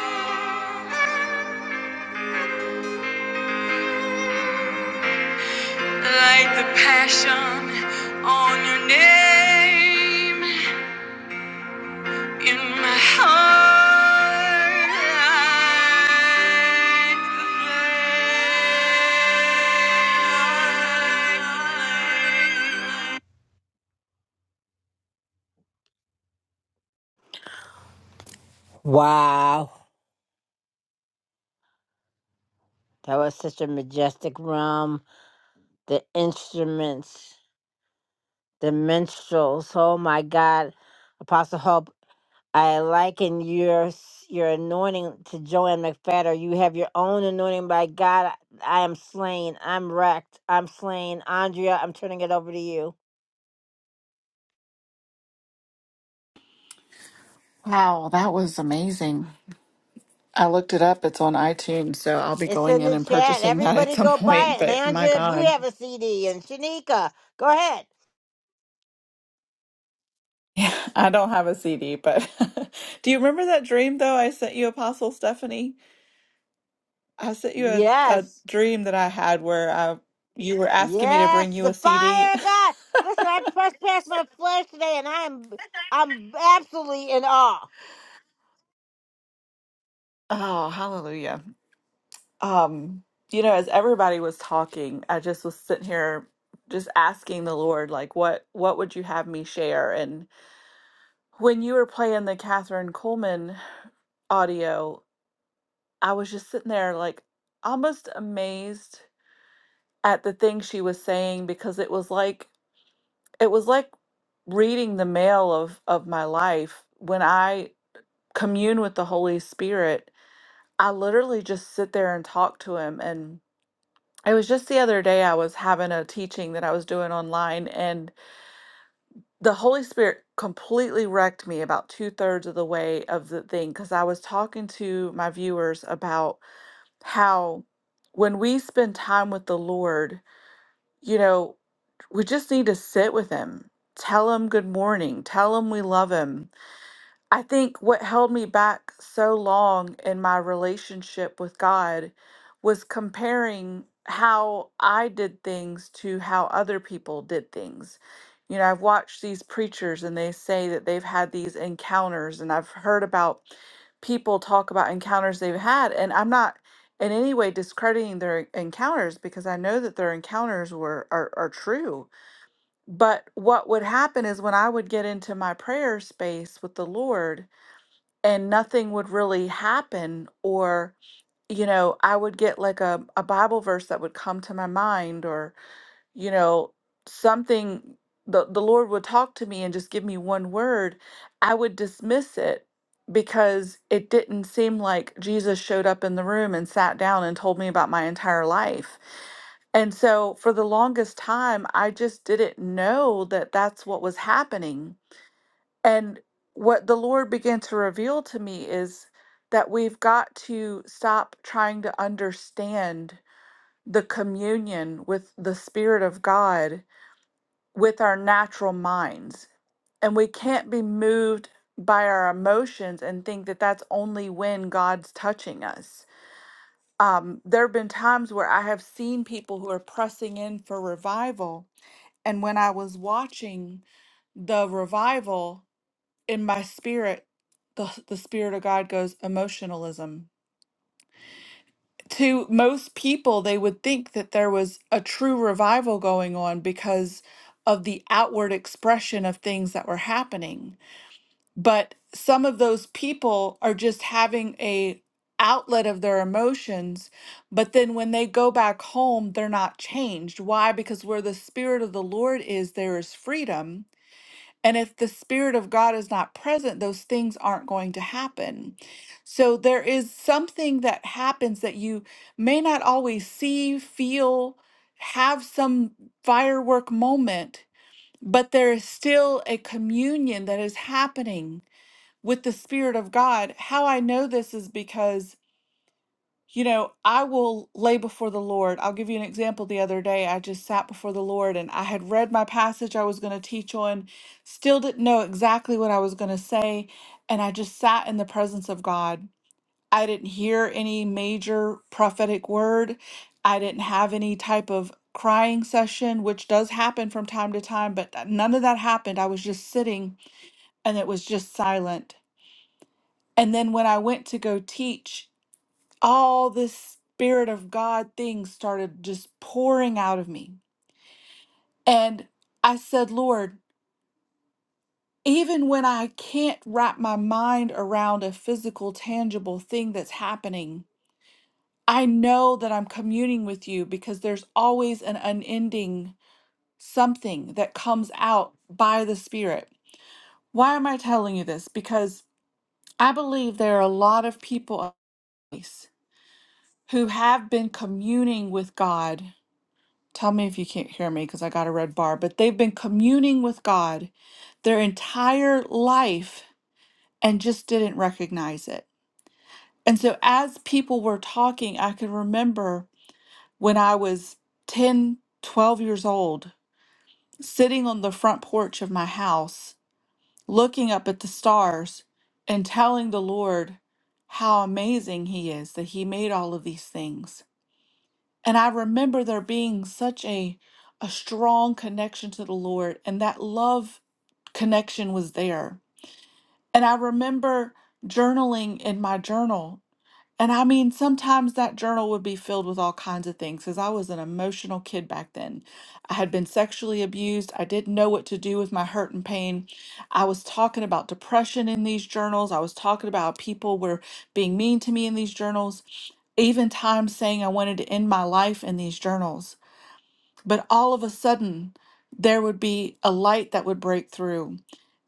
blow, winds blow. Light the passion on your name in my heart. Light the flame. Wow, that was such a majestic realm. The instruments, the minstrels. Oh my God, Apostle Hope. I liken your s- your anointing to Joanne McFadder. You have your own anointing by God. I I am slain. I'm wrecked. I'm slain. Andrea, I'm turning it over to you. Wow, that was amazing. I looked it up. It's on iTunes, so I'll be It's going in in the and chat. purchasing that at Everybody some go buy point. it. And But my Andrea, if you God, have a CD, and Shanika, go ahead. yeah, I don't have a CD. But do you remember that dream though? I sent you Apostle Stephanie. I sent you a, a Yes. dream that I had where I you were asking me to bring Yes. you The a CD. fire of God. Listen, I pressed past my flesh today and I am I'm absolutely in awe. Oh, hallelujah. um you know as everybody was talking i just was sitting here just asking the lord like what what would you have me share and when you were playing the catherine coleman audio i was just sitting there like almost amazed at the things she was saying because it was like it was like reading the mail of of my life when i commune with the holy spirit i literally just sit there and talk to him and It was just the other day, I was having a teaching that I was doing online, and the Holy Spirit completely wrecked me about two thirds of the way of the thing because I was talking to my viewers about how when we spend time with the Lord, you know, we just need to sit with Him, tell Him good morning, tell Him we love Him, I think what held me back so long in my relationship with God was comparing how I did things to how other people did things. You know, I've watched these preachers and they say that they've had these encounters, and I've heard about people talk about encounters they've had. And I'm not in any way discrediting their encounters because I know that their encounters were are, are true. But what would happen is when I would get into my prayer space with the Lord, and nothing would really happen or you know i would get like a, a bible verse that would come to my mind or you know something the, the lord would talk to me and just give me one word i would dismiss it because it didn't seem like jesus showed up in the room and sat down and told me about my entire life and so for the longest time i just didn't know that that's what was happening and what the Lord began to reveal to me is that we've got to stop trying to understand the communion with the Spirit of God with our natural minds. And we can't be moved by our emotions and think that that's only when God's touching us. Um, there have been times where I have seen people who are pressing in for revival. And when I was watching the revival, in my spirit the the spirit of god goes emotionalism to most people they would think that there was a true revival going on because of the outward expression of things that were happening but some of those people are just having a outlet of their emotions but then when they go back home they're not changed why because where the spirit of the lord is there is freedom and if the Spirit of God is not present, those things aren't going to happen. So there is something that happens that you may not always see, feel, have some firework moment, but there is still a communion that is happening with the Spirit of God. How I know this is because you know, I will lay before the Lord. I'll give you an example. The other day, I just sat before the Lord and I had read my passage I was going to teach on, still didn't know exactly what I was going to say. And I just sat in the presence of God. I didn't hear any major prophetic word, I didn't have any type of crying session, which does happen from time to time, but uh, none of that happened. I was just sitting and it was just silent. And then when I went to go teach, all this Spirit of God thing started just pouring out of me. And I said, Lord, even when I can't wrap my mind around a physical, tangible thing that's happening, I know that I'm communing with you because there's always an unending something that comes out by the Spirit. Why am I telling you this? Because I believe there are a lot of people on this who have been communing with God Tell me if you can't hear me because I got a red bar, but they've been communing with God their entire life and just didn't recognize it. And so, as people were talking, I can remember when I was 10, 12 years old, sitting on the front porch of my house, looking up at the stars and telling the Lord how amazing He is that He made all of these things. And I remember there being such a a strong connection to the Lord and that love connection was there. And I remember journaling in my journal. And I mean sometimes that journal would be filled with all kinds of things cuz I was an emotional kid back then. I had been sexually abused. I didn't know what to do with my hurt and pain. I was talking about depression in these journals. I was talking about people were being mean to me in these journals even times saying I wanted to end my life in these journals. But all of a sudden, there would be a light that would break through,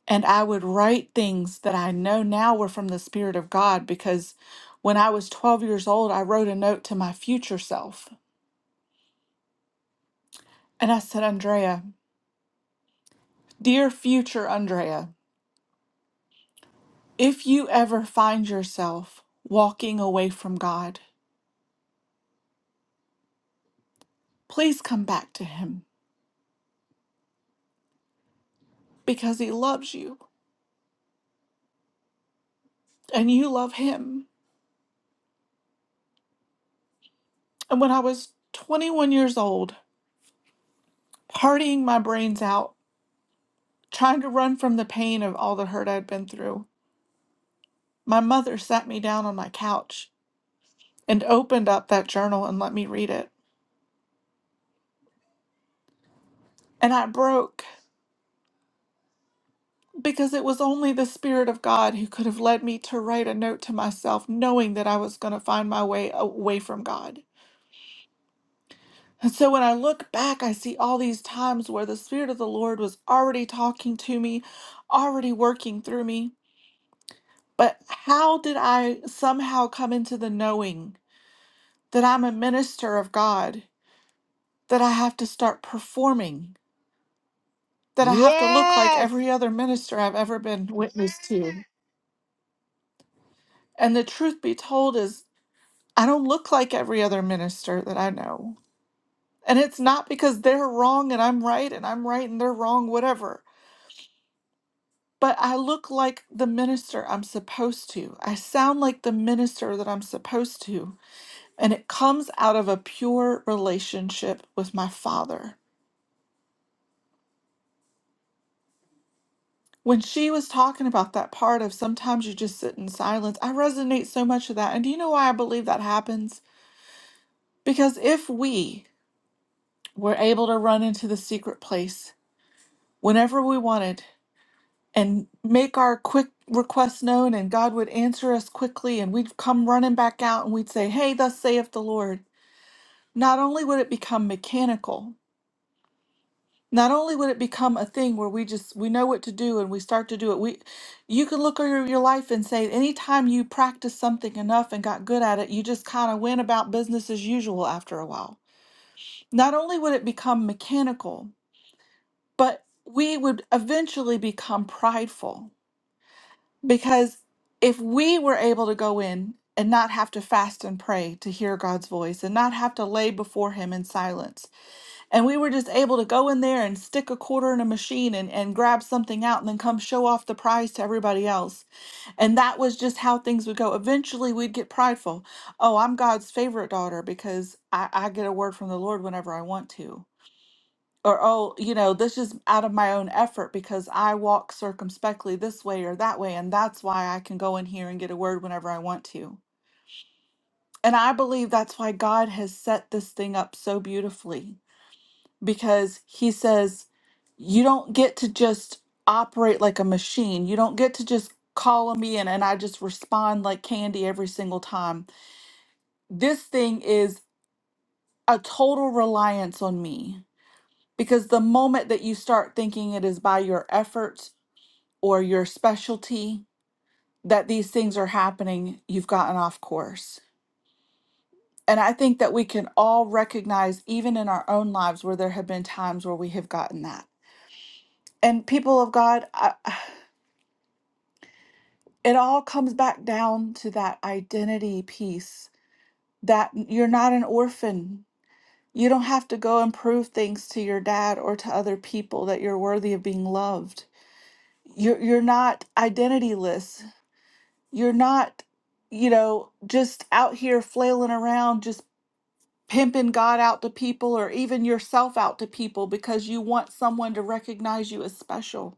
and I would write things that I know now were from the Spirit of God because when I was 12 years old, I wrote a note to my future self. And I said, Andrea, dear future Andrea, if you ever find yourself walking away from God, please come back to Him because He loves you and you love Him. And when I was 21 years old, partying my brains out trying to run from the pain of all the hurt I'd been through. My mother sat me down on my couch and opened up that journal and let me read it. And I broke because it was only the Spirit of God who could have led me to write a note to myself, knowing that I was going to find my way away from God. And so when I look back, I see all these times where the Spirit of the Lord was already talking to me, already working through me. But how did I somehow come into the knowing that I'm a minister of God? that I have to start performing, that I have to look like Yes. every other minister I've ever been witness to. And the truth be told is I don't look like every other minister that I know. And it's not because they're wrong and I'm right and I'm right and they're wrong, whatever. But I look like the minister I'm supposed to. I sound like the minister that I'm supposed to. And it comes out of a pure relationship with my Father. When she was talking about that part of sometimes you just sit in silence, I resonate so much with that. And do you know why I believe that happens? Because if we were able to run into the secret place whenever we wanted and make our quick request known, and God would answer us quickly, and we'd come running back out and we'd say, Hey, thus saith the Lord, not only would it become mechanical, not only would it become a thing where we just we know what to do and we start to do it we you can look over your life and say anytime you practice something enough and got good at it you just kind of went about business as usual after a while not only would it become mechanical but we would eventually become prideful because if we were able to go in and not have to fast and pray to hear God's voice and not have to lay before him in silence and we were just able to go in there and stick a quarter in a machine and, and grab something out and then come show off the prize to everybody else. And that was just how things would go. Eventually, we'd get prideful. Oh, I'm God's favorite daughter because I, I get a word from the Lord whenever I want to. Or, oh, you know, this is out of my own effort because I walk circumspectly this way or that way. And that's why I can go in here and get a word whenever I want to. And I believe that's why God has set this thing up so beautifully because he says you don't get to just operate like a machine. You don't get to just call me in and I just respond like candy every single time. This thing is a total reliance on me because the moment that you start thinking it is by your efforts or your specialty that these things are happening, you've gotten off course. And I think that we can all recognize, even in our own lives, where there have been times where we have gotten that. And people of God, I. it all comes back down to that identity piece that you're not an orphan. You don't have to go and prove things to your dad or to other people that you're worthy of being loved. You're, you're not identityless. You're not, you know, just out here flailing around, just pimping God out to people or even yourself out to people because you want someone to recognize you as special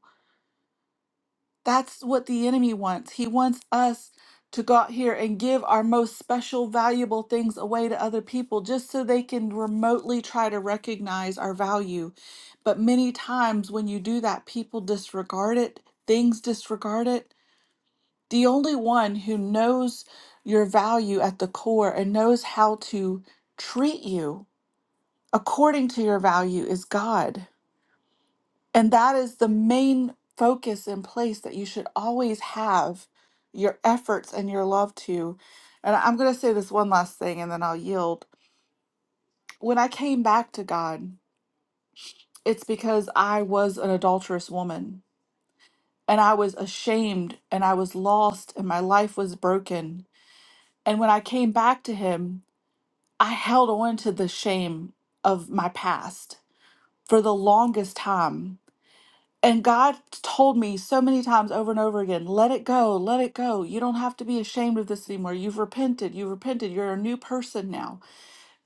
That's what the enemy wants. He wants us to go out here and give our most special, valuable things away to other people just so they can remotely try to recognize our value. But many times when you do that, people disregard it, things disregard it. The only one who knows your value at the core and knows how to treat you according to your value is God. And that is the main focus and place that you should always have your efforts and your love to. And I'm going to say this one last thing and then I'll yield. When I came back to God, it's because I was an adulterous woman and I was ashamed and I was lost and my life was broken. And when I came back to Him, I held on to the shame of my past for the longest time And God told me so many times over and over again, let it go, let it go. You don't have to be ashamed of this anymore. You've repented, you've repented. You're a new person now.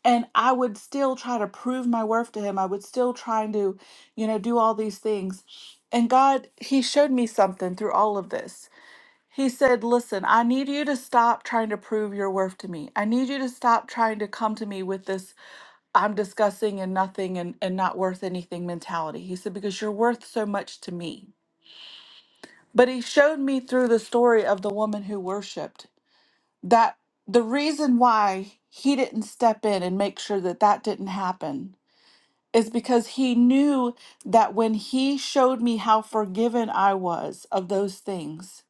And I would still try to prove my worth to him. I would still try to, you know, do all these things. And God, he showed me something through all of this. He said, Listen, I need you to stop trying to prove your worth to me. I need you to stop trying to come to me with this I'm disgusting and nothing and, and not worth anything mentality. He said, Because you're worth so much to me. But he showed me through the story of the woman who worshiped that the reason why he didn't step in and make sure that that didn't happen is because he knew that when he showed me how forgiven I was of those things,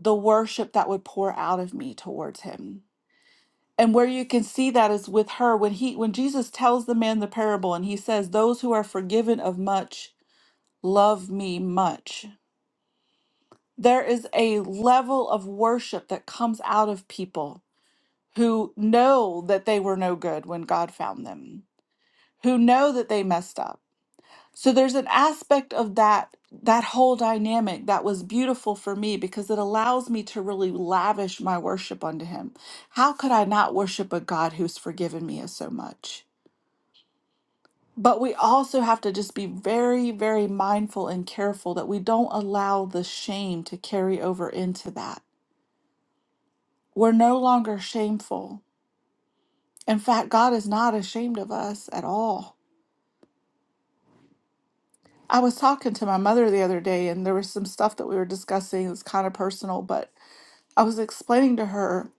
the worship that would pour out of me towards him. And where you can see that is with her when he when Jesus tells the man the parable and he says those who are forgiven of much love me much there is a level of worship that comes out of people who know that they were no good when God found them, who know that they messed up. So there's an aspect of that that whole dynamic that was beautiful for me because it allows me to really lavish my worship unto him. How could I not worship a God who's forgiven me of so much? But we also have to just be very, very mindful and careful that we don't allow the shame to carry over into that We're no longer shameful. In fact, God is not ashamed of us at all. I was talking to my mother the other day, and there was some stuff that we were discussing that's kind of personal, but I was explaining to her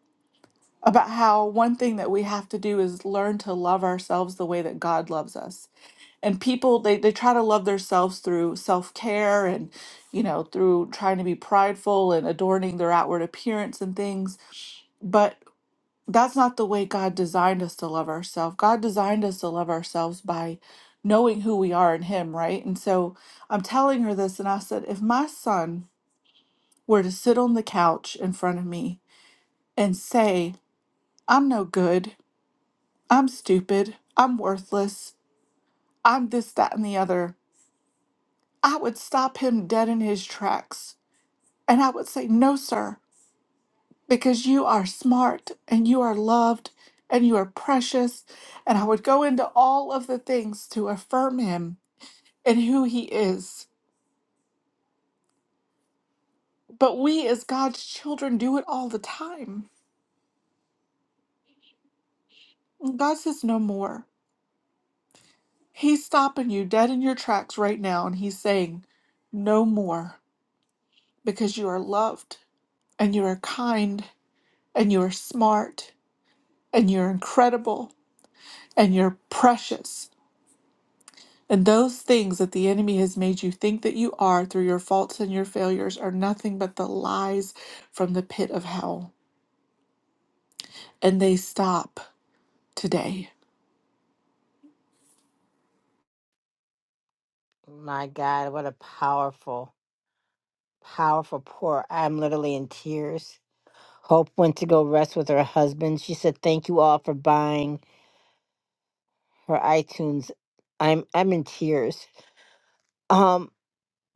about how one thing that we have to do is learn to love ourselves the way that God loves us. And people, they, they try to love themselves through self care and, you know, through trying to be prideful and adorning their outward appearance and things. but. that's not the way God designed us to love ourselves. God designed us to love ourselves by knowing who we are in Him, right? And so I'm telling her this, and I said, if my son were to sit on the couch in front of me and say, I'm no good, I'm stupid, I'm worthless, I'm this, that, and the other, I would stop him dead in his tracks. And I would say, No, sir. because you are smart and you are loved and you are precious. And I would go into all of the things to affirm him and who he is. But we, as God's children, do it all the time. And God says, No more. He's stopping you dead in your tracks right now. And he's saying, No more, because you are loved and you are kind and you are smart and you're incredible and you're precious And those things that the enemy has made you think that you are through your faults and your failures are nothing but the lies from the pit of hell. And they stop today. My God, what a powerful. powerful pour. I'm literally in tears. Hope went to go rest with her husband. She said, "Thank you all for buying her iTunes." I'm I'm in tears. Um,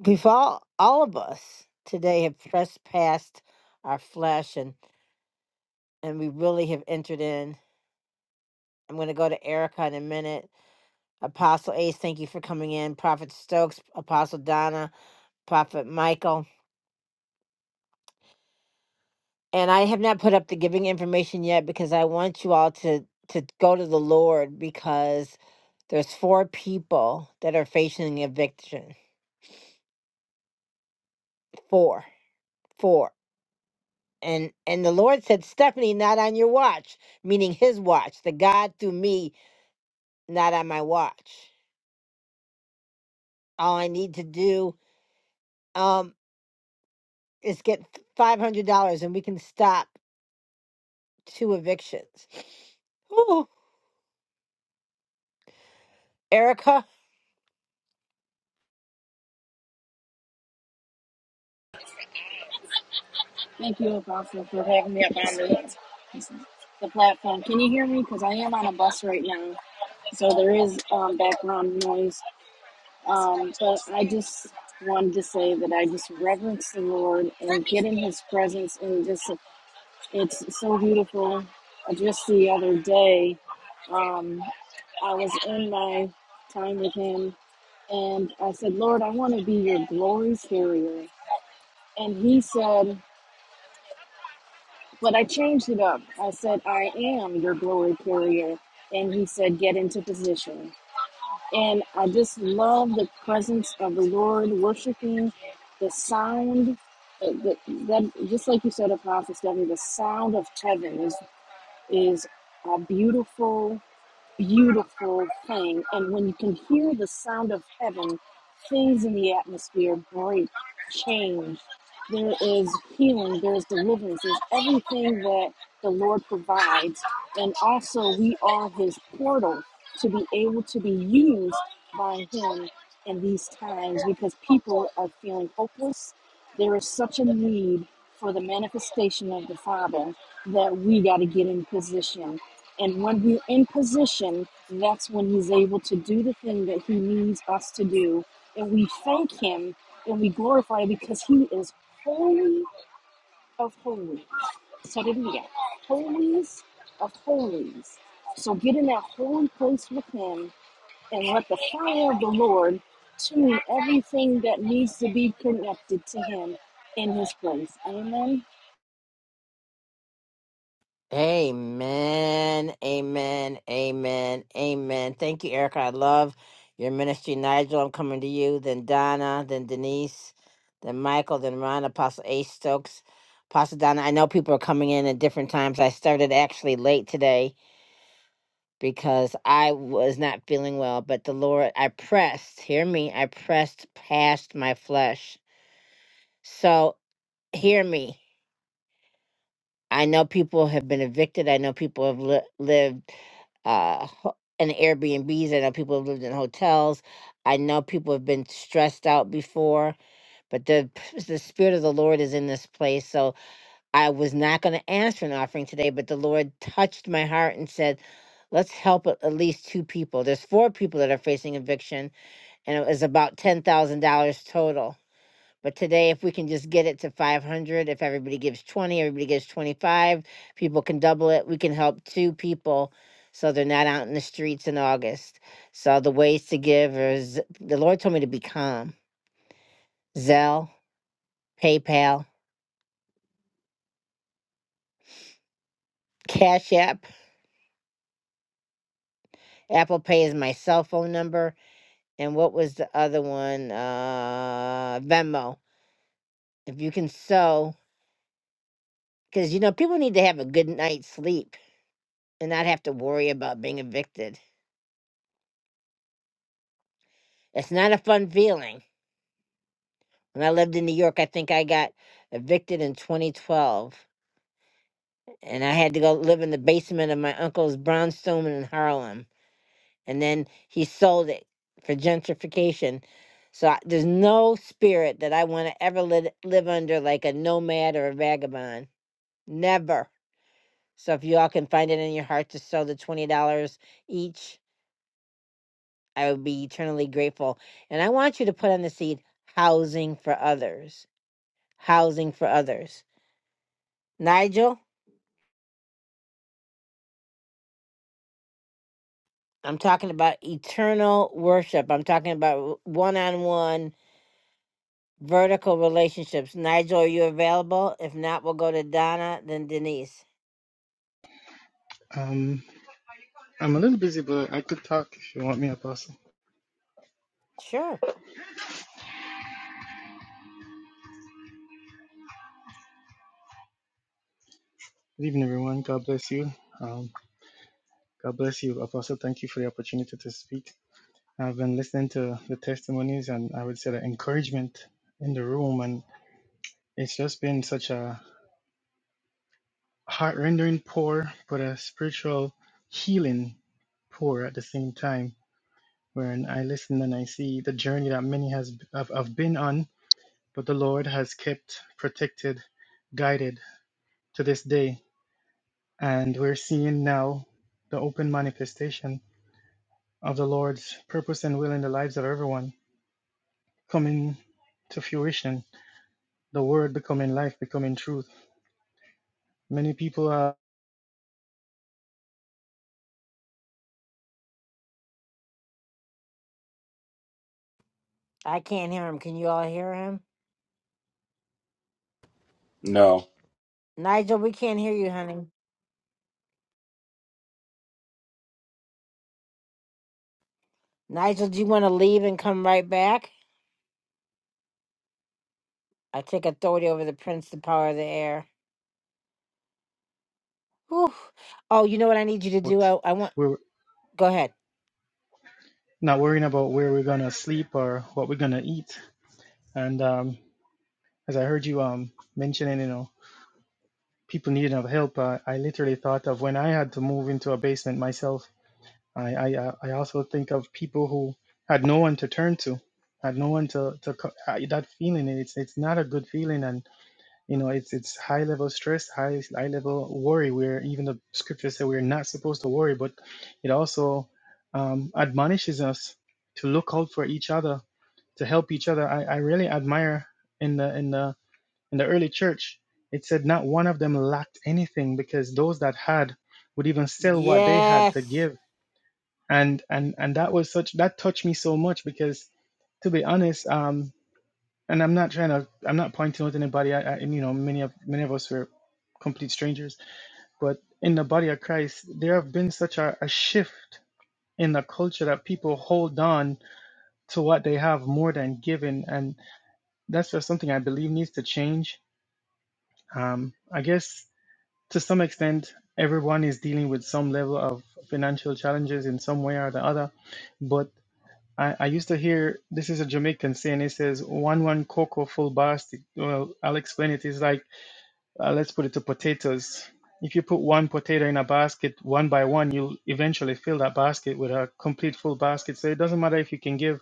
we've all all of us today have pressed past our flesh and and we really have entered in. I'm going to go to Erica in a minute. Apostle Ace, thank you for coming in. Prophet Stokes, Apostle Donna, Prophet Michael. and I have not put up the giving information yet because I want you all to to go to the Lord because there's four people that are facing eviction. Four, four, and and the Lord said, Stephanie, not on your watch, meaning His watch. The God through me, not on my watch. All I need to do um is get five hundred dollars, and we can stop two evictions. Ooh, Erica. Thank you, Apostle, for having me up on the, the platform. Can you hear me? Because I am on a bus right now, so there is um, background noise. Um, but I just wanted to say that I just reverence the Lord and get in His presence, and just it's so beautiful. Just the other day, um, I was in my time with Him, and I said, Lord, I want to be your glory carrier. And He said, But I changed it up. I said, I am your glory carrier. And he said, Get into position. And I just love the presence of the Lord, worshiping the sound. uh, The, that, just like you said, Apostle Stephanie, the sound of heaven is, is uh, beautiful beautiful thing. And when you can hear the sound of heaven, things in the atmosphere break, change. There is healing, there is deliverance, there's everything that the Lord provides. And also, we are His portal to be able to be used by Him in these times because people are feeling hopeless there is such a need for the manifestation of the Father that we got to get in position. And when we're in position, that's when He's able to do the thing that He needs us to do. And we thank Him and we glorify Him because He is holy of holy. So did we get holies of holies. So get in that holy place with Him and let the fire of the Lord tune everything that needs to be connected to Him in His place. Amen. Amen. Amen. Amen. Amen. Thank you, Erica. I love your ministry. Nigel, I'm coming to you. Then Donna, then Denise, then Michael, then Ron, Apostle A. Stokes. Apostle Donna, I know people are coming in at different times. I started actually late today because I was not feeling well, but the Lord, I pressed, hear me, I pressed past my flesh. So hear me. I know people have been evicted. I know people have li- lived uh, ho- in Airbnbs. I know people have lived in hotels. I know people have been stressed out before, but the p- the spirit of the Lord is in this place. So I was not going to answer an offering today, but the Lord touched my heart and said, "Let's help at at least two people." There's four people that are facing eviction, and it was about ten thousand dollars total. But today, if we can just get it to 500, if everybody gives 20, everybody gives 25, people can double it. We can help two people so they're not out in the streets in August. So the ways to give is the Lord told me to be calm. Zelle, PayPal, Cash App, Apple Pay is my cell phone number. And what was the other one? Uh, Venmo. If you can sew, because you know, people need to have a good night's sleep and not have to worry about being evicted. It's not a fun feeling When I lived in New York, I think I got evicted in 2012. And I had to go live in the basement of my uncle's brownstone in Harlem. And then he sold it for gentrification. So I, there's no spirit that I want to ever live, live under like a nomad or a vagabond. Never. So if you all can find it in your heart to sell the $20 each, I would be eternally grateful. And I want you to put on the seed housing for others. Housing for others. Nigel? I'm talking about eternal worship. I'm talking about one on one vertical relationships. Nigel, are you available? If not, we'll go to Donna, then Denise. Um, I'm a little busy, but I could talk if you want me, Apostle. Sure. Good evening, everyone. God bless you. Um, God bless you, Apostle. Thank you for the opportunity to speak. I've been listening to the testimonies and I would say the encouragement in the room, and it's just been such a heart rendering pour, but a spiritual healing pour at the same time. When I listen and I see the journey that many has have, have been on, but the Lord has kept protected, guided to this day And we're seeing now the open manifestation of the Lord's purpose and will in the lives of everyone coming to fruition. The word becoming life, becoming truth. Many people are I can't hear him. Can you all hear him? No, Nigel, we can't hear you, honey. Nigel, do you want to leave and come right back? I take authority over the prince, the power of the air. Whew. Oh, you know what I need you to do? out, I, I want. we're Go ahead. not worrying about where we're gonna sleep or what we're gonna eat. And um, as I heard you um, mentioning, you know, people needing of help, uh, I literally thought of when I had to move into a basement myself I, I I also think of people who had no one to turn to, had no one to to co- I- that feeling. It's it's not a good feeling, and you know it's it's high level stress, high high level worry. Where even the scriptures say we're not supposed to worry, but it also um, admonishes us to look out for each other, to help each other. I, I really admire in the in the in the early church. It said not one of them lacked anything because those that had would even sell what they had to Yes. give and and and that was such that touched me so much because to be honest um and i'm not trying to i'm not pointing out anybody I, I you know many of many of us were complete strangers but in the body of christ there have been such a, a shift in the culture that people hold on to what they have more than given and that's just something i believe needs to change um i guess to some extent everyone is dealing with some level of financial challenges in some way or the other but I, I used to hear this is a Jamaican saying. It says one one cocoa full basket. Well, I'll explain it. It's like uh, let's put it to potatoes. If you put one potato in a basket one by one, you'll eventually fill that basket with a complete full basket. So it doesn't matter if you can give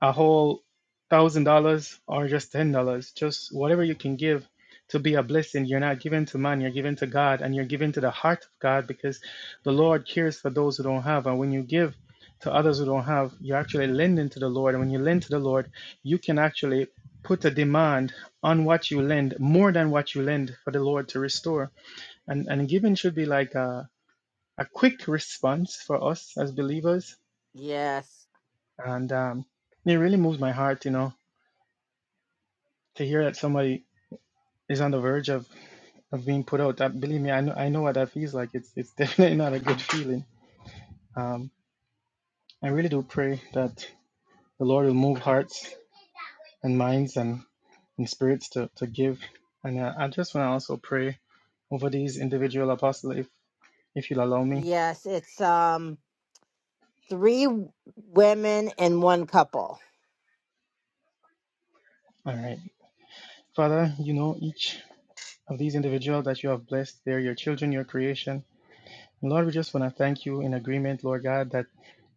a whole thousand dollars or just ten dollars, just whatever you can give to be a blessing. You're not giving to man, you're giving to God, and you're giving to the heart of God because the Lord cares for those who don't have. And when you give to others who don't have, you're actually lending to the Lord. And when you lend to the Lord, you can actually put a demand on what you lend more than what you lend for the Lord to restore. And and giving should be like a, a quick response for us as believers. Yes. And um, it really moves my heart, you know to hear that somebody is on the verge of, of being put out, that believe me, I know I know what that feels like. It's it's definitely not a good feeling. Um, I really do pray that the Lord will move hearts and minds and, and spirits to, to give. And uh, I just want to also pray over these individual apostles, if if you'll allow me. Yes. It's, um, Three women and one couple. All right, Father, you know each of these individuals that you have blessed. They're your children, your creation. And Lord, we just want to thank you in agreement, Lord God, that.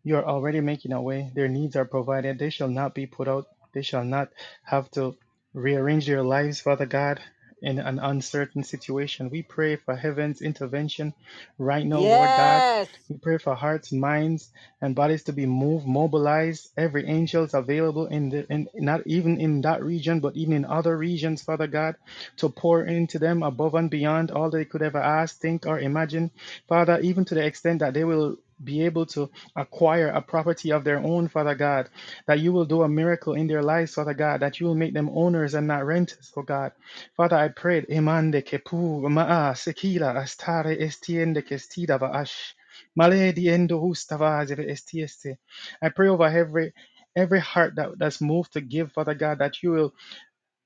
You are already making a way. Their needs are provided. They shall not be put out. They shall not have to rearrange their lives, Father God, in an uncertain situation. We pray for heaven's intervention right now, Lord God. Yes. We pray for hearts, minds, and bodies to be moved, mobilized. Every angel is available in the in not even in that region, but even in other regions, Father God, to pour into them above and beyond all they could ever ask, think, or imagine. Father, even to the extent that they will be able to acquire a property of their own, Father God, that you will do a miracle in their lives, Father God, that you will make them owners and not renters, oh God. Father, I prayed, Emande kepu maa sekila astare estiende kestida vaash. Male diendo hustavaz estieste. I pray over every every heart that, that's moved to give, Father God, that you will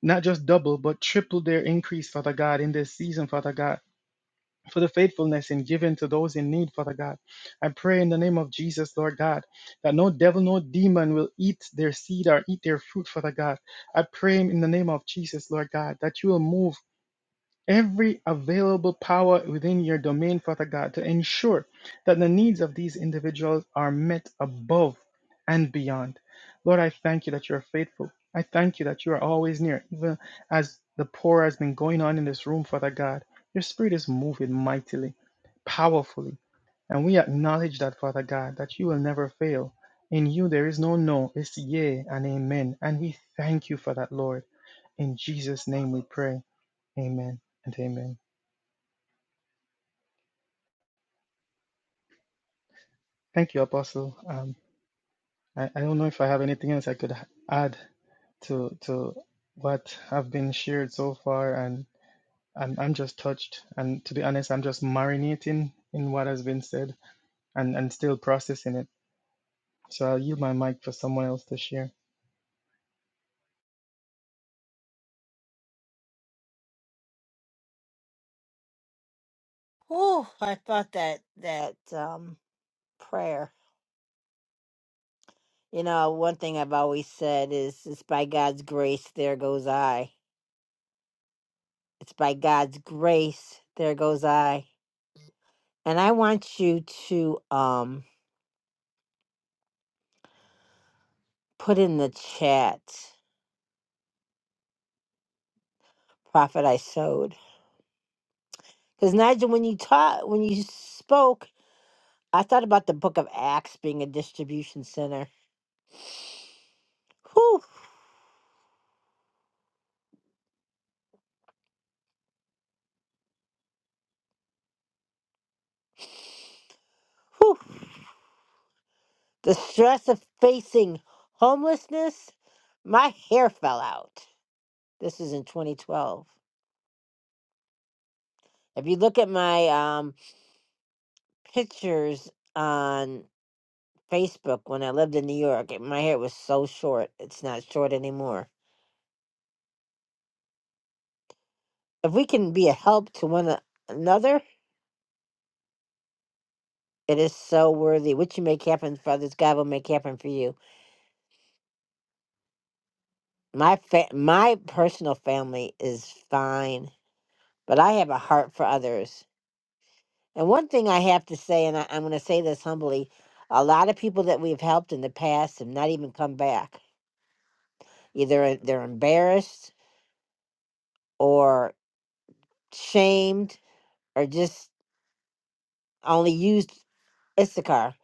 not just double but triple their increase, Father God, in this season, Father God for the faithfulness in giving to those in need, Father God. I pray in the name of Jesus, Lord God, that no devil, no demon will eat their seed or eat their fruit, Father God. I pray in the name of Jesus, Lord God, that you will move every available power within your domain, Father God, to ensure that the needs of these individuals are met above and beyond. Lord, I thank you that you are faithful. I thank you that you are always near, even as the pour has been going on in this room, Father God. Your spirit is moving mightily, powerfully, and we acknowledge that, Father God, that you will never fail. In you there is no no, it's yea and amen. And we thank you for that, Lord. In Jesus' name we pray. Amen and amen. Thank you, Apostle. Um, I, I don't know if I have anything else I could h- add to to what have been shared so far, and I'm I'm just touched, and to be honest, I'm just marinating in what has been said, and and still processing it. So I'll yield my mic for someone else to share. Whew, I thought that that um prayer. You know, one thing I've always said is it's by God's grace there goes I. It's by God's grace there goes I. And I want you to um put in the chat prophet I sowed. Cuz Nigel when you taught when you spoke, I thought about the book of Acts being a distribution center. Whew. Whew. The stress of facing homelessness, my hair fell out. This is in 2012. If you look at my um, pictures on Facebook when I lived in New York, it- my hair was so short. It's not short anymore. If we can be a help to one a- another, it is so worthy. What you make happen for others, God will make happen for you. My fa- my personal family is fine, but I have a heart for others. And one thing I have to say, and I, I'm going to say this humbly, a lot of people that we've helped in the past have not even come back. Either they're embarrassed or shamed or just only used Issachar.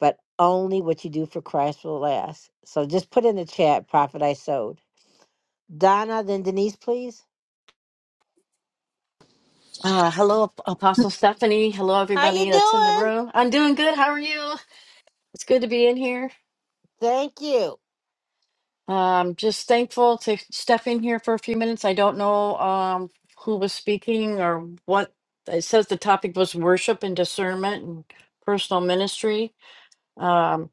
But only what you do for Christ will last. So just put in the chat, Prophet I sowed. Donna, then Denise, please. Uh, hello, Ap- Apostle Stephanie. Hello, How you everybody that's in the doing? room. I'm doing good. How are you? It's good to be in here. Thank you. Um, just thankful to step in here for a few minutes. I don't know um, who was speaking or what. It says the topic was worship and discernment and personal ministry. Um,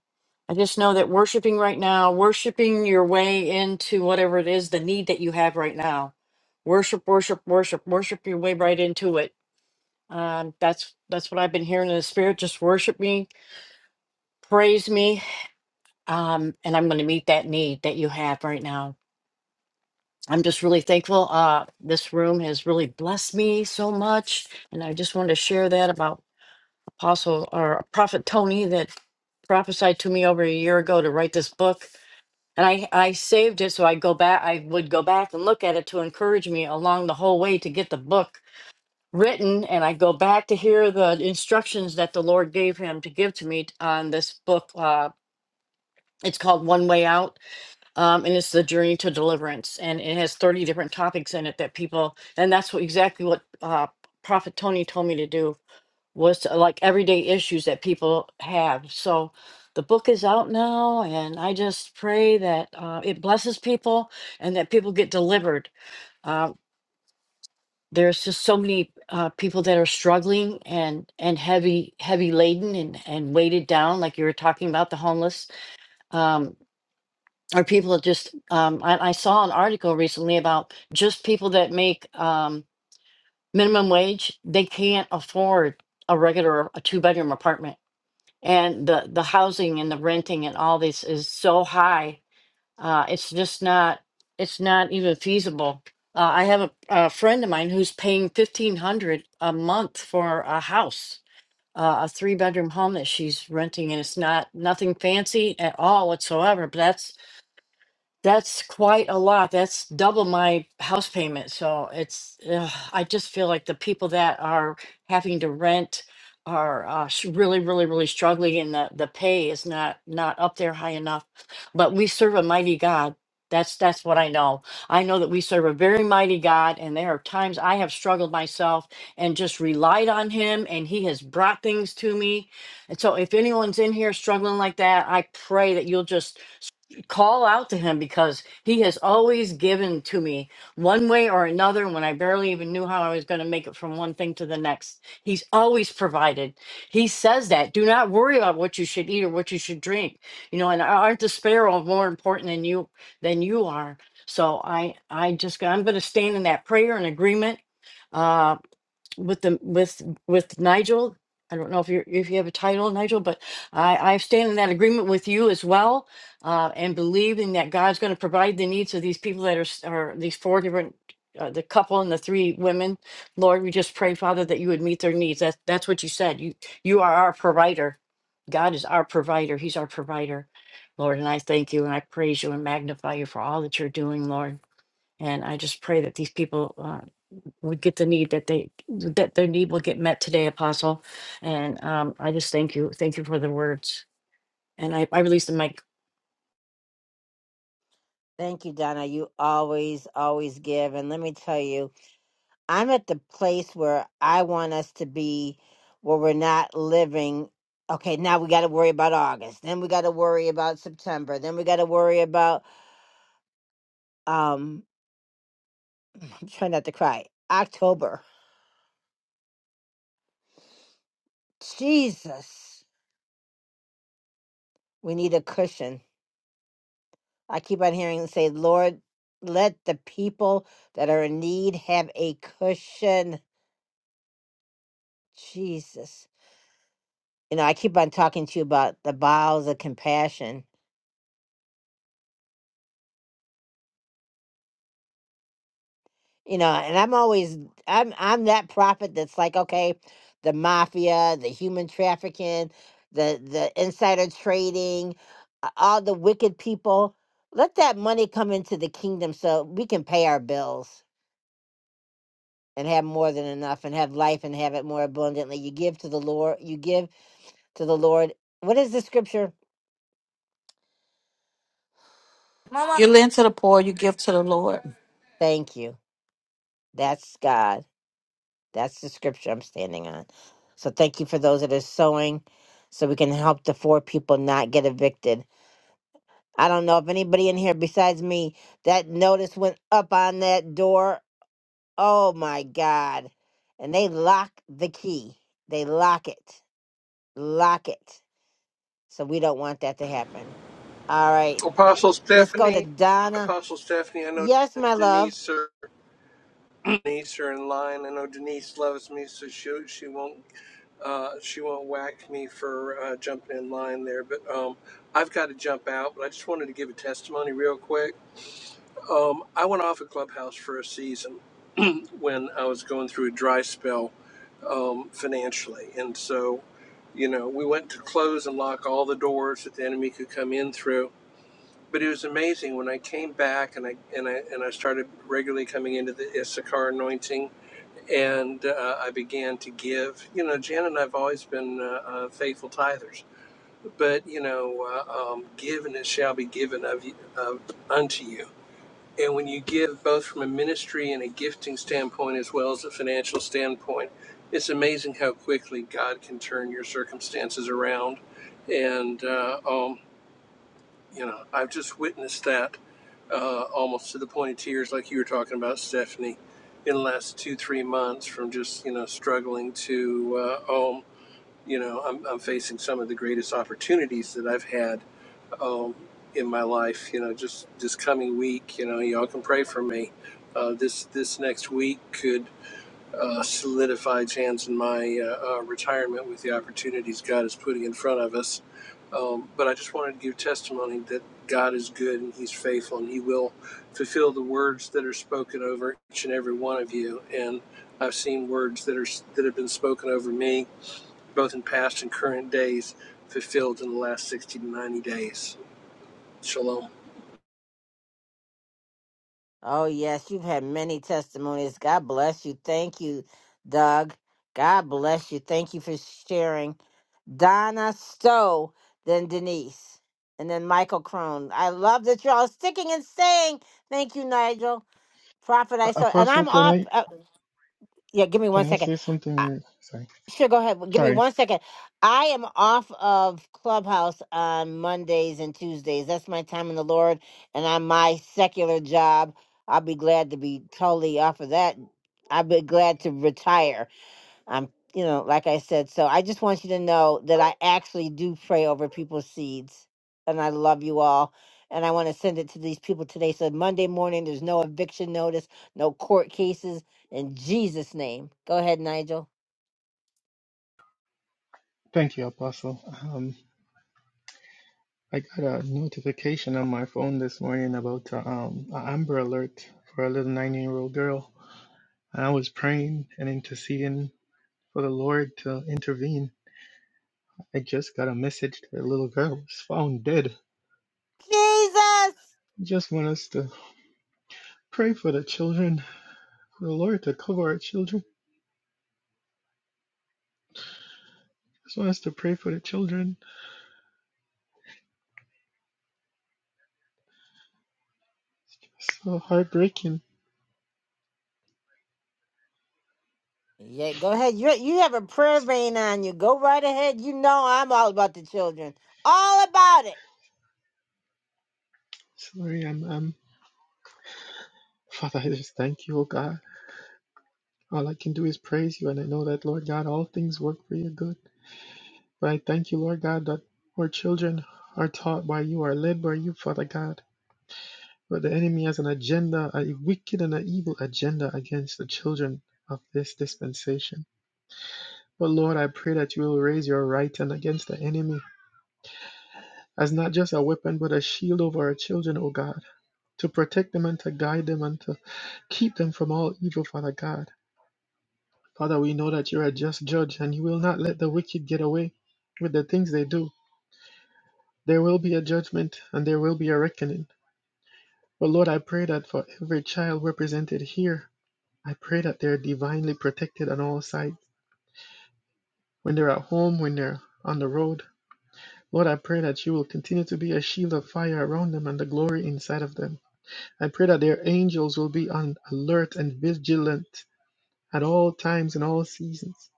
I just know that worshiping right now, worshiping your way into whatever it is, the need that you have right now. Worship, worship, worship, worship your way right into it Um, that's that's what I've been hearing in the spirit. Just worship me, praise me, um, and I'm going to meet that need that you have right now. I'm just really thankful. Uh, this room has really blessed me so much, and I just wanted to share that about Apostle or Prophet Tony that prophesied to me over a year ago to write this book. And I, I saved it so I go back I would go back and look at it to encourage me along the whole way to get the book written and I go back to hear the instructions that the Lord gave him to give to me t- on this book. Uh, it's called One Way Out, um, and it's the journey to deliverance, and it has thirty different topics in it that people, and that's what exactly what uh, Prophet Tony told me to do was to, like everyday issues that people have. So the book is out now, and I just pray that uh, it blesses people and that people get delivered. uh, there's just so many uh, people that are struggling and and heavy heavy laden and and weighted down like you were talking about the homeless um or people that just um I, I saw an article recently about just people that make um minimum wage they can't afford a regular a two bedroom apartment and the the housing and the renting and all this is so high uh, it's just not it's not even feasible uh, i have a, a friend of mine who's paying 1500 a month for a house uh, a three bedroom home that she's renting and it's not nothing fancy at all whatsoever but that's that's quite a lot. That's double my house payment. So it's, ugh, I just feel like the people that are having to rent are uh, sh- really, really, really struggling, and the the pay is not not up there high enough. But we serve a mighty God. That's that's what I know. I know that we serve a very mighty God, and there are times I have struggled myself and just relied on Him, and He has brought things to me. And so, if anyone's in here struggling like that, I pray that you'll just call out to him because he has always given to me one way or another when I barely even knew how I was going to make it from one thing to the next. He's always provided. He says that. Do not worry about what you should eat or what you should drink. You know, and aren't the sparrow more important than you than you are? So I I just I'm going to stand in that prayer and agreement. Uh, with the with with Nigel. I don't know if you are if you have a title, Nigel, but I I stand in that agreement with you as well, uh, and believing that God's going to provide the needs of these people that are s- are these four different. Uh, the couple and the three women, Lord, we just pray, Father, that you would meet their needs. That's that's what you said. You you are our provider. God is our provider. He's our provider, Lord. And I thank you and I praise you and magnify you for all that you're doing, Lord. And I just pray that these people uh, would get the need that they that their need will get met today, Apostle. And um, I just thank you, thank you for the words. And I I release the mic. Thank you, Donna. You always, always give. And let me tell you, I'm at the place where I want us to be where we're not living. Okay, now we got to worry about August. Then we got to worry about September. Then we got to worry about um I'm trying not to cry. October. Jesus. We need a cushion. I keep on hearing and say, "Lord, let the people that are in need have a cushion." Jesus. You know, I keep on talking to you about the bowels of compassion you know and i'm always i'm i'm that prophet that's like okay the mafia the human trafficking the the insider trading uh, all the wicked people let that money come into the kingdom so we can pay our bills and have more than enough and have life and have it more abundantly you give to the lord you give to the lord what is the scripture Mama, You lend to the poor, you give to the Lord. thank you that's god That's the scripture I'm standing on. So thank you for those that are sowing so we can help the four people not get evicted. I don't know if anybody in here besides me that notice went up on that door. Oh my God. And they lock the key. They lock it. Lock it. So we don't want that to happen. All right. Apostle Let's go to Stephanie, Donna. Apostle Stephanie, I know Yes, my love. Denise are Denise are in line. I know Denise loves me, so she she won't uh, she won't whack me for uh, jumping in line there. But um, I've got to jump out. But I just wanted to give a testimony real quick. Um, I went off of Clubhouse for a season when I was going through a dry spell um, financially, and so you know we went to close and lock all the doors that the enemy could come in through but it was amazing when I came back and I and I and I started regularly coming into the Issachar anointing, and uh, I began to give. You know, Jan and I've always been uh, uh, faithful tithers, but you know, uh, um, give and it shall be given of you, of unto you. And when you give, both from a ministry and a gifting standpoint as well as a financial standpoint, it's amazing how quickly God can turn your circumstances around. And uh, um, you know, I've just witnessed that uh, almost to the point of tears, like you were talking about, Stephanie, in the last two, three months from just, you know, struggling to, uh, oh, you know, I'm, I'm facing some of the greatest opportunities that I've had um, in my life, you know, just this coming week, you know, y'all can pray for me. Uh, this this next week could uh, solidified chance in my uh, uh, retirement with the opportunities God is putting in front of us. Um, but I just wanted to give testimony that God is good and He's faithful and He will fulfill the words that are spoken over each and every one of you. And I've seen words that are that have been spoken over me, both in past and current days, fulfilled in the last 60 to 90 days. Shalom. Oh, yes, you've had many testimonies. God bless you. Thank you, Doug. God bless you. Thank you for sharing. Donna Stowe, then Denise, and then Michael Crone. I love that you're all sticking and saying, Thank you, Nigel. Prophet, A- I saw, and Apostle, I'm can off. I Uh, yeah, give me one can I second. say something? re- Sorry, Sure, go ahead. Give me sorry. one second. I am off of Clubhouse on Mondays and Tuesdays. That's my time in the Lord and on my secular job. I'll be glad to be totally off of that. I'll be glad to retire. I'm, you know, like I said. So I just want you to know that I actually do pray over people's seeds. And I love you all. And I want to send it to these people today. So Monday morning, there's no eviction notice, no court cases. In Jesus' name. Go ahead, Nigel. Thank you, Apostle. Um, I got a notification on my phone this morning about uh, um, an Amber Alert for a little nine-year-old girl I was praying and interceding for the Lord to intervene. I just got a message that a little girl was found dead. Jesus. just want us to pray for the children, for the Lord to cover our children. just want us to pray for the children. so heartbreaking. Yeah, go ahead. You you have a prayer S- vein on you. Go right ahead. You know I'm all about the children. All about it. Sorry, I'm, I'm, Father, I just thank you, oh God. All I can do is praise you, and I know that, Lord God, all things work for your good. But I thank you, Lord God, that our children are taught by you, are led by you, Father God. But the enemy has an agenda, a wicked and an evil agenda against the children of this dispensation. But Lord, I pray that you will raise your right hand against the enemy as not just a weapon, but a shield over our children, O God, to protect them and to guide them and to keep them from all evil, Father God. Father, we know that you're a just judge and you will not let the wicked get away with the things they do. There will be a judgment and there will be a reckoning. But Lord, I pray that for every child represented here, I pray that they're divinely protected on all sides, when they're at home, when they're on the road. Lord, I pray that you will continue to be a shield of fire around them and the glory inside of them. I pray that their angels will be on alert and vigilant at all times and all seasons.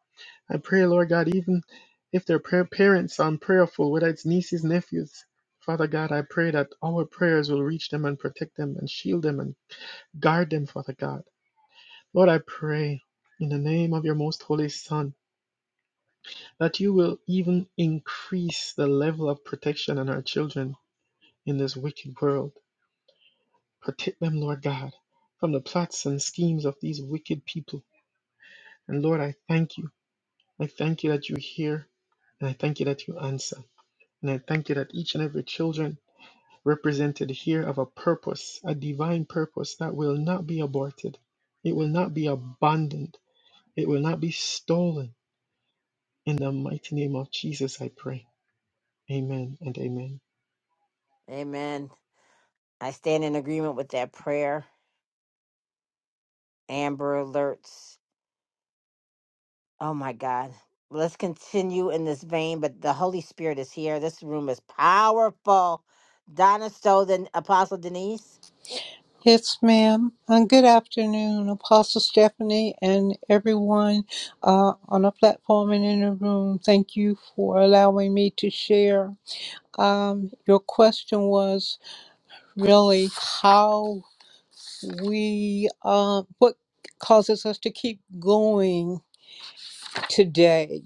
I pray, Lord God, even if their prayer parents are prayerful, whether it's nieces, nephews, Father God, I pray that our prayers will reach them and protect them and shield them and guard them, Father God. Lord, I pray in the name of your most holy Son. that you will even increase the level of protection on our children in this wicked world. Protect them, Lord God, from the plots and schemes of these wicked people. And Lord, I thank you. I thank you that you hear, and I thank you that you answer. And I thank you that each and every children represented here have a purpose, a divine purpose that will not be aborted. It will not be abandoned. It will not be stolen. In the mighty name of Jesus, I pray. Amen and amen. Amen. I stand in agreement with that prayer. Amber alerts. Oh my God. Let's continue in this vein, but the Holy Spirit is here. This room is powerful. Donna Stowe, then Apostle Denise. Yes, ma'am. And good afternoon, Apostle Stephanie, and everyone uh, on the platform and in the room. Thank you for allowing me to share. Um, your question was really how we, uh, what causes us to keep going today.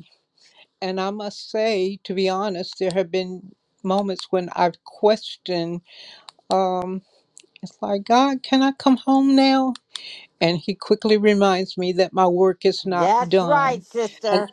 And I must say, to be honest, there have been moments when I've questioned, um, it's like, God, can I come home now? And he quickly reminds me that my work is not That's right, done. sister.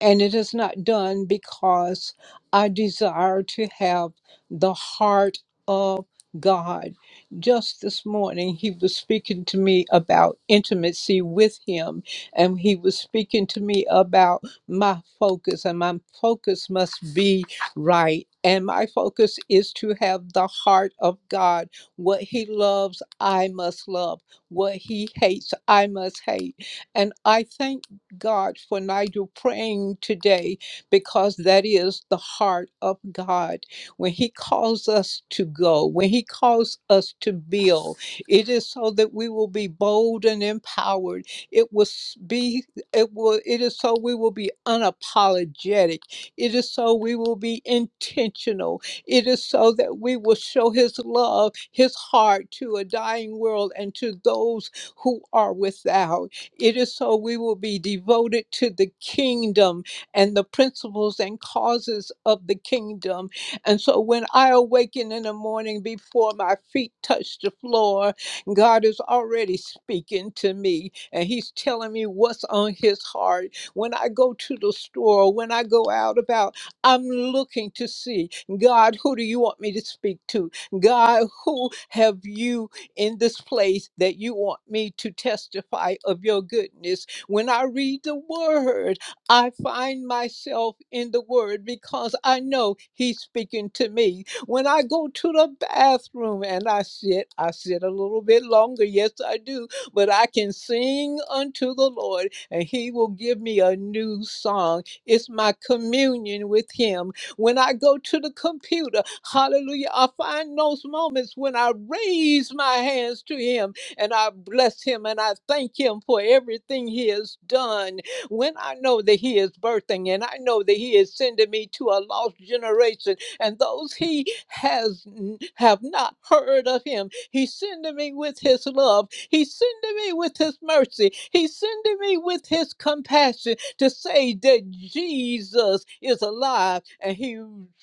And it is not done because I desire to have the heart of God. Just this morning, he was speaking to me about intimacy with him, and he was speaking to me about my focus, and my focus must be right. And my focus is to have the heart of God. What he loves, I must love. What he hates, I must hate. And I thank God for Nigel praying today because that is the heart of God. When He calls us to go, when He calls us to build, it is so that we will be bold and empowered. It will s- be, it will, it is so we will be unapologetic. It is so we will be intentional. It is so that we will show His love, His heart to a dying world and to those who are without. It is so we will be devoted to the kingdom and the principles and causes of the kingdom. And so when I awaken in the morning before my feet touch the floor, God is already speaking to me and He's telling me what's on His heart. When I go to the store, when I go out about, I'm looking to see God, who do you want me to speak to? God, who have you? in this place that you want me to testify of your goodness. When I read the word, I find myself in the word because I know he's speaking to me. When I go to the bathroom and I sit, I sit a little bit longer. Yes, I do. But I can sing unto the Lord and he will give me a new song. It's my communion with him when I go to the computer. Hallelujah. I find those moments when I raise my hands to Him and I bless Him and I thank Him for everything He has done. When I know that He is birthing and I know that He is sending me to a lost generation and those He has n- have not heard of Him, He's sending me with His love. He's sending me with His mercy. He's sending me with His compassion to say that Jesus is alive and He's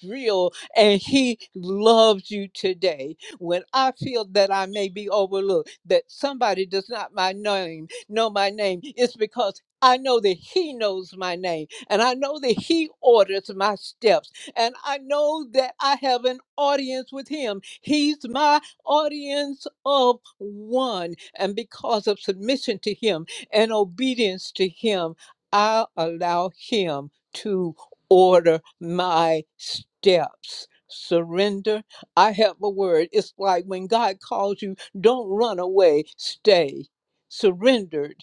real and He loves you today. When I feel that I may be overlooked, that somebody does not my name know my name, it's because I know that He knows my name, and I know that He orders my steps, and I know that I have an audience with Him. He's my audience of one, and because of submission to Him and obedience to Him. I'll allow Him to order my steps. Surrender. I have a word. It's like when God calls you, don't run away, stay. Surrendered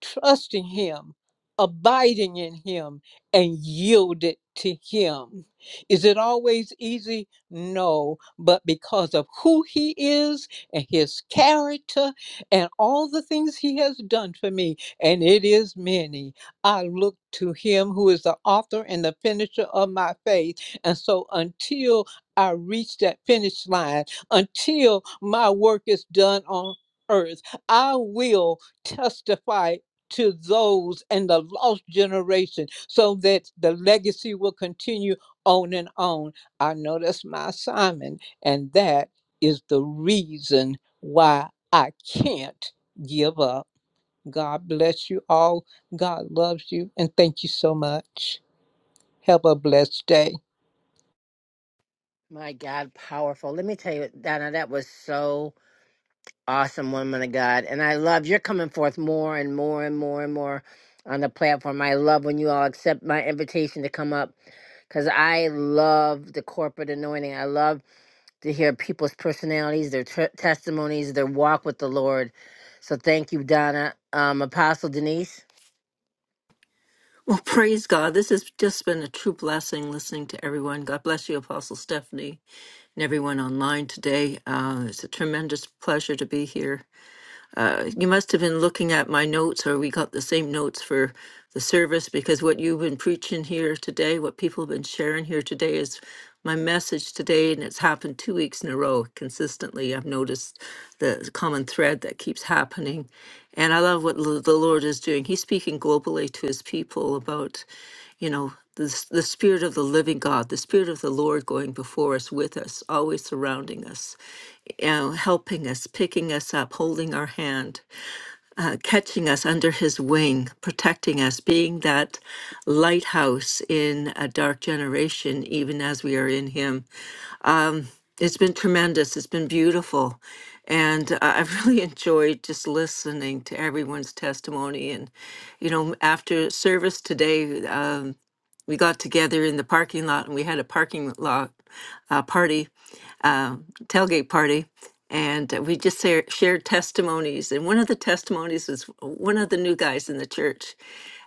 trusting Him, abiding in Him, and yielded to Him. Is it always easy? No, but because of who He is and His character and all the things He has done for me, and it is many, I look to Him who is the author and the finisher of my faith. And so until I reach that finish line, until my work is done on earth, I will testify to those and the lost generation so that the legacy will continue on and on. I know that's my assignment, and that is the reason why I can't give up. God bless you all. God loves you, and thank you so much. Have a blessed day. My God, powerful. Let me tell you, Donna, that was so awesome woman of God. And I love you're coming forth more and more and more and more on the platform. I love when you all accept my invitation to come up because I love the corporate anointing. I love to hear people's personalities, their tr testimonies, their walk with the Lord. So thank you, Donna. Um, Apostle Denise, Well, praise God. This has just been a true blessing listening to everyone. God bless you, Apostle Stephanie, and everyone online today. Uh, it's a tremendous pleasure to be here. You must have been looking at my notes, or we got the same notes for the service, because what you've been preaching here today, what people have been sharing here today, is my message today, and it's happened two weeks in a row consistently. I've noticed the common thread that keeps happening. And I love what l- the Lord is doing. He's speaking globally to his people about, you know, the, s- the spirit of the living God, the spirit of the Lord going before us, with us, always surrounding us, you know, helping us, picking us up, holding our hand uh, catching us under his wing, protecting us, being that lighthouse in a dark generation, even as we are in him. It's been tremendous. It's been beautiful. And uh, I've really enjoyed just listening to everyone's testimony. And, you know, after service today, uh, we got together in the parking lot and we had a parking lot uh, party, uh, tailgate party, and uh, we just sa- shared testimonies. And one of the testimonies was one of the new guys in the church,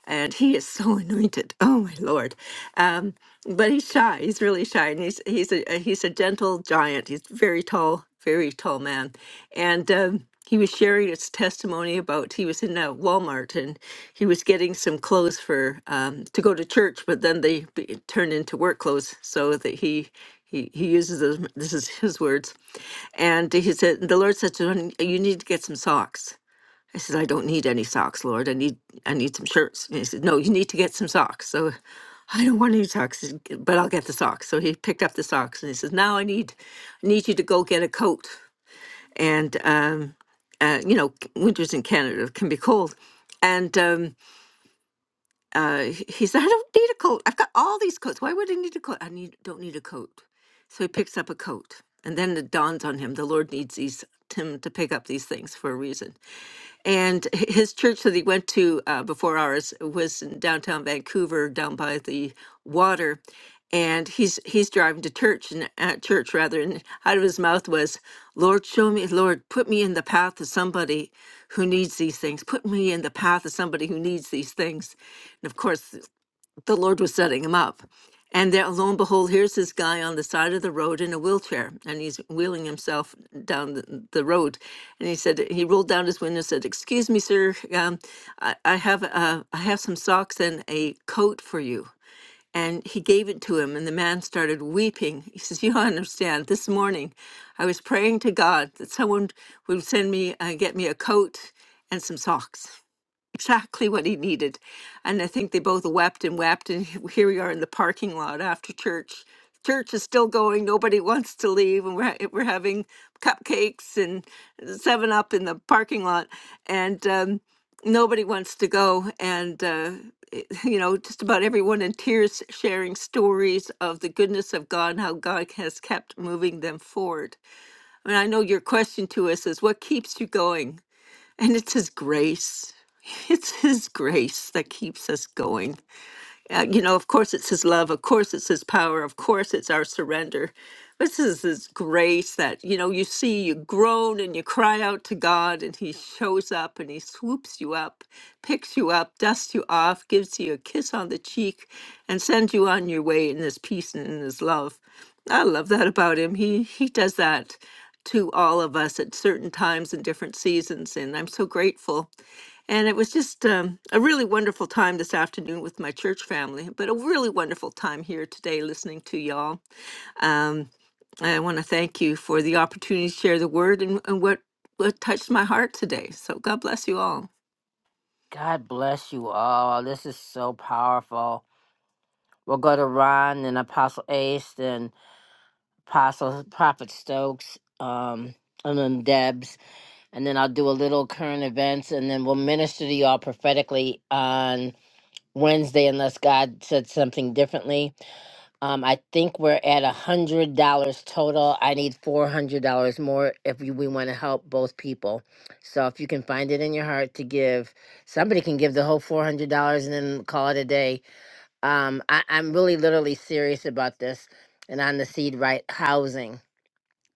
and he is so anointed. Oh my lord! Um, but he's shy. He's really shy, and he's he's a a- he's a gentle giant. He's very tall, very tall man, and um, he was sharing his testimony about he was in a Walmart and he was getting some clothes for um, to go to church, but then they be- turned into work clothes, so that he. He, he uses those, this is his words. And he said, the Lord said to him, You need to get some socks. I said, I don't need any socks, Lord. I need I need some shirts. And he said, No, you need to get some socks. So I don't want any socks, he said, but I'll get the socks. So he picked up the socks and he says, Now I need I need you to go get a coat. And um, uh, you know, winters in Canada can be cold. And um, uh, he said, I don't need a coat. I've got all these coats. Why would I need a coat? I need don't need a coat. So he picks up a coat. And then it dawns on him, the Lord needs these him to pick up these things for a reason. And h- his church that he went to uh, before ours was in downtown Vancouver, down by the water and he's he's driving to church and at church rather and out of his mouth was lord show me lord put me in the path of somebody who needs these things put me in the path of somebody who needs these things and of course th- the lord was setting him up and there lo and behold here's this guy on the side of the road in a wheelchair and he's wheeling himself down the, the road and he said he rolled down his window and said excuse me sir um, I, I have uh, i have some socks and a coat for you and he gave it to him, and the man started weeping. He says, You don't understand. This morning, I was praying to God that someone would send me, uh, get me a coat and some socks exactly what he needed. And I think they both wept and wept. And here we are in the parking lot after church. Church is still going. Nobody wants to leave, and we're ha- we're having cupcakes and Seven Up in the parking lot, and um, nobody wants to go. And uh, it- you know, just about everyone in tears, sharing stories of the goodness of God and how God has kept moving them forward. I mean, I know your question to us is, "What keeps you going?" And it says grace it's His grace that keeps us going. Uh, you know, of course, it's His love. Of course, it's His power. Of course, it's our surrender. This is His grace that, you know, you see, you groan and you cry out to God, and He shows up and He swoops you up, picks you up, dusts you off, gives you a kiss on the cheek, and sends you on your way in His peace and in His love. I love that about Him. He, he does that to all of us at certain times and different seasons. And I'm so grateful and it was just um, a really wonderful time this afternoon with my church family, but a really wonderful time here today listening to y'all. Um, I want to thank you for the opportunity to share the word and, and what, what touched my heart today. So God bless you all. God bless you all. This is so powerful. We'll go to Ron and Apostle Ace, then Apostle Prophet Stokes, um, and then Debs. and then I'll do a little current events, and then we'll minister to y'all prophetically on Wednesday, unless God said something differently. Um, I think we're at a hundred dollars total. I need four hundred dollars more if we, we want to help both people. So if you can find it in your heart to give, somebody can give the whole four hundred dollars and then call it a day. Um, I, I'm really literally serious about this, and on the seed right housing,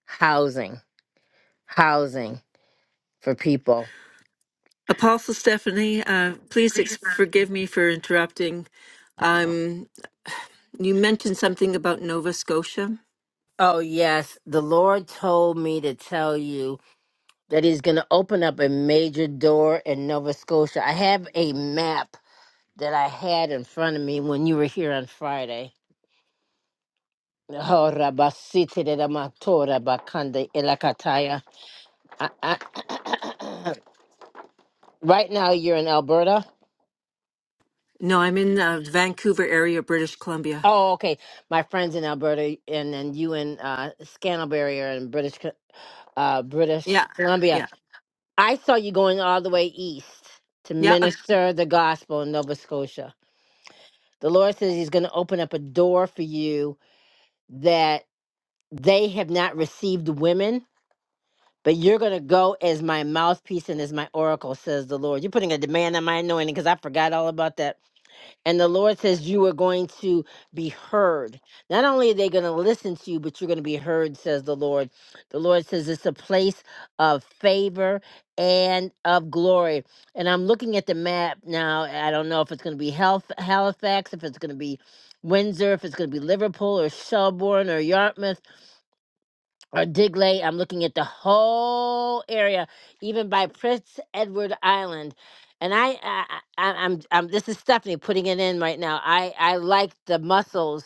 housing, housing for people. Apostle Stephanie, uh, please ex- forgive me for interrupting. Um, you mentioned something about Nova Scotia. Oh, yes. The Lord told me to tell you that He's going to open up a major door in Nova Scotia. I have a map that I had in front of me when you were here on Friday. Oh, Rabasiti de la Matora Bakande Elakataya. I- I- Right now, you're in Alberta. No, I'm in the Vancouver area, British Columbia. Oh, okay. My friend's in Alberta, and then you in uh, Scantlebury are in British, Co- uh, British Yeah, Columbia. yeah, I saw you going all the way east to yeah. minister the gospel in Nova Scotia. The Lord says He's going to open up a door for you that they have not received women, but you're going to go as my mouthpiece and as my oracle, says the Lord. You're putting a demand on my anointing because I forgot all about that and the Lord says you are going to be heard. Not only are they going to listen to you, but you're going to be heard, says the Lord. The Lord says it's a place of favor and of glory. And I'm looking at the map now. I don't know if it's going to be Halif- Halifax, if it's going to be Windsor, if it's going to be Liverpool or Shelbourne or Yarmouth or Digley. I'm looking at the whole area, even by Prince Edward Island. And I, I, I I'm, I'm, this is Stephanie putting it in right now. I, I like the mussels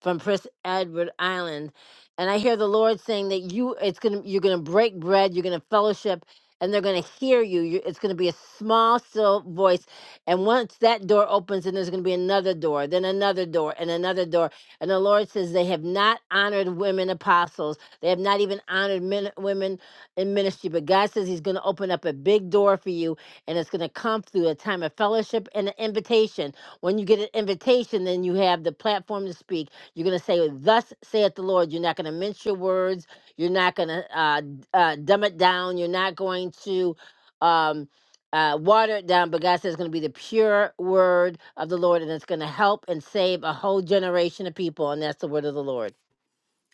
from Prince Edward Island, and I hear the Lord saying that you, it's gonna, you're gonna break bread, you're gonna fellowship, and they're gonna hear you. you it's gonna be a small, still voice, and once that door opens, and there's gonna be another door, then another door, and another door. And the Lord says they have not honored women apostles they have not even honored men, women in ministry. But God says He's going to open up a big door for you, and it's going to come through a time of fellowship and an invitation. When you get an invitation, then you have the platform to speak. You're going to say, Thus saith the Lord. You're not going to mince your words. You're not going to uh, d- uh, dumb it down. You're not going to. Um, uh, water it down, but God says it's going to be the pure word of the Lord, and it's going to help and save a whole generation of people, and that's the word of the Lord.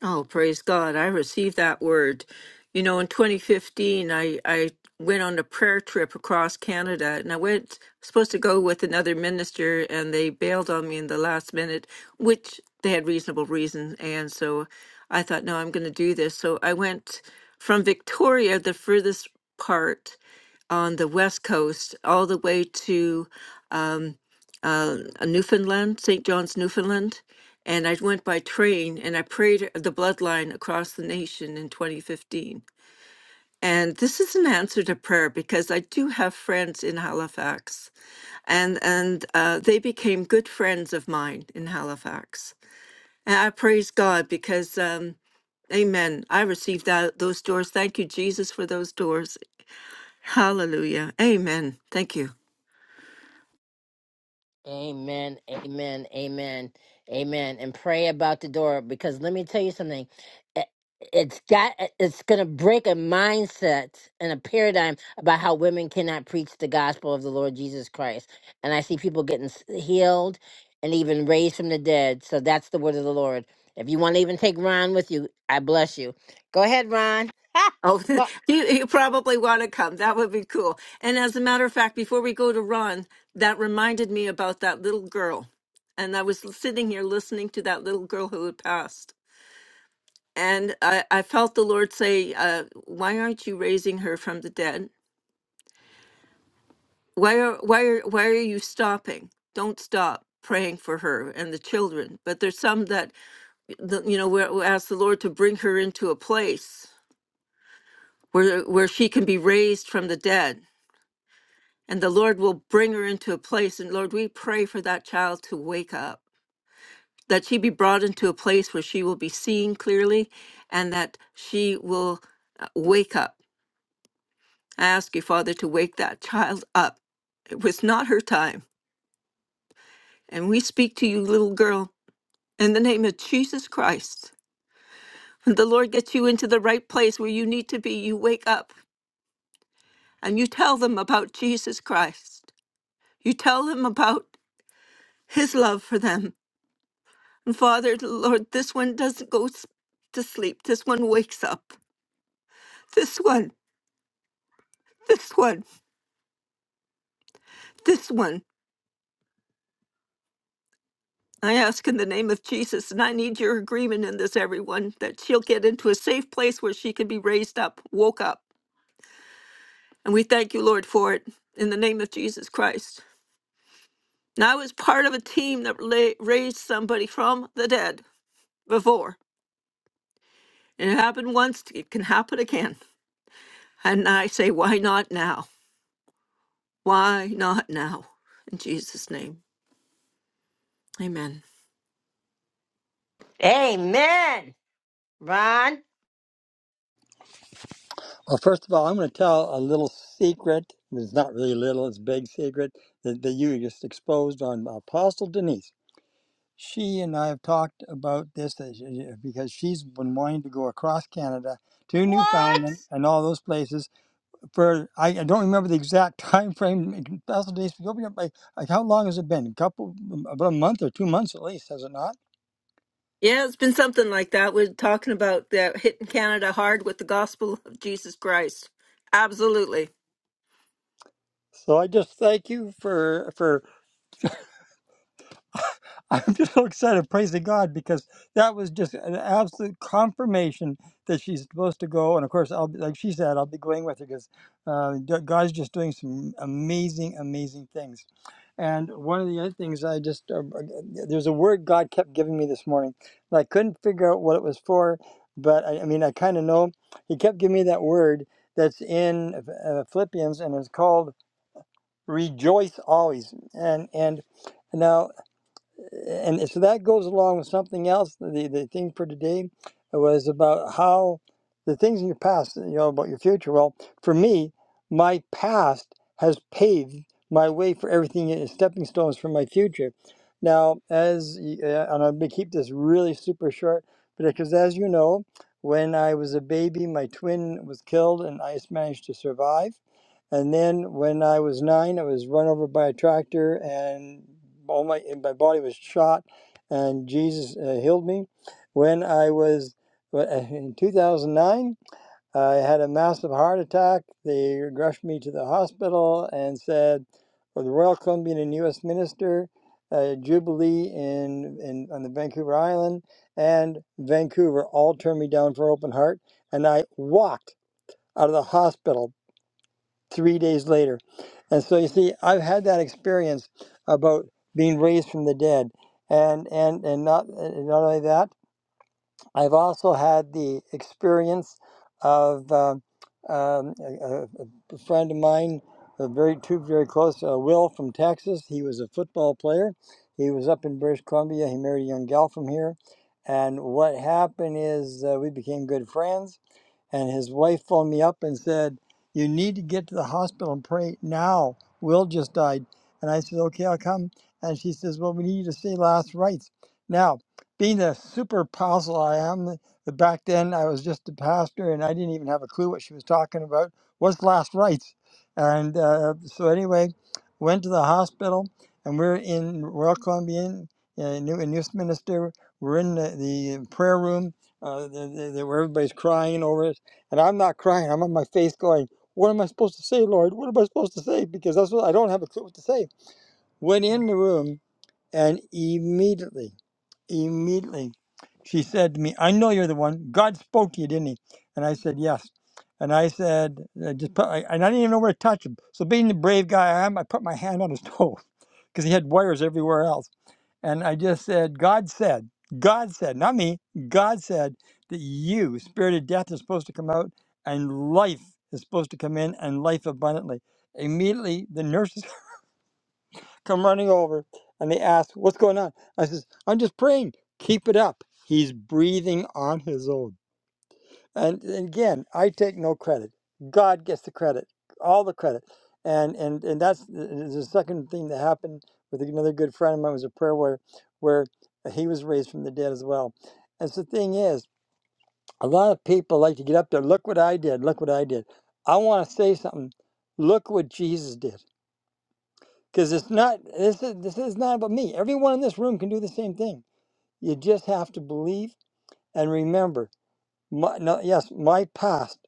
Oh, praise God. I received that word. You know, in 2015, I, I went on a prayer trip across Canada and I went, supposed to go with another minister, and they bailed on me in the last minute, which they had reasonable reason. And so I thought, no, I'm going to do this. So I went from Victoria, the furthest part on the West Coast, all the way to uh, uh, Newfoundland, St. John's, Newfoundland. And I went by train and I prayed the bloodline across the nation in 2015. And this is an answer to prayer because I do have friends in Halifax, and and uh, they became good friends of mine in Halifax. And I praise God because, um, Amen. I received that those doors. Thank you, Jesus, for those doors. Hallelujah. Amen. Thank you. Amen, amen, amen, amen. And pray about the door because let me tell you something. It- It's got eh, it's gonna break a mindset and a paradigm about how women cannot preach the gospel of the Lord Jesus Christ. And I see people getting s- healed and even raised from the dead. So that's the word of the Lord. If you want to even take Ron with you, I bless you. Go ahead, Ron. Ha! Oh, Go- you, you probably want to come. That would be cool. And as a matter of fact, before we go to Ron, that reminded me about that little girl. And I was sitting here listening to that little girl who had passed. And I, I felt the Lord say, uh, Why aren't you raising her from the dead? Why are, why, are, why are you stopping? Don't stop praying for her and the children. But there's some that, the- you know, we we ask the Lord to bring her into a place where, where she can be raised from the dead and the Lord will bring her into a place. And Lord, we pray for that child to wake up, that she be brought into a place where she will be seeing clearly and that she will uh, wake up. I ask you, Father, to wake that child up. It was not her time. And we speak to you, little girl, in the name of Jesus Christ. When the Lord gets you into the right place where you need to be, you wake up and you tell them about Jesus Christ. You tell them about his love for them And Father, Lord, this one doesn't go s- to sleep. This one wakes up. This one, this one, this one. I ask in the name of Jesus, and I need your agreement in this, everyone, that she'll get into a safe place where she can be raised up, woke up. And we thank you, Lord, for it in the name of Jesus Christ. And I was part of a team that la- raised somebody from the dead before. It happened once, it can happen again. And I say, why not now? Why not now? In Jesus' name. Amen. Amen, Ron. Well, first of all, I'm going to tell a little secret. It's not really little, it's a big secret that, that you just exposed on Apostle Denise. She and I have talked about this that she- because she's been wanting to go across Canada to What? Newfoundland and all those places for, I, I don't remember the exact time frame. Apostle Denise, open up, like, like how long has it been? A couple, about a month or two months at least, has it not? Yeah, it's been something like that. We're talking about that hitting Canada hard with the gospel of Jesus Christ. Absolutely. So I just thank you for for I'm just so excited, praising God, because that was just an absolute confirmation that she's supposed to go. And of course, I'll be, like she said, I'll be going with her because uh, d- God's just doing some amazing, amazing things. And one of the other things I just uh, uh, there's a word God kept giving me this morning, and I couldn't figure out what it was for, but I, I mean, I kind of know. He kept giving me that word that's in uh, Philippians, and it's called rejoice always. And and now and so that goes along with something else. The the thing for today was about how the things in your past, you know, about your future. Well, for me, my past has paved my way for everything and stepping stones for my future. Now, as y- uh, and I'm gonna keep this really super short, but because as you know, when I was a baby, my twin was killed, and I just managed to survive and then when I was nine, I was run over by a tractor, and all my my body was shot, and Jesus uh, healed me. When I was well, uh, in 2009, I had a massive heart attack. They rushed me to the hospital and said, "For the Royal Columbian and U.S. Minister." Uh, Jubilee in, in on the Vancouver Island and Vancouver all turned me down for open heart, and I walked out of the hospital three days later. And so you see, I've had that experience about being raised from the dead. And and and not and not only that, I've also had the experience of um, um, a, a a friend of mine, a very two very close, uh, Will from Texas. He was a football player. He was up in British Columbia. He married a young gal from here. And what happened is uh, we became good friends and his wife phoned me up and said, You need to get to the hospital and pray now. Will just died. And I said, Okay, I'll come. And she says, Well, we need you to say last rites. Now, being the super apostle I am, that back then I was just a pastor and I didn't even have a clue what she was talking about. What's last rites? And uh, so, anyway, went to the hospital and we're in Royal Columbian, uh, New, in Newsminster. We're in the, the prayer room uh, the, the, the, where everybody's crying over it and I'm not crying. I'm on my face going, What am I supposed to say, Lord? What am I supposed to say? Because that's what I don't have a clue what to say. Went in the room and immediately, immediately, she said to me, I know you're the one. God spoke to you, didn't he? And I said, Yes. And I said, I just put, I, and I didn't even know where to touch him. So being the brave guy I am, I put my hand on his toe because he had wires everywhere else. And I just said, God said, God said, not me, God said that you, spirit of death, is supposed to come out and life is supposed to come in and life abundantly. Immediately, the nurses come running over and they ask, What's going on? I says, I'm just praying. Keep it up. He's breathing on his own. And, and again, I take no credit. God gets the credit, all the credit. And and and that's the the- second thing that happened with another good friend of mine was a prayer warrior, where he was raised from the dead as well. And so the thing is, a lot of people like to get up there. Look what I did. Look what I did. I want to say something. Look what Jesus did. Because it's not this is this is not about me. Everyone in this room can do the same thing. You just have to believe and remember. My, no, yes, my past.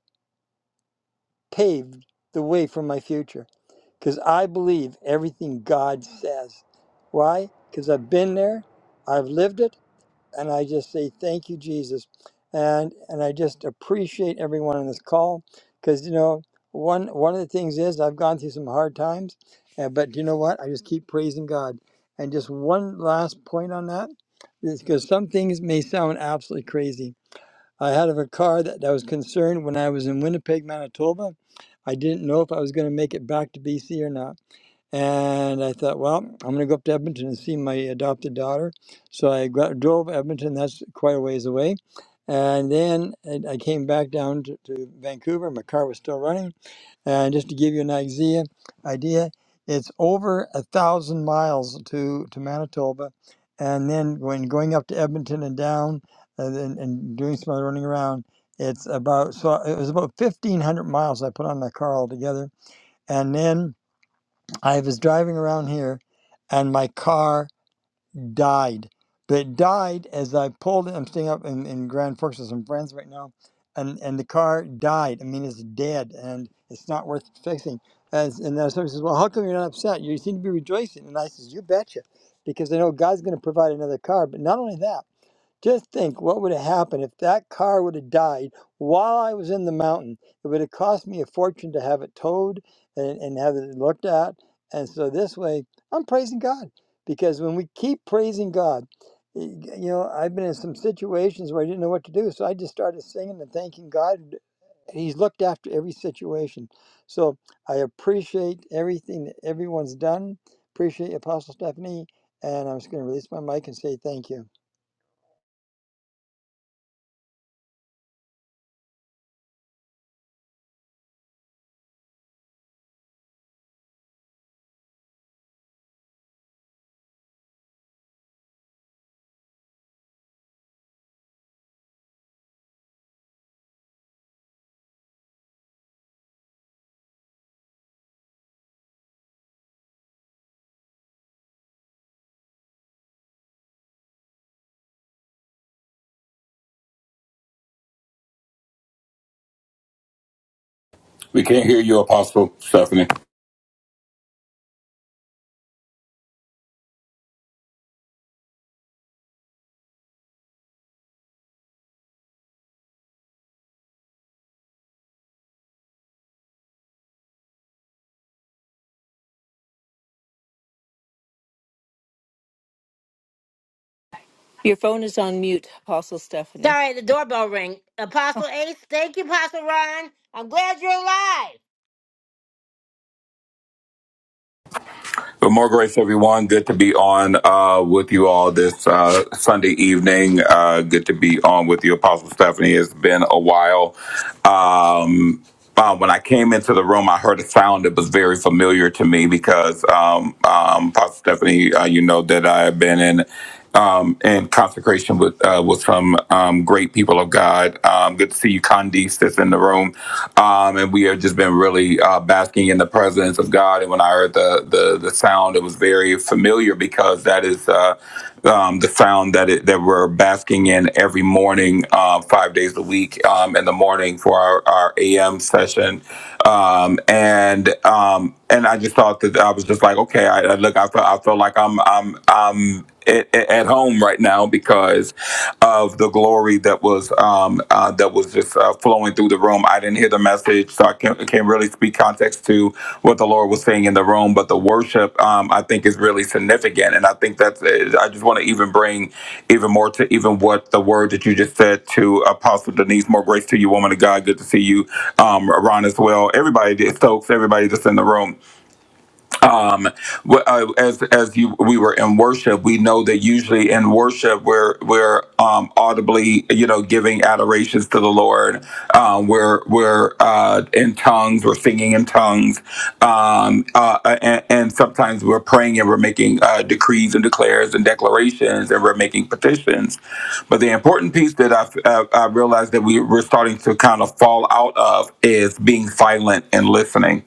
paved the way for my future because I believe everything God says. Why? Because I've been there, I've lived it, and I just say thank you, Jesus, and and I just appreciate everyone on this call because you know one one of the things is I've gone through some hard times, uh, but you know what? I just keep praising God. And just one last point on that is because some things may sound absolutely crazy I had of a car that I was concerned when I was in Winnipeg, Manitoba. I didn't know if I was going to make it back to BC or not. And I thought, well, I'm going to go up to Edmonton and see my adopted daughter. So I got, drove Edmonton, that's quite a ways away. And then I came back down to, to Vancouver. My car was still running. And just to give you an idea, idea, it's over a thousand miles to to Manitoba, and then when going up to Edmonton and down, uh, and, and doing some other running around, it's about so it was about fifteen hundred miles I put on that car altogether. And then I was driving around here, and my car died. But it died as I pulled it. I'm staying up in, in Grand Forks with some friends right now, and, and the car died. I mean, it's dead, and it's not worth fixing. As, and then somebody says, Well, how come you're not upset? You seem to be rejoicing. And I says, You betcha, because I know God's going to provide another car. But not only that, just think what would have happened if that car would have died while I was in the mountain. It would have cost me a fortune to have it towed and, and have it looked at. And so this way, I'm praising God because when we keep praising God, y- you know, I've been in some situations where I didn't know what to do. So I just started singing and thanking God. and He's looked after every situation. So I appreciate everything that everyone's done. Appreciate Apostle Stephanie. And I'm just going to release my mic and say thank you. we can't hear you, Apostle Stephanie. Your phone is on mute, Apostle Stephanie. Sorry, the doorbell rang. Apostle Ace, thank you, Apostle Ron. I'm glad you're alive. But more grace, everyone. Good to be on uh, with you all this uh, Sunday evening. Uh, good to be on with you, Apostle Stephanie. It's been a while. Um, um, when I came into the room, I heard a sound that was very familiar to me because, um, um, Pastor Stephanie, uh, you know that I have been in um, in consecration with uh, with some um, great people of God. Um, good to see you, Candice, that's in the room, um, and we have just been really uh, basking in the presence of God. And when I heard the the, the sound, it was very familiar because that is uh, um, the sound that it, that we're basking in every morning, uh, five days a week, um, in the morning for our, our AM session. Um, and um, and I just thought that I was just like, okay, I, I look, I feel, I feel like I'm I'm I'm at, at home right now because of the glory that was um, uh, that was just uh, flowing through the room. I didn't hear the message, so I can't, can't really speak context to what the Lord was saying in the room. But the worship, um, I think, is really significant, and I think that's. uh, I just want to even bring even more to even what the word that you just said to Apostle Denise. More grace to you, woman of God. Good to see you, um, Ron, as well. Everybody, Stokes, everybody that's in the room um, uh, as as you we were in worship, we know that usually in worship we're we're um, audibly, you know, giving adorations to the Lord. Um, we're we're uh, in tongues, we're singing in tongues, um, uh, and, and sometimes we're praying and we're making uh, decrees and declares and declarations, and we're making petitions. But the important piece that I uh, I realized that we we're starting to kind of fall out of is being silent and listening listening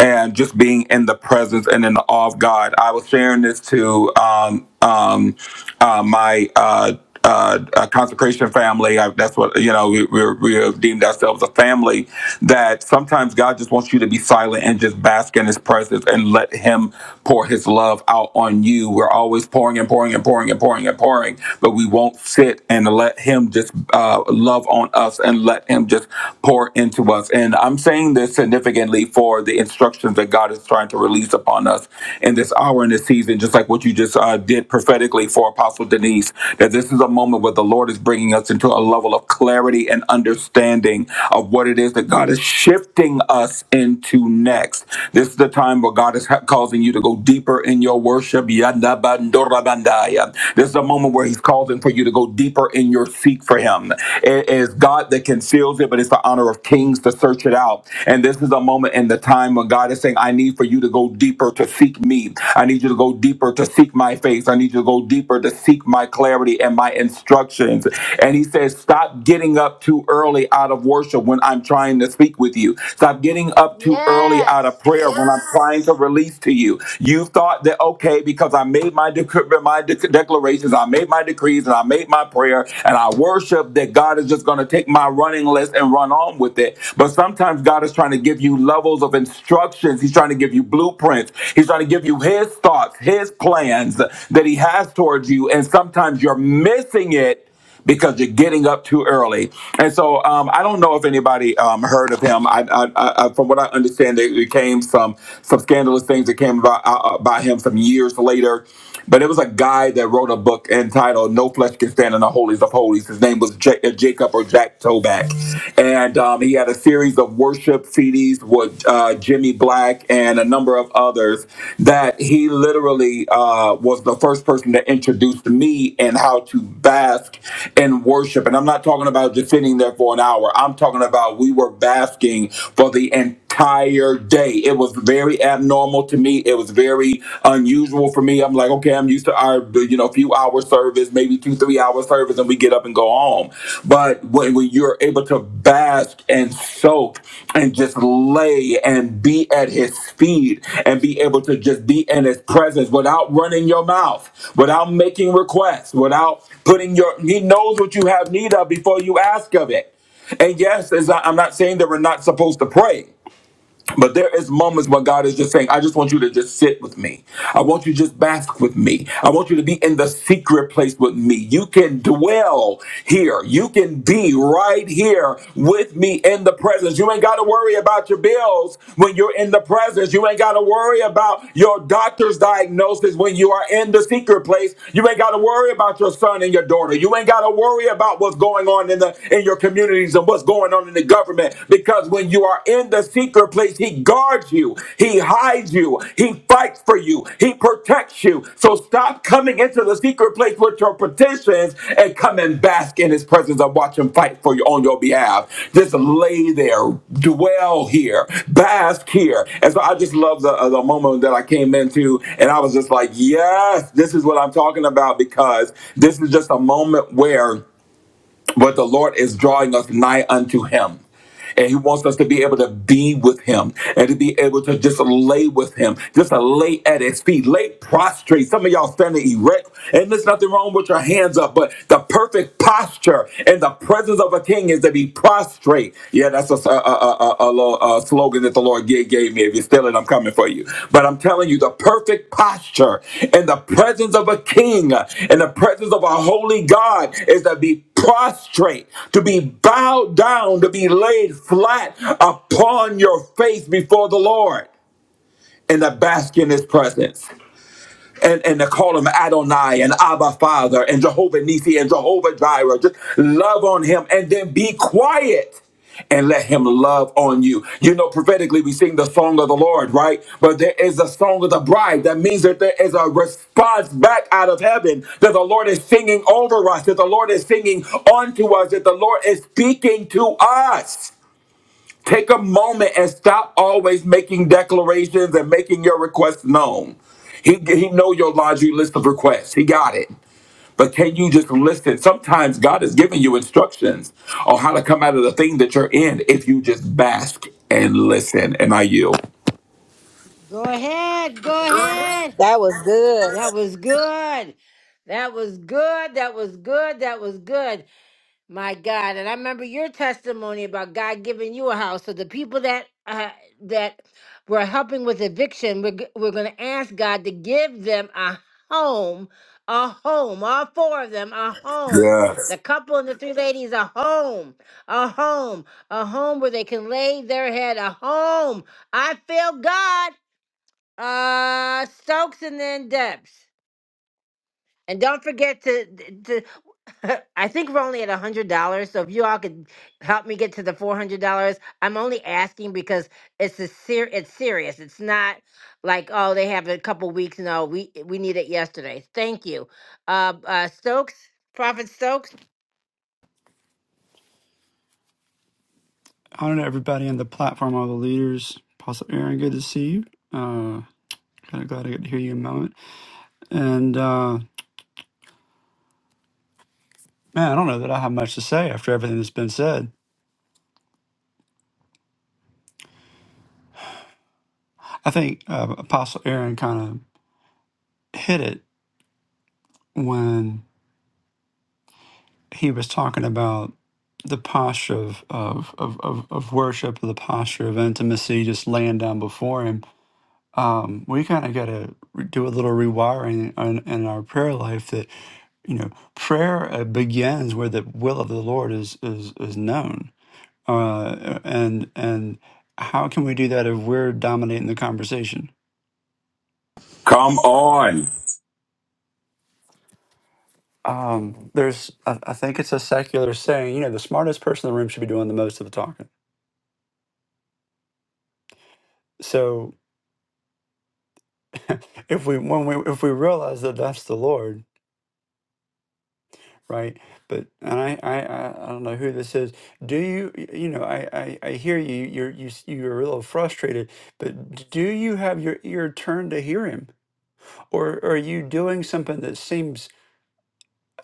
and just being in the presence and in the awe of God. I was sharing this to um, um, uh, my uh, uh, uh, consecration family. I, that's what you know. We, we we have deemed ourselves a family. That sometimes God just wants you to be silent and just bask in His presence and let Him pour His love out on you. We're always pouring and pouring and pouring and pouring and pouring, but we won't sit and let Him just uh, love on us and let Him just pour into us. And I'm saying this significantly for the instructions that God is trying to release upon us in this hour and this season, just like what you just uh, did prophetically for Apostle Denise, that this is a moment where the Lord is bringing us into a level of clarity and understanding of what it is that God is shifting us into next. This is the time where God is ha- causing you to go deeper in your worship. Yanda bandora bandaya. This is a moment where He's causing for you to go deeper in your seek for Him wisdom. It is God that conceals it, but it's the honor of kings to search it out. And this is a moment in the time when God is saying, I need for you to go deeper to seek me. I need you to go deeper to seek my face. I need you to go deeper to seek my clarity and my instructions. And he says, Stop getting up too early out of worship when I'm trying to speak with you. Stop getting up too early out of Yes. prayer when I'm trying to release to you. You thought that, okay, because I made my, dec- my dec- declarations, I made my made my decrees and I made my prayer and I worship that God is just going to take my running list and run on with it. But sometimes God is trying to give you levels of instructions. He's trying to give you blueprints. He's trying to give you his thoughts, his plans that he has towards you. And sometimes you're missing it because you're getting up too early. And so um, I don't know if anybody um, heard of him. I, I, I, from what I understand, it, it came some some scandalous things that came about uh, about him some years later. But it was a guy that wrote a book entitled "No Flesh Can Stand in the Holies of Holies." His name was J- uh, Jacob or Jack Toback, and um, he had a series of worship CDs with uh, Jimmy. Jimmy Black and a number of others that he literally uh, was the first person to introduce me in how to bask in worship. And I'm not talking about just sitting there for an hour. I'm talking about we were basking for the entire day. It was very abnormal to me. It was very unusual for me. I'm like, okay, I'm used to our you know few hour service, maybe maybe two, three hour service and we get up and go home. But when, when you're able to bask and soak and just lay and be at his feet and be able to just be in his presence without running your mouth, without making requests, without putting your, he knows what you have need of before you ask of it. And yes, as I, I'm not saying that we're not supposed to pray. But there is moments where God is just saying, I just want you to just sit with me. I want you to just bask with me. I want you to be in the secret place with me. You can dwell here. You can be right here with me in the presence. You ain't got to worry about your bills when you're in the presence. You ain't got to worry about your doctor's diagnosis when you are in the secret place. You ain't got to worry about your son and your daughter. You ain't got to worry about what's going on in the in your communities and what's going on on in the government because when you are in the secret place, he guards you, he hides you, he fights for you, he protects you. So stop coming into the secret place with your petitions and come and bask in his presence and watch him fight for you on your behalf. Just lay there, dwell here, bask here. And so I just love the, uh, the moment that I came into and I was just like, yes, this is what I'm talking about because this is just a moment where but the Lord is drawing us nigh unto Him. And he wants us to be able to be with him and to be able to just lay with him, just to lay at his feet, lay prostrate. Some of y'all standing erect, and there's nothing wrong with your hands up, but the perfect posture in the presence of a king is to be prostrate. Yeah, that's a, a, a, a, a little uh, slogan that the Lord gave, gave me. If you steal it, I'm coming for you. But I'm telling you, the perfect posture in the presence of a king, in the presence of a holy God, is to be prostrate, to be bowed down, to be laid flat upon your face before the Lord and to bask in his presence and, and to call him Adonai and Abba Father and Jehovah Nisi and Jehovah Jireh. Just love on him and then be quiet and let him love on you. You know, prophetically, we sing the song of the Lord, right? But there is a song of the bride. That means that there is a response back out of heaven that the Lord is singing over us, that the Lord is singing onto us, that the Lord is speaking to us. Take a moment and stop always making declarations and making your requests known. He, he know your laundry list of requests. He got it. But can you just listen? Sometimes God is giving you instructions on how to come out of the thing that you're in if you just bask and listen. And I yield. Go ahead. Go ahead. That was good. That was good. That was good. That was good. That was good. My God, and I remember your testimony about God giving you a house. So the people that uh, that were helping with eviction, we're g- we're going to ask God to give them a home, a home, all four of them a home. Yes. The couple and the three ladies a home, a home, a home where they can lay their head, a home. I feel God. Uh, Stokes and then Debs. And don't forget to, to I think we're only at a hundred dollars. So if you all could help me get to the four hundred dollars, I'm only asking because it's a ser- it's serious. It's not like oh they have a couple weeks. No, we we need it yesterday. Thank you, uh, uh, Stokes, Prophet Stokes. honor to everybody on the platform, all the leaders. Apostle Aaron, good to see you. Uh, kind of glad I get to hear you in a moment. And uh, man, I don't know that I have much to say after everything that's been said. I think uh, Apostle Aaron kind of hit it when he was talking about the posture of, of, of, of, of worship, the posture of intimacy, just laying down before him. Um, we kind of got to do a little rewiring in, in our prayer life that. you know prayer uh, begins where the will of the lord is is is known uh and and how can we do that if we're dominating the conversation Come on. um there's i, I think it's a secular saying you know the smartest person in the room should be doing the most of the talking so if we when we if we realize that that's the lord right but and i i i I don't know who this is do you you know i i, I hear you you're you, s- you're a little frustrated but do you have your ear turned to hear him or are you doing something that seems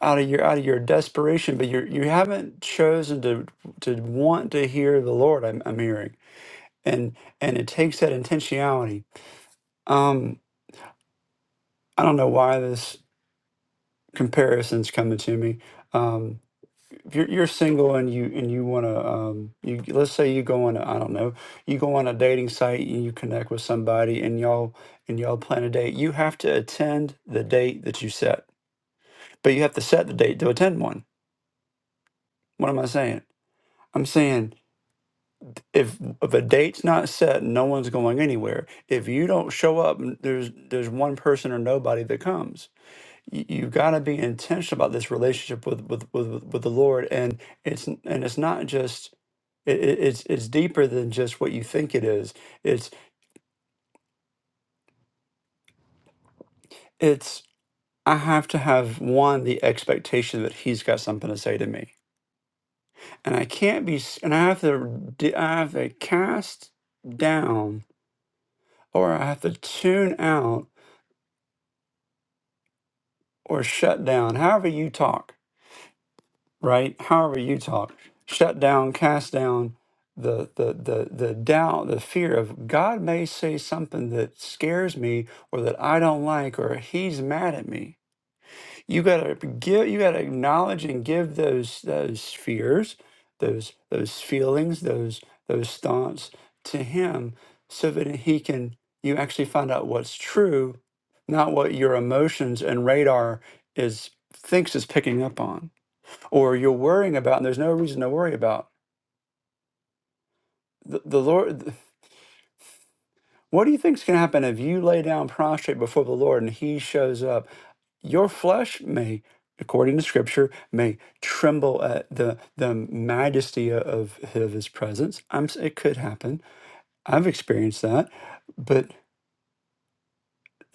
out of your out of your desperation but you you haven't chosen to to want to hear the lord i'm, I'm hearing and and it takes that intentionality um i don't know why this comparison's coming to me um if you're, you're single and you and you want to um you let's say you go on a, i don't know you go on a dating site and you connect with somebody and y'all and y'all plan a date you have to attend the date that you set but you have to set the date to attend one What am I saying? I'm saying if if a date's not set, no one's going anywhere. If you don't show up, n- there's there's one person or nobody that comes. You, you got to be intentional about this relationship with with, with with with the Lord, and it's n- and it's not just it, it- it's it's deeper than just what you think it is. It's it's I have to have one the expectation that He's got something to say to me, and I can't be s- and I have to d- I have to cast down or I have to tune out or shut down, however you talk, right? However you talk, shut down, cast down the, the, the, the doubt, the fear of God may say something that scares me or that I don't like or he's mad at me you gotta give you gotta acknowledge and give those those fears those those feelings those those thoughts to him so that he can you actually find out what's true not what your emotions and radar is thinks is picking up on or you're worrying about and there's no reason to worry about the, the lord what do you think's going to happen if you lay down prostrate before the lord and he shows up your flesh may according to scripture may tremble at the the majesty of, of his presence i'm s- it could happen i've experienced that but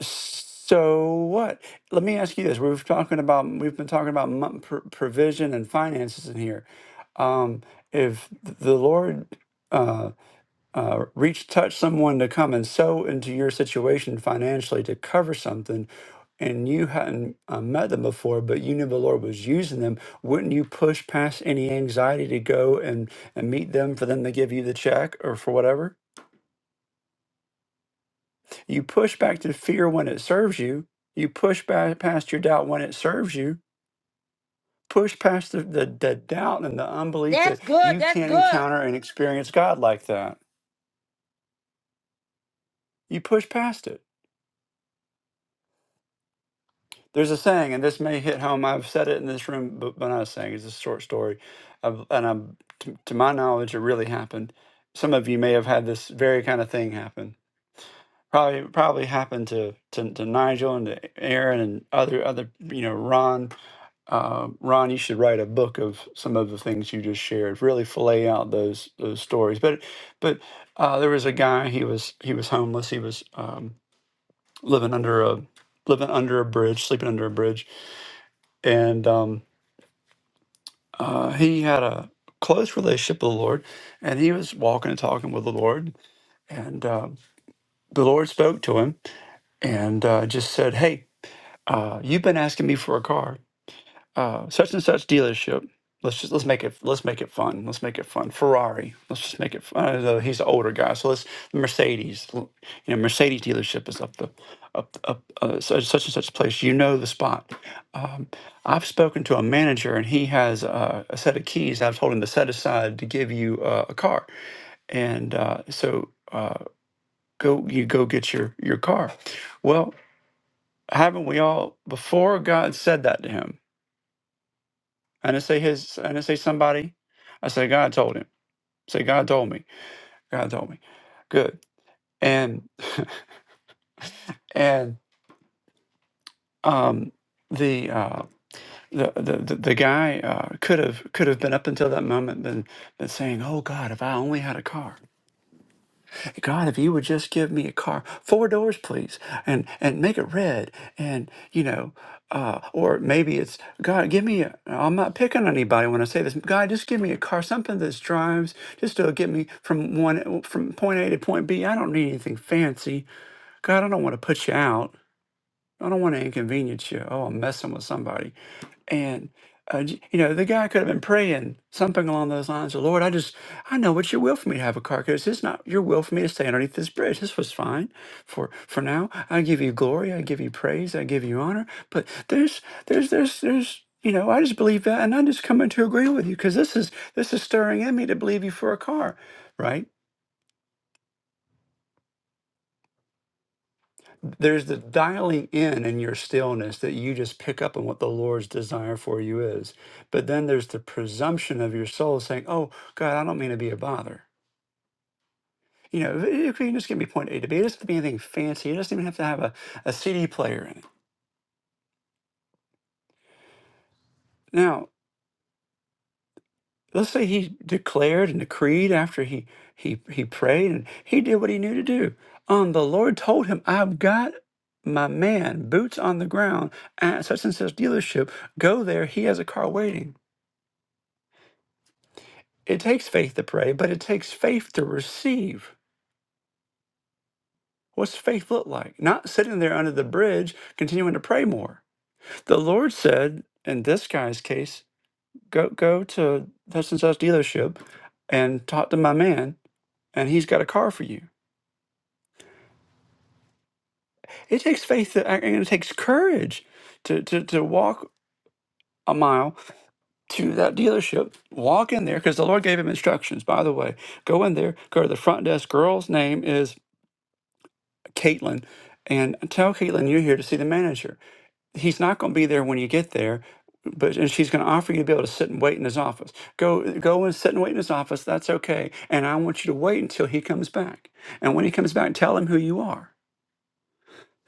so what let me ask you this we've talking about we've been talking about mon- pr- provision and finances in here um if the lord uh, uh, reach touch someone to come and sow into your situation financially to cover something and you hadn't uh, met them before but you knew the lord was using them wouldn't you push past any anxiety to go and, and meet them for them to give you the check or for whatever you push back to fear when it serves you you push back past your doubt when it serves you push past the, the, the doubt and the unbelief that That's good. you That's can't good. encounter and experience god like that you push past it There's a saying, and this may hit home. I've said it in this room, but when I was saying it's a short story, I've, and I'm, to, to my knowledge, it really happened. Some of you may have had this very kind of thing happen. Probably, probably happened to, to, to Nigel and to Aaron and other other you know Ron. Uh, Ron, you should write a book of some of the things you just shared. Really fillet out those those stories. But but uh, there was a guy. He was he was homeless. He was um, living under a living under a bridge, sleeping under a bridge and um, uh, he had a close relationship with the Lord, and he was walking and talking with the Lord, and uh, the Lord spoke to him and uh, just said, "Hey, uh, you've been asking me for a car." uh, such and such dealership. Let's just let's make it let's make it fun. Let's make it fun. Ferrari. Let's just make it fun. Uh, he's an older guy, so let's Mercedes. l- You know, Mercedes dealership is up the up up uh, such, such and such place. You know the spot. Um, I've spoken to a manager, and he has uh, a set of keys. I've told him to set aside to give you uh, a car, and uh, so uh, go you go get your your car. Well, haven't we all before God said that to him? And I say his and I say somebody. I say God told him. Say God told me. God told me. Good. And and um the uh the the, the the guy uh could have could have been up until that moment been been saying, Oh God, if I only had a car. God, if you would just give me a car, four doors, please, and and make it red, and you know, uh, or maybe it's God, give me. A, I'm not picking on anybody when I say this. God, just give me a car, something that drives, just to get me from one from point A to point B. I don't need anything fancy. God, I don't want to put you out. I don't want to inconvenience you. Oh, I'm messing with somebody and, uh, j- you know, the guy could have been praying something along those lines of, Lord, I just, I know what your will for me to have a car because it's not your will for me to stay underneath this bridge. This was fine for, for now. I give you glory. I give you praise. I give you honor. But there's, there's, there's, there's, you know, I just believe that. And I'm just coming to agree with you because this is, this is stirring in me to believe you for a car, right? there's the dialing in in your stillness that you just pick up on what the Lord's desire for you is. But then there's the presumption of your soul saying, Oh, God, I don't mean to be a bother. You know, if you can just give me point A to B. It doesn't have to be anything fancy. It doesn't even have to have a, a CD player in it. Now, let's say he declared and decreed after he, he, he prayed and he did what he knew to do. Um, the Lord told him, I've got my man, boots on the ground at such and such dealership. Go there. He has a car waiting It takes faith to pray, but it takes faith to receive. What's faith look like? Not sitting there under the bridge, continuing to pray more. The Lord said, in this guy's case, go go to such and such dealership and talk to my man, and he's got a car for you. It takes faith to, and it takes courage to, to, to walk a mile to that dealership, walk in there, because the Lord gave him instructions, by the way. Go in there, go to the front desk, girl's name is Caitlin and tell Caitlin you're here to see the manager. He's not going to be there when you get there, but and she's going to offer you to be able to sit and wait in his office. Go go and sit and wait in his office. That's okay. And I want you to wait until he comes back. And when he comes back, tell him who you are.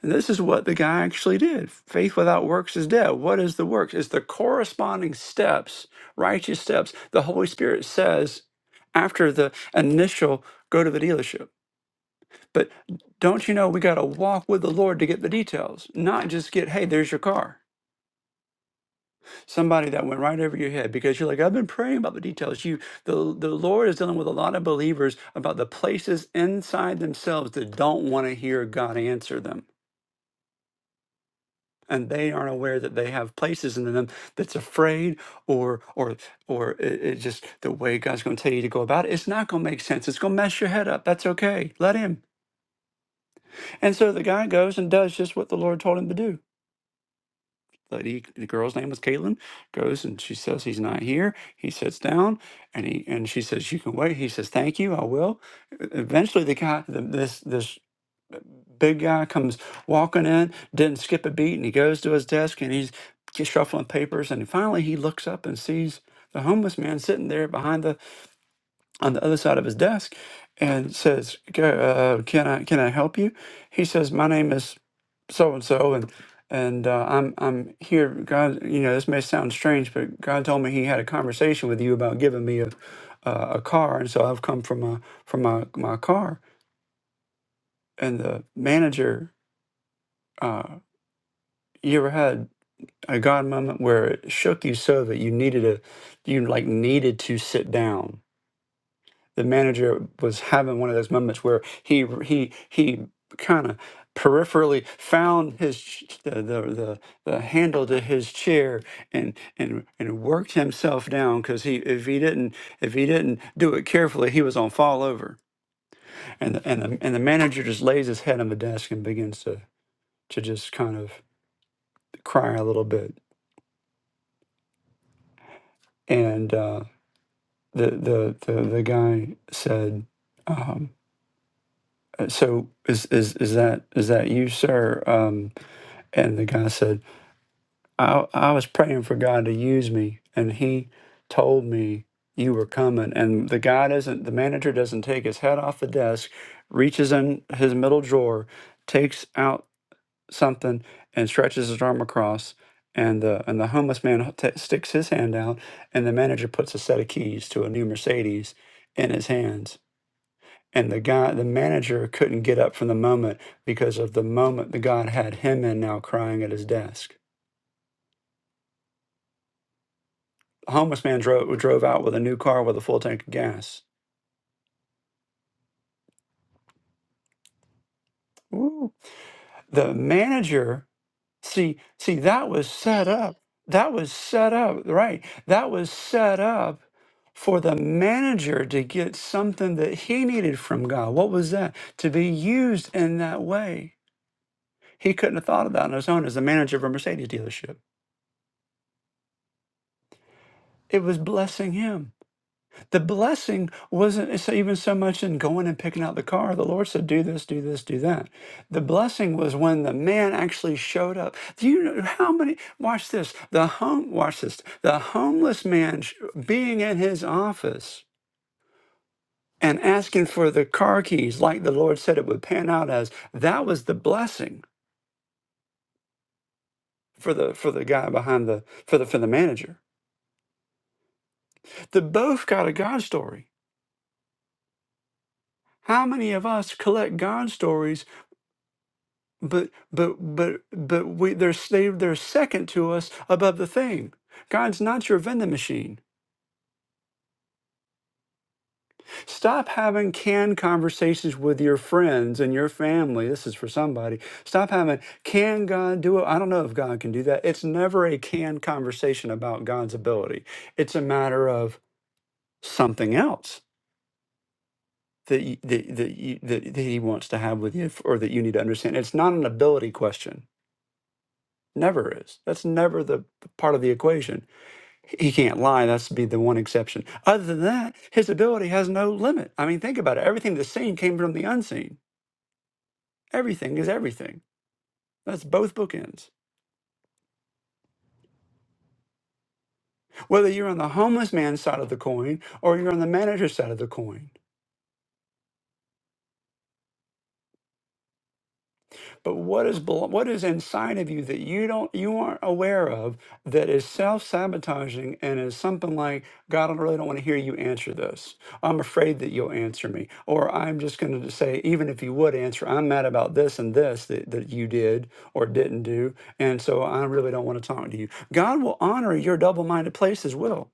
And this is what the guy actually did. Faith without works is dead. What is the works? It's the corresponding steps, righteous steps. The Holy Spirit says after the initial go to the dealership. But don't you know we got to walk with the Lord to get the details, not just get, hey, there's your car. Somebody that went right over your head because you're like, I've been praying about the details. You the the Lord is dealing with a lot of believers about the places inside themselves that don't want to hear God answer them. And they aren't aware that they have places in them that's afraid or or or it, it just the way God's gonna tell you to go about it, it's not gonna make sense. It's gonna mess your head up. That's okay. Let him. And so the guy goes and does just what the Lord told him to do. lady, the girl's name was Caitlin, goes and she says he's not here. He sits down and he and she says you can wait. He says thank you, I will. E- Eventually, the guy, the, this this big guy comes walking in, didn't skip a beat, and he goes to his desk and he's just shuffling papers. And finally, he looks up and sees the homeless man sitting there behind the on the other side of his desk and says, "Go, uh, "Can I can I help you?" He says, "My name is so and so, and and uh, I'm I'm here. God, you know, this may sound strange, but God told me He had a conversation with you about giving me a uh, a car, and so I've come from my from my my car." And the manager, uh, you ever had a God moment where it shook you so that you needed a you like needed to sit down? the manager was having one of those moments where he he he kind of peripherally found his ch- the, the the the handle to his chair and and and worked himself down because he if he didn't if he didn't do it carefully he was on fall over and the, and the and the manager just lays his head on the desk and begins to to just kind of cry a little bit and uh, the the the the guy said. um, So is is is that is that you, sir? Um, and the guy said, I I was praying for God to use me, and He told me you were coming. And the guy doesn't, the manager doesn't take his head off the desk, reaches in his middle drawer, takes out something, and stretches his arm across. And the and the homeless man t- sticks his hand out, and the manager puts a set of keys to a new Mercedes in his hands and the guy the manager couldn't get up from the moment because of the moment the god had him in now crying at his desk the homeless man drove drove out with a new car with a full tank of gas Woo. the manager see see that was set up that was set up right that was set up for the manager to get something that he needed from God. What was that? To be used in that way. He couldn't have thought of that on his own as the manager of a Mercedes dealership. It was blessing him the blessing wasn't so- even so much in going and picking out the car. The Lord said, "Do this, do this, do that." The blessing was when the man actually showed up. Do you know how many? Watch this. The home. Watch this. The homeless man sh- being in his office and asking for the car keys, like the Lord said it would pan out as. That was the blessing for the for the guy behind the for the for the manager. They both got a God story. How many of us collect God stories? but but but but we they're saved they're second to us above the thing god's not your vending machine stop having canned conversations with your friends and your family this is for somebody stop having can god do it i don't know if god can do that it's never a canned conversation about god's ability it's a matter of something else that you, that, that, you, that, that he wants to have with you or that you need to understand it's not an ability question never is that's never the part of the equation He can't lie. That's be the one exception. Other than that, his ability has no limit. I mean, think about it. Everything that's seen came from the unseen. Everything is everything. That's both bookends. Whether you're on the homeless man's side of the coin or you're on the manager's side of the coin. But what is belo- what is inside of you that you don't you aren't aware of that is self sabotaging and is something like God, I really don't want to hear you answer this. I'm afraid that you'll answer me, or I'm just going to say even if you would answer, I'm mad about this and this that, that you did or didn't do, and so I really don't want to talk to you. God will honor your double minded places. Will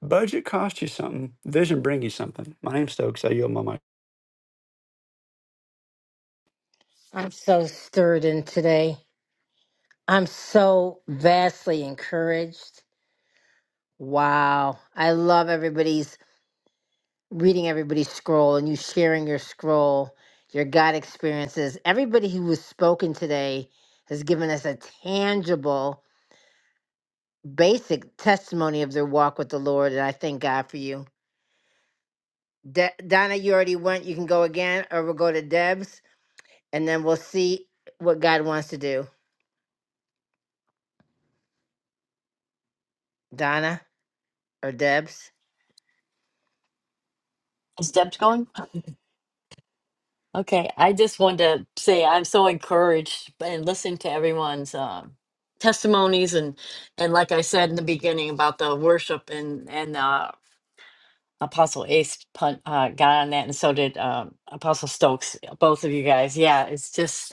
budget cost you something? Vision bring you something. My name's Stokes. I yield my mic. I'm so stirred in today. I'm so vastly encouraged. Wow, I love everybody's reading everybody's scroll and you sharing your scroll, your God experiences. Everybody who was spoken today has given us a tangible, basic testimony of their walk with the Lord, and I thank God for you. De- Donna, you already went. You can go again, or we'll go to Deb's, and then we'll see what God wants to do. Donna or Deb's? Is Deb's going? Okay, I just wanted to say I'm so encouraged and listen to everyone's um testimonies and and like I said in the beginning about the worship and and uh, Apostle Ace pun, uh, got on that and so did um, Apostle Stokes. Both of you guys, yeah, it's just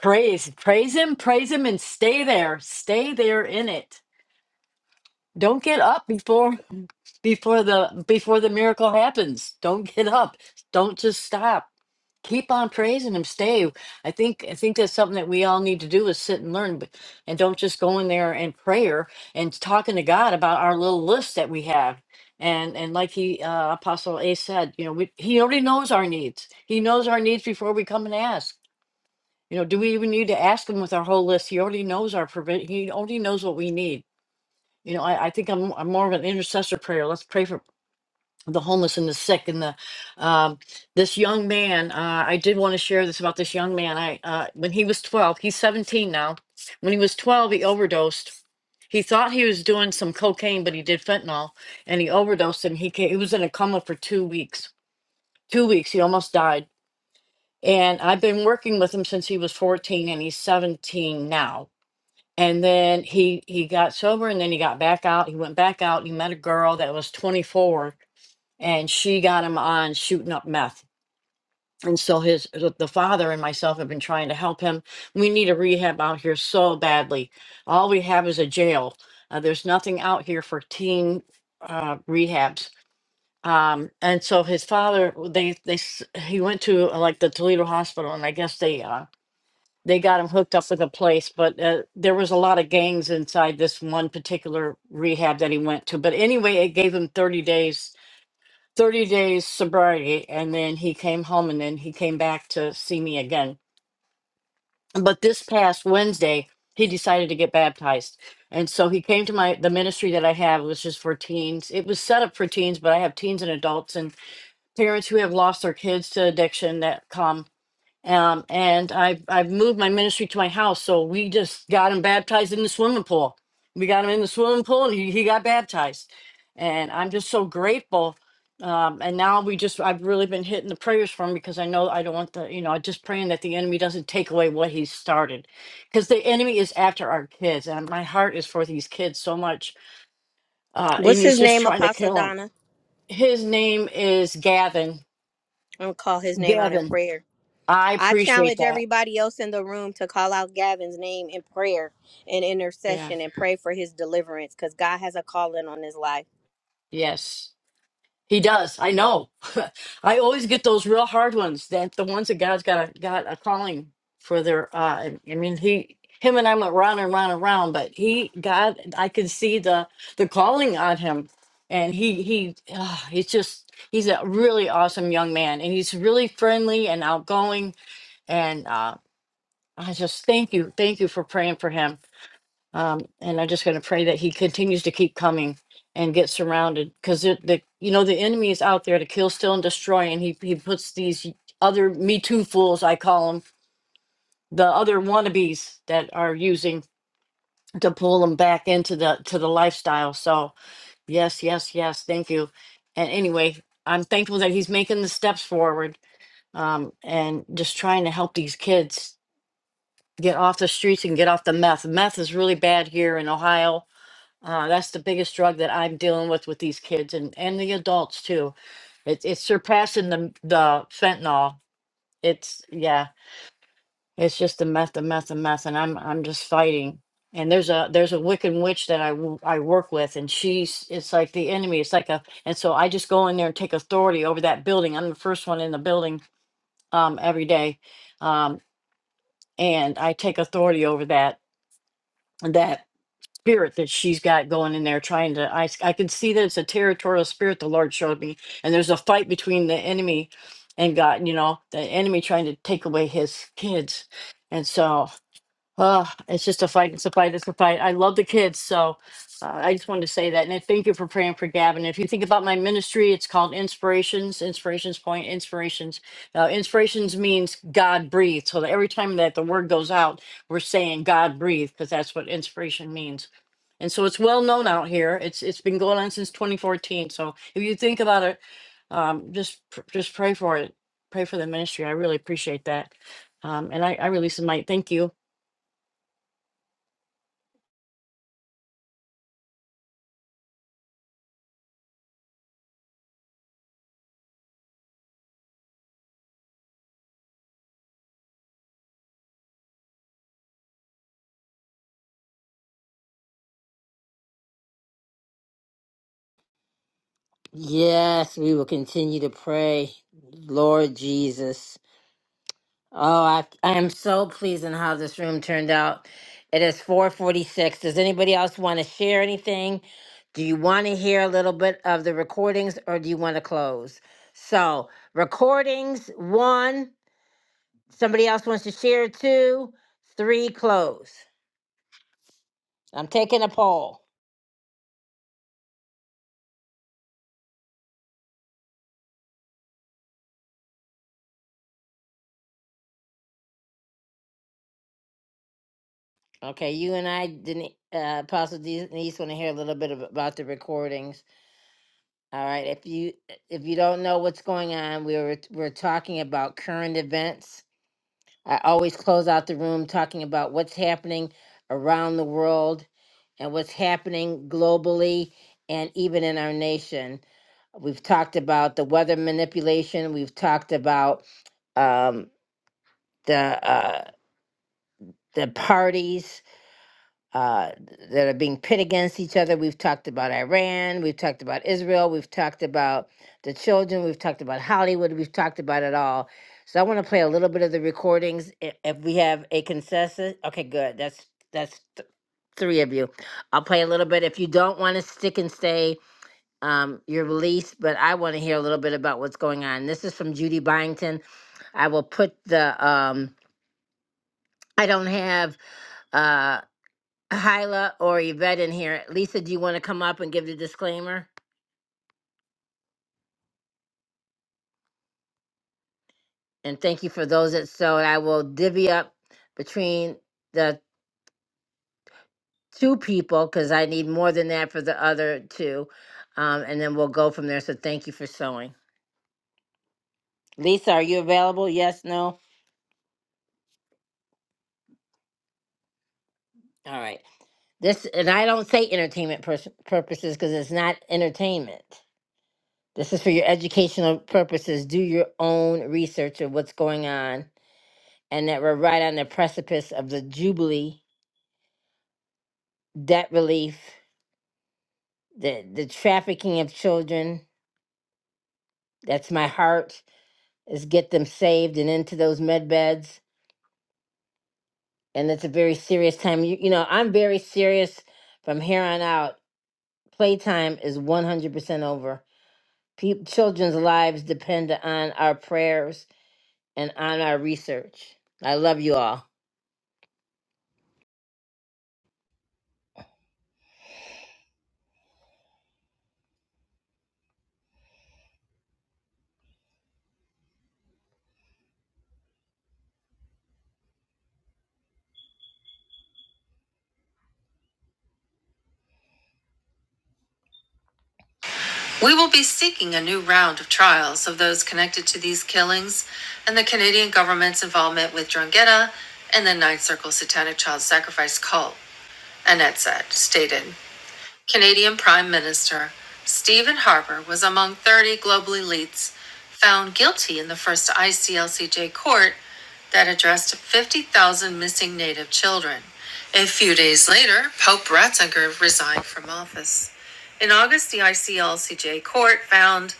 praise, praise him, praise him, and stay there, stay there in it don't get up before before the before the miracle happens don't get up don't just stop keep on praising him stay i think i think that's something that we all need to do is sit and learn but and don't just go in there and prayer and talking to god about our little list that we have and and like he uh, apostle a said you know we, he already knows our needs he knows our needs before we come and ask you know do we even need to ask him with our whole list he already knows our provision. he already knows what we need you know, I, I think I'm I'm more of an intercessor prayer. Let's pray for the homeless and the sick and the um, this young man. Uh, I did want to share this about this young man. I uh, when he was 12, he's 17 now. When he was 12, he overdosed. He thought he was doing some cocaine, but he did fentanyl, and he overdosed. And he came, he was in a coma for two weeks. Two weeks, he almost died. And I've been working with him since he was 14, and he's 17 now and then he he got sober and then he got back out he went back out he met a girl that was 24 and she got him on shooting up meth and so his the the father and myself have been trying to help him we need a rehab out here so badly all we have is a jail uh, there's nothing out here for teen uh, rehabs um, and so his father they they s- he went to uh, like the toledo hospital and i guess they uh, they got him hooked up with a place, but uh, there was a lot of gangs inside this one particular rehab that he went to. But anyway, it gave him 30 days, 30 days sobriety, and then he came home and then he came back to see me again. But this past Wednesday, he decided to get baptized. And so he came to my the ministry that I have, which is for teens. It was set up for teens, but I have teens and adults and parents who have lost their kids to addiction that come um, and I've I've moved my ministry to my house. So we just got him baptized in the swimming pool. We got him in the swimming pool, and he, he got baptized. And I'm just so grateful. Um, and now we just I've really been hitting the prayers for him because I know I don't want the you know just praying that the enemy doesn't take away what he started, because the enemy is after our kids, and my heart is for these kids so much. Uh, and What's he's his just name, trying to Apostle kill them. Donna? His name is Gavin. I'm gonna call his name out in Gavin. prayer. I I appreciate challenge that. everybody else in the room to call out Gavin's name in prayer and Yeah. intercession and pray for his deliverance because God has a calling on his life. Yes. He does. I know. I always get those real hard ones. That the ones that God's got a got a calling for their. Uh, I I mean, he, him, and I went round and round and round, but he, God, I could see the the calling on him, and he he, uh, he's just he's a really awesome young man, and he's really friendly and outgoing, and uh, I just thank you, thank you for praying for him. Um, and I'm just going to pray that he continues to keep coming and get surrounded because the you know the enemy is out there to kill, steal, and destroy, and he he puts these other Me Too fools, I call them, the other wannabes that are using to pull them back into the to the lifestyle. So yes, yes, yes, thank you. And anyway, I'm thankful that he's making the steps forward um, and just trying to help these kids get off the streets and get off the meth. Meth is really bad here in Ohio Uh, that's the biggest drug that I'm dealing with with these kids and and the adults too. It's it's surpassing the the fentanyl. It's yeah, it's just a meth, a meth, a meth, and I'm I'm just fighting. And there's a there's a Wiccan witch that I w- I work with, and she's it's like the enemy. It's like a and so I just go in there and take authority over that building. I'm the first one in the building um every day, um and I take authority over that that spirit that she's got going in there trying to I, I can see that it's a territorial spirit the Lord showed me and there's a fight between the enemy and God you know the enemy trying to take away his kids and so uh it's just a fight it's a fight it's a fight I love the kids so uh, I just wanted to say that and I thank you for praying for Gavin if you think about my ministry it's called inspirations inspirations point inspirations now inspirations means God breathed so that every time that the word goes out we're saying God breathed because that's what inspiration means and so it's well known out here. It's it's been going on since 2014. So if you think about it, um, just pr- just pray for it. Pray for the ministry. I really appreciate that. Um, and I, I release the mic. Thank you. Yes, we will continue to pray, Lord Jesus. Oh, I, I am so pleased in how this room turned out. It is 446. Does anybody else want to share anything? Do you want to hear a little bit of the recordings or do you want to close? So, recordings, one. Somebody else wants to share, two. Three, close. I'm taking a poll. Okay, you and I, Denise, uh, Apostle Denise, want to hear a little bit of, about the recordings. All right, if you if you don't know what's going on, we were we're talking about current events I always close out the room talking about what's happening around the world and what's happening globally and even in our nation. We've talked about the weather manipulation. We've talked about um, the uh, the parties uh, that are being pit against each other. We've talked about Iran. We've talked about Israel. We've talked about the children. We've talked about Hollywood. We've talked about it all. So I want to play a little bit of the recordings. i- If we have a consensus, okay, good. That's that's th- three of you. I'll play a little bit. If you don't want to stick and stay, um, you're released. But I want to hear a little bit about what's going on. This is from Judy Byington. I will put the. Um, I don't have. uh, Hyla or Yvette in here. Lisa, do you want to come up and give the disclaimer? And thank you for those that sewed. I will divvy up between the two people because I need more than that for the other two. Um, and then we'll go from there. So thank you for sewing. Lisa, are you available? Yes, no? All right. This, and I don't say entertainment pers- purposes because it's not entertainment. This is for your educational purposes. Do your own research of what's going on and that we're right on the precipice of the Jubilee, debt relief, the, the trafficking of children. That's my heart, is get them saved and into those med beds. And it's a very serious time. You, you know, I'm very serious from here on out. Playtime is 100% over. Peop children's lives depend on our prayers and on our research. I love you all. We will be seeking a new round of trials of those connected to these killings and the Canadian government's involvement with Drangheta and the Ninth Circle Satanic Child Sacrifice cult, Annette said, stated. Canadian Prime Minister Stephen Harper was among 30 global elites found guilty in the first ICLCJ court that addressed 50,000 missing native children. A few days later, Pope Ratzinger resigned from office. In August, the ICLCJ court found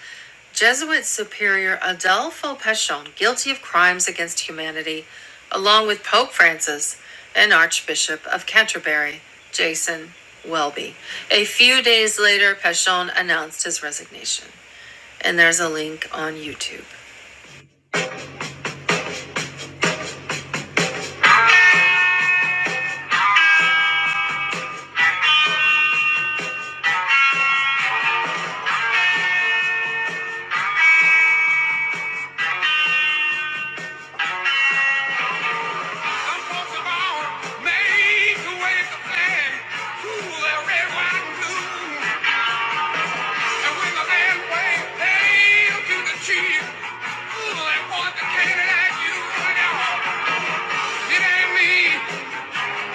Jesuit Superior Adolfo Pechon guilty of crimes against humanity, along with Pope Francis and Archbishop of Canterbury, Jason Welby. A few days later, Pechon announced his resignation. And there's a link on YouTube. It ain't me. It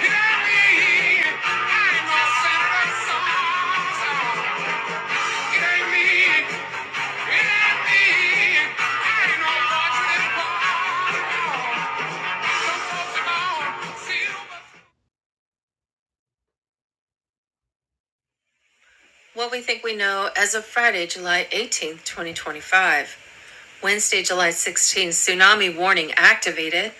ain't me. I ain't What we think we know as of Friday, July 18th, 2025. Wednesday, July 16th, tsunami warning activated.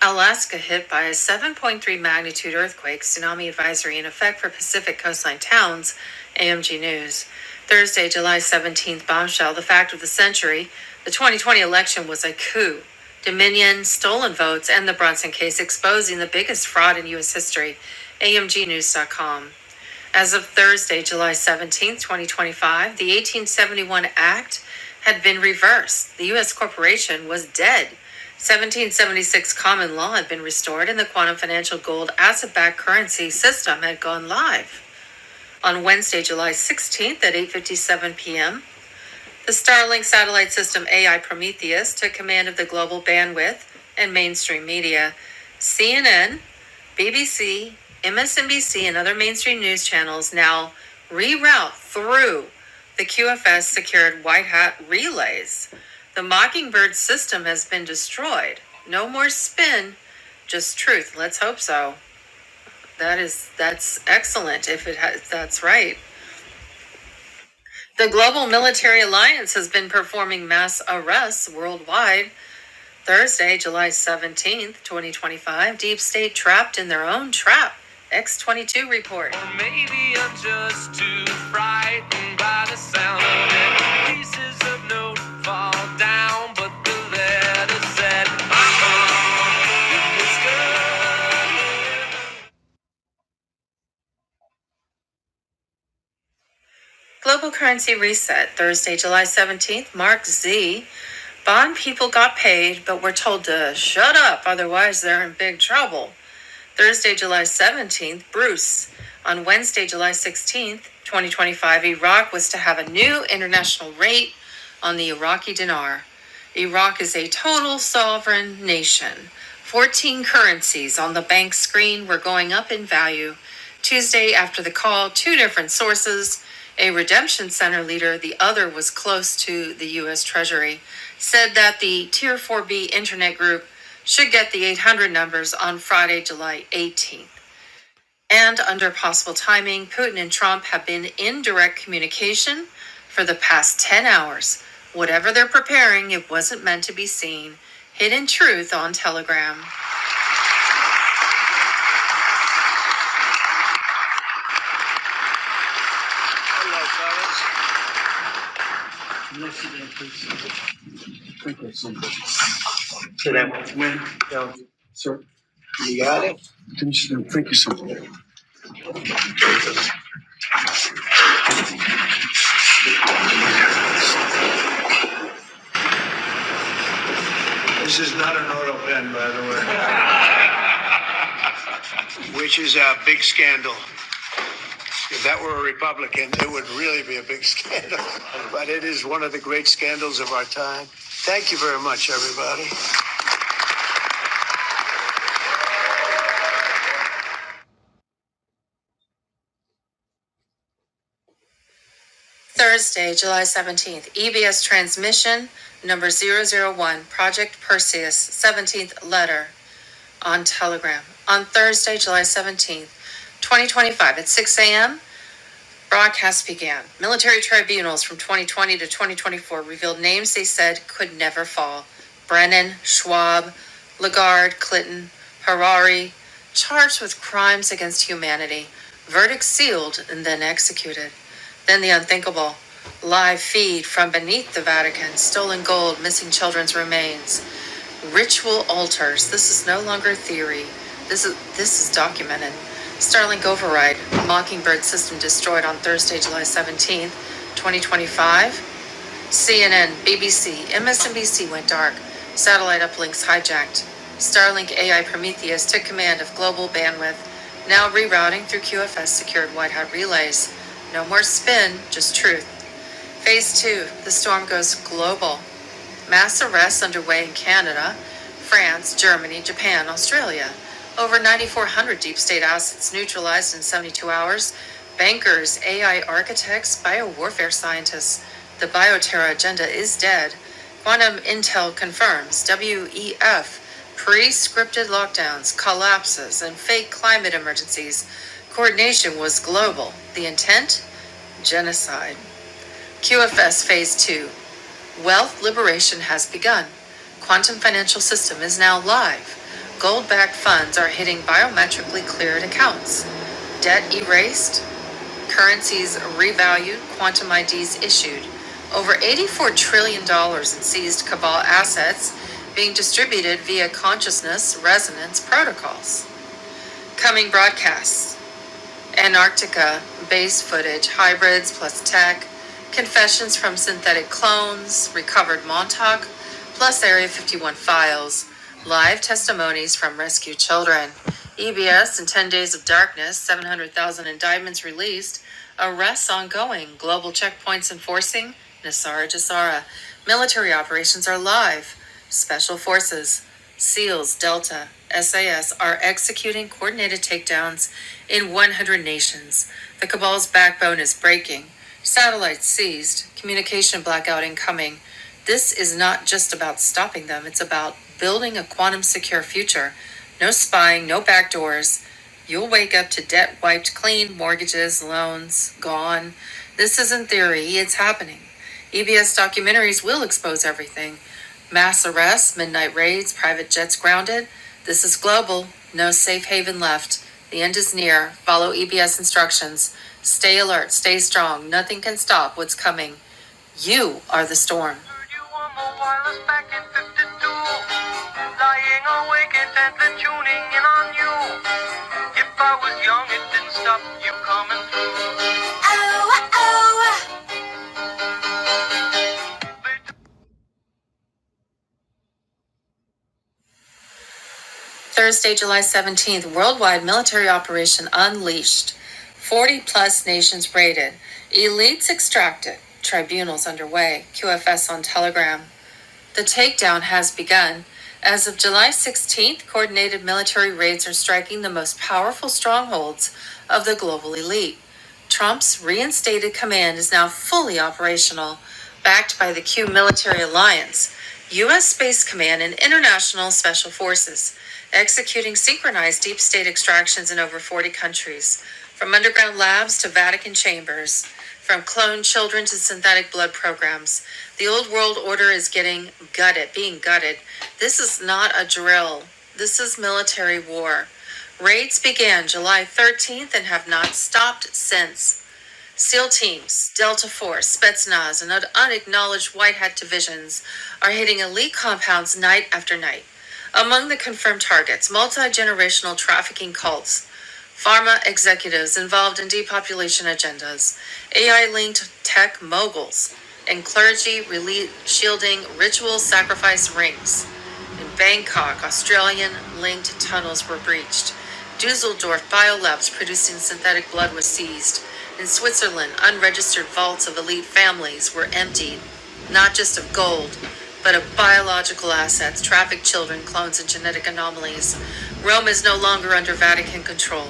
Alaska hit by a 7.3 magnitude earthquake, tsunami advisory in effect for Pacific coastline towns, AMG News. Thursday, July 17th, bombshell, the fact of the century. The 2020 election was a coup. Dominion, stolen votes, and the Brunson case exposing the biggest fraud in U.S. history. AMGNews.com. As of Thursday, July seventeenth, 2025, the 1871 Act had been reversed. The U.S. corporation was dead. 1776 common law had been restored, and the quantum financial gold asset backed currency system had gone live. On Wednesday, July 16th at 8:57 p.m., the Starlink satellite system AI Prometheus took command of the global bandwidth and mainstream media. CNN BBC, MSNBC, and other mainstream news channels now reroute through the QFS secured White Hat relays. The Mockingbird system has been destroyed. No more spin, just truth. Let's hope so. That is that's excellent if it has, that's right. The Global Military Alliance has been performing mass arrests worldwide Thursday, July 17th, 2025, Deep State trapped in their own trap. X22 report. Or maybe I'm just too frightened by the sound of road Global currency reset, Thursday, July 17th, Mark Z. Bond people got paid, but were told to shut up, otherwise they're in big trouble. Thursday, July 17th, Bruce. On Wednesday, July 16th, 2025, Iraq was to have a new international rate on the Iraqi dinar. Iraq is a total sovereign nation. 14 currencies on the bank screen were going up in value. Tuesday, after the call, two different sources, a redemption center leader, the other was close to the U.S. Treasury, said that the Tier 4B internet group should get the 800 numbers on Friday, July 18th. And under possible timing, Putin and Trump have been in direct communication for the past 10 hours. Whatever they're preparing, it wasn't meant to be seen. Hidden truth on Telegram. Thank you. So that when, sir, you got it? Commissioner, thank you so much. This is not an auto pen, by the way, which is a big scandal. If that were a Republican, it would really be a big scandal. But it is one of the great scandals of our time. Thank you very much, everybody. Thursday, July 17th, EBS transmission number zero zero one. Project Perseus, 17th letter on Telegram. On Thursday, July 17th, 2025, at 6 a.m. Broadcasts began. Military tribunals from 2020 to 2024 revealed names they said could never fall Brennan, Schwab, Lagarde, Clinton, Harari, charged with crimes against humanity. Verdicts sealed and then executed. Then the unthinkable. Live feed from beneath the Vatican, stolen gold, missing children's remains. Ritual altars. This is no longer theory. This is this is documented. Starlink override. Mockingbird system destroyed on Thursday, July 17th, 2025. CNN, BBC, MSNBC went dark. Satellite uplinks hijacked. Starlink AI Prometheus took command of global bandwidth. Now rerouting through QFS secured white hat relays. No more spin, just truth. Phase two. The storm goes global. Mass arrests underway in Canada, France, Germany, Japan, Australia. Over 9,400 deep state assets neutralized in 72 hours. Bankers, AI architects, biowarfare scientists. The bioterror agenda is dead. Quantum Intel confirms WEF pre scripted lockdowns, collapses, and fake climate emergencies. Coordination was global. The intent? Genocide. QFS Phase 2. Wealth liberation has begun. Quantum Financial System is now live. Gold backed funds are hitting biometrically cleared accounts. Debt erased, currencies revalued, quantum IDs issued. Over $84 trillion dollars in seized cabal assets being distributed via consciousness resonance protocols. Coming broadcasts. Antarctica, base footage, hybrids plus tech, confessions from synthetic clones, recovered Montauk, plus Area 51 files, live testimonies from rescued children, EBS and 10 Days of Darkness, 700,000 indictments released, arrests ongoing, global checkpoints enforcing, Nasara Jasara, military operations are live, special forces, SEALs, Delta, SAS are executing coordinated takedowns in 100 nations. The cabal's backbone is breaking. Satellites seized. Communication blackout incoming. This is not just about stopping them, it's about building a quantum secure future. No spying, no backdoors. You'll wake up to debt wiped clean, mortgages, loans, gone. This isn't theory, it's happening. EBS documentaries will expose everything. Mass arrests, midnight raids, private jets grounded. This is global. No safe haven left. The end is near. Follow EBS instructions. Stay alert. Stay strong. Nothing can stop what's coming. You are the storm. Thursday, July 17th, worldwide military operation unleashed. 40 plus nations raided. Elites extracted. Tribunals underway. QFS on Telegram. The takedown has begun. As of July 16th, coordinated military raids are striking the most powerful strongholds of the global elite. Trump's reinstated command is now fully operational, backed by the Q Military Alliance, U.S. Space Command, and international special forces, executing synchronized deep state extractions in over 40 countries, from underground labs to Vatican chambers, from cloned children to synthetic blood programs. The old world order is getting gutted, being gutted. This is not a drill. This is military war. Raids began July 13th and have not stopped since. SEAL teams, Delta Force, Spetsnaz, and un- unacknowledged White Hat divisions are hitting elite compounds night after night. Among the confirmed targets, multi generational trafficking cults Pharma executives involved in depopulation agendas, AI linked tech moguls, and clergy rele- shielding ritual sacrifice rings. In Bangkok, Australian linked tunnels were breached. Dusseldorf biolabs producing synthetic blood was seized. In Switzerland, unregistered vaults of elite families were emptied, not just of gold, but of biological assets, trafficked children, clones, and genetic anomalies. Rome is no longer under Vatican control.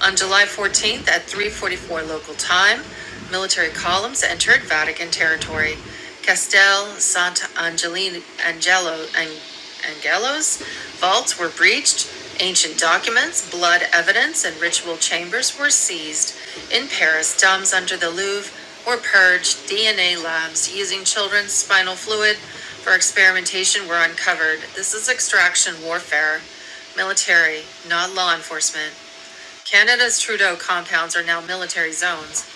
On July 14th at 3:44 local time, military columns entered Vatican territory. Castel Sant'Angelo Angelo and gallows. Vaults were breached, ancient documents, blood evidence, and ritual chambers were seized. In Paris, dumps under the Louvre were purged. DNA labs using children's spinal fluid for experimentation were uncovered. This is extraction warfare, military, not law enforcement. Canada's Trudeau compounds are now military zones.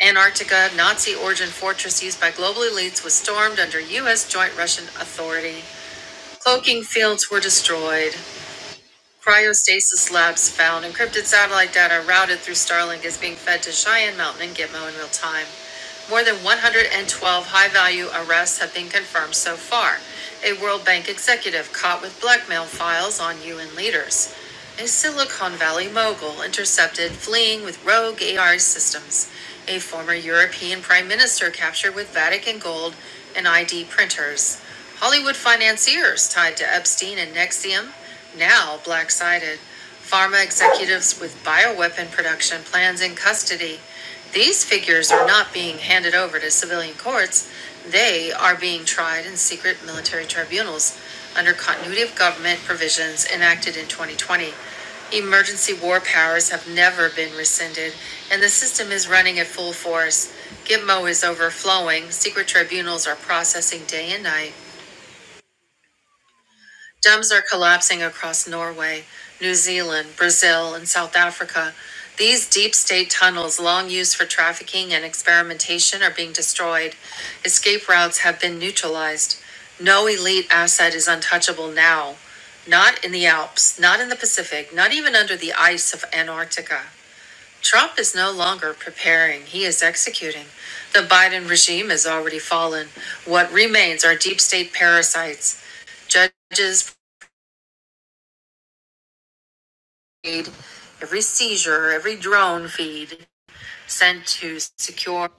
Antarctica, Nazi origin fortress used by global elites, was stormed under U.S. joint Russian authority. Cloaking fields were destroyed, Cryostasis Labs found encrypted satellite data routed through Starlink is being fed to Cheyenne Mountain and Gitmo in real time. More than 112 high value arrests have been confirmed so far. A World Bank executive caught with blackmail files on UN leaders. A Silicon Valley mogul intercepted fleeing with rogue AI systems. A former European prime minister captured with Vatican gold and ID printers. Hollywood financiers tied to Epstein and Nexium now black sided. Pharma executives with bioweapon production plans in custody. These figures are not being handed over to civilian courts. They are being tried in secret military tribunals under continuity of government provisions enacted in 2020. Emergency war powers have never been rescinded, and the system is running at full force. Gitmo is overflowing. Secret tribunals are processing day and night. Dams are collapsing across Norway, New Zealand, Brazil, and South Africa. These deep state tunnels, long used for trafficking and experimentation, are being destroyed. Escape routes have been neutralized. No elite asset is untouchable now. Not in the Alps, not in the Pacific, not even under the ice of Antarctica. Trump is no longer preparing, he is executing. The Biden regime has already fallen. What remains are deep state parasites, judges, every seizure, every drone feed sent to secure.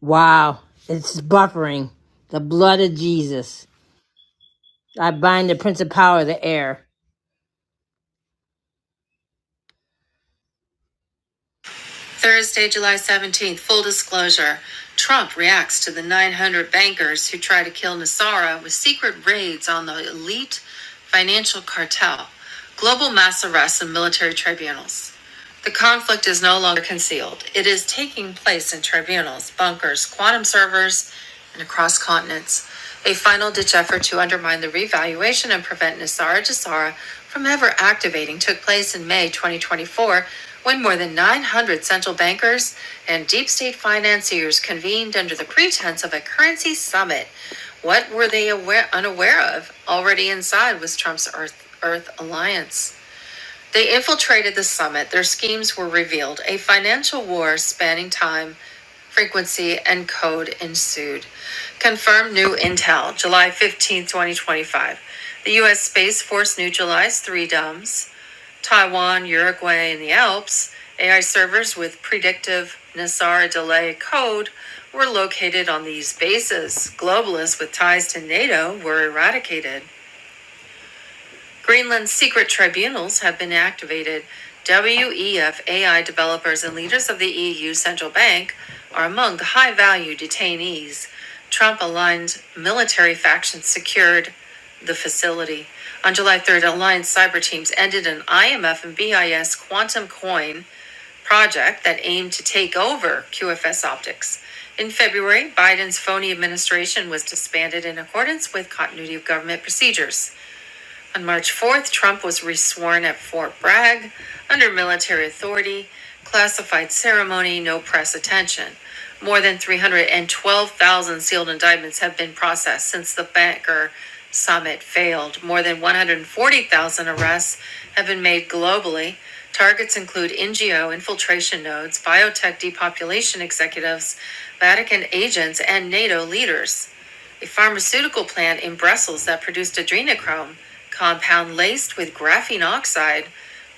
Wow, it's buffering. The blood of Jesus. I bind the prince of power of the air. Thursday, July 17th, full disclosure. Trump reacts to the 900 bankers who try to kill Nasara with secret raids on the elite financial cartel. Global mass arrests and military tribunals. The conflict is no longer concealed. It is taking place in tribunals, bunkers, quantum servers, and across continents a final ditch effort to undermine the revaluation and prevent Nisara Jisara from ever activating took place in May 2024 when more than 900 central bankers and deep state financiers convened under the pretense of a currency summit. What were they aware, unaware of already inside was Trump's Earth, Earth Alliance? They infiltrated the summit. Their schemes were revealed. A financial war spanning time, frequency, and code ensued. Confirmed new intel, July fifteenth, 2025. The U.S. Space Force neutralized three DOMs Taiwan, Uruguay, and the Alps. AI servers with predictive Nassara delay code were located on these bases. Globalists with ties to NATO were eradicated. Greenland's secret tribunals have been activated. WEF AI developers and leaders of the EU Central Bank are among the high value detainees. Trump aligned military factions secured the facility. On July 3rd, Alliance cyber teams ended an IMF and BIS quantum coin project that aimed to take over QFS optics. In February, Biden's phony administration was disbanded in accordance with continuity of government procedures. On March 4th, Trump was resworn at Fort Bragg under military authority, classified ceremony, no press attention. More than 312,000 sealed indictments have been processed since the banker summit failed. More than 140,000 arrests have been made globally. Targets include NGO infiltration nodes, biotech depopulation executives, Vatican agents, and NATO leaders a pharmaceutical plant in Brussels that produced adrenochrome, compound laced with graphene oxide,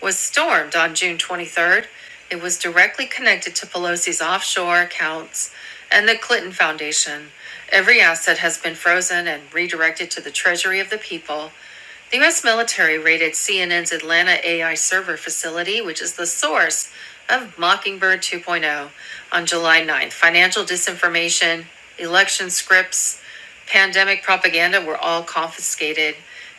was stormed on June 23rd. It was directly connected to Pelosi's offshore accounts and the Clinton Foundation. Every asset has been frozen and redirected to the Treasury of the People the U.S. military raided CNN's Atlanta AI server facility, which is the source of Mockingbird 2.0, on July 9th. Financial disinformation, election scripts, pandemic propaganda were all confiscated.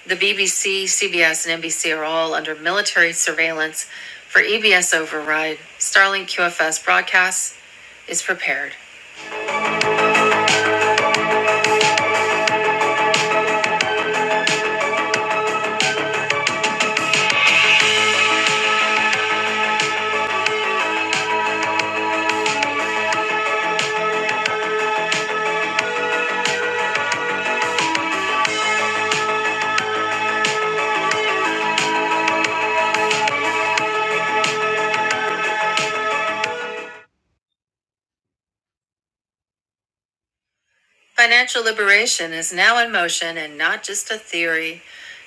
The BBC, CBS, and NBC are all under military surveillance for EBS override. Starlink QFS broadcasts is prepared. Financial liberation is now in motion and not just a theory.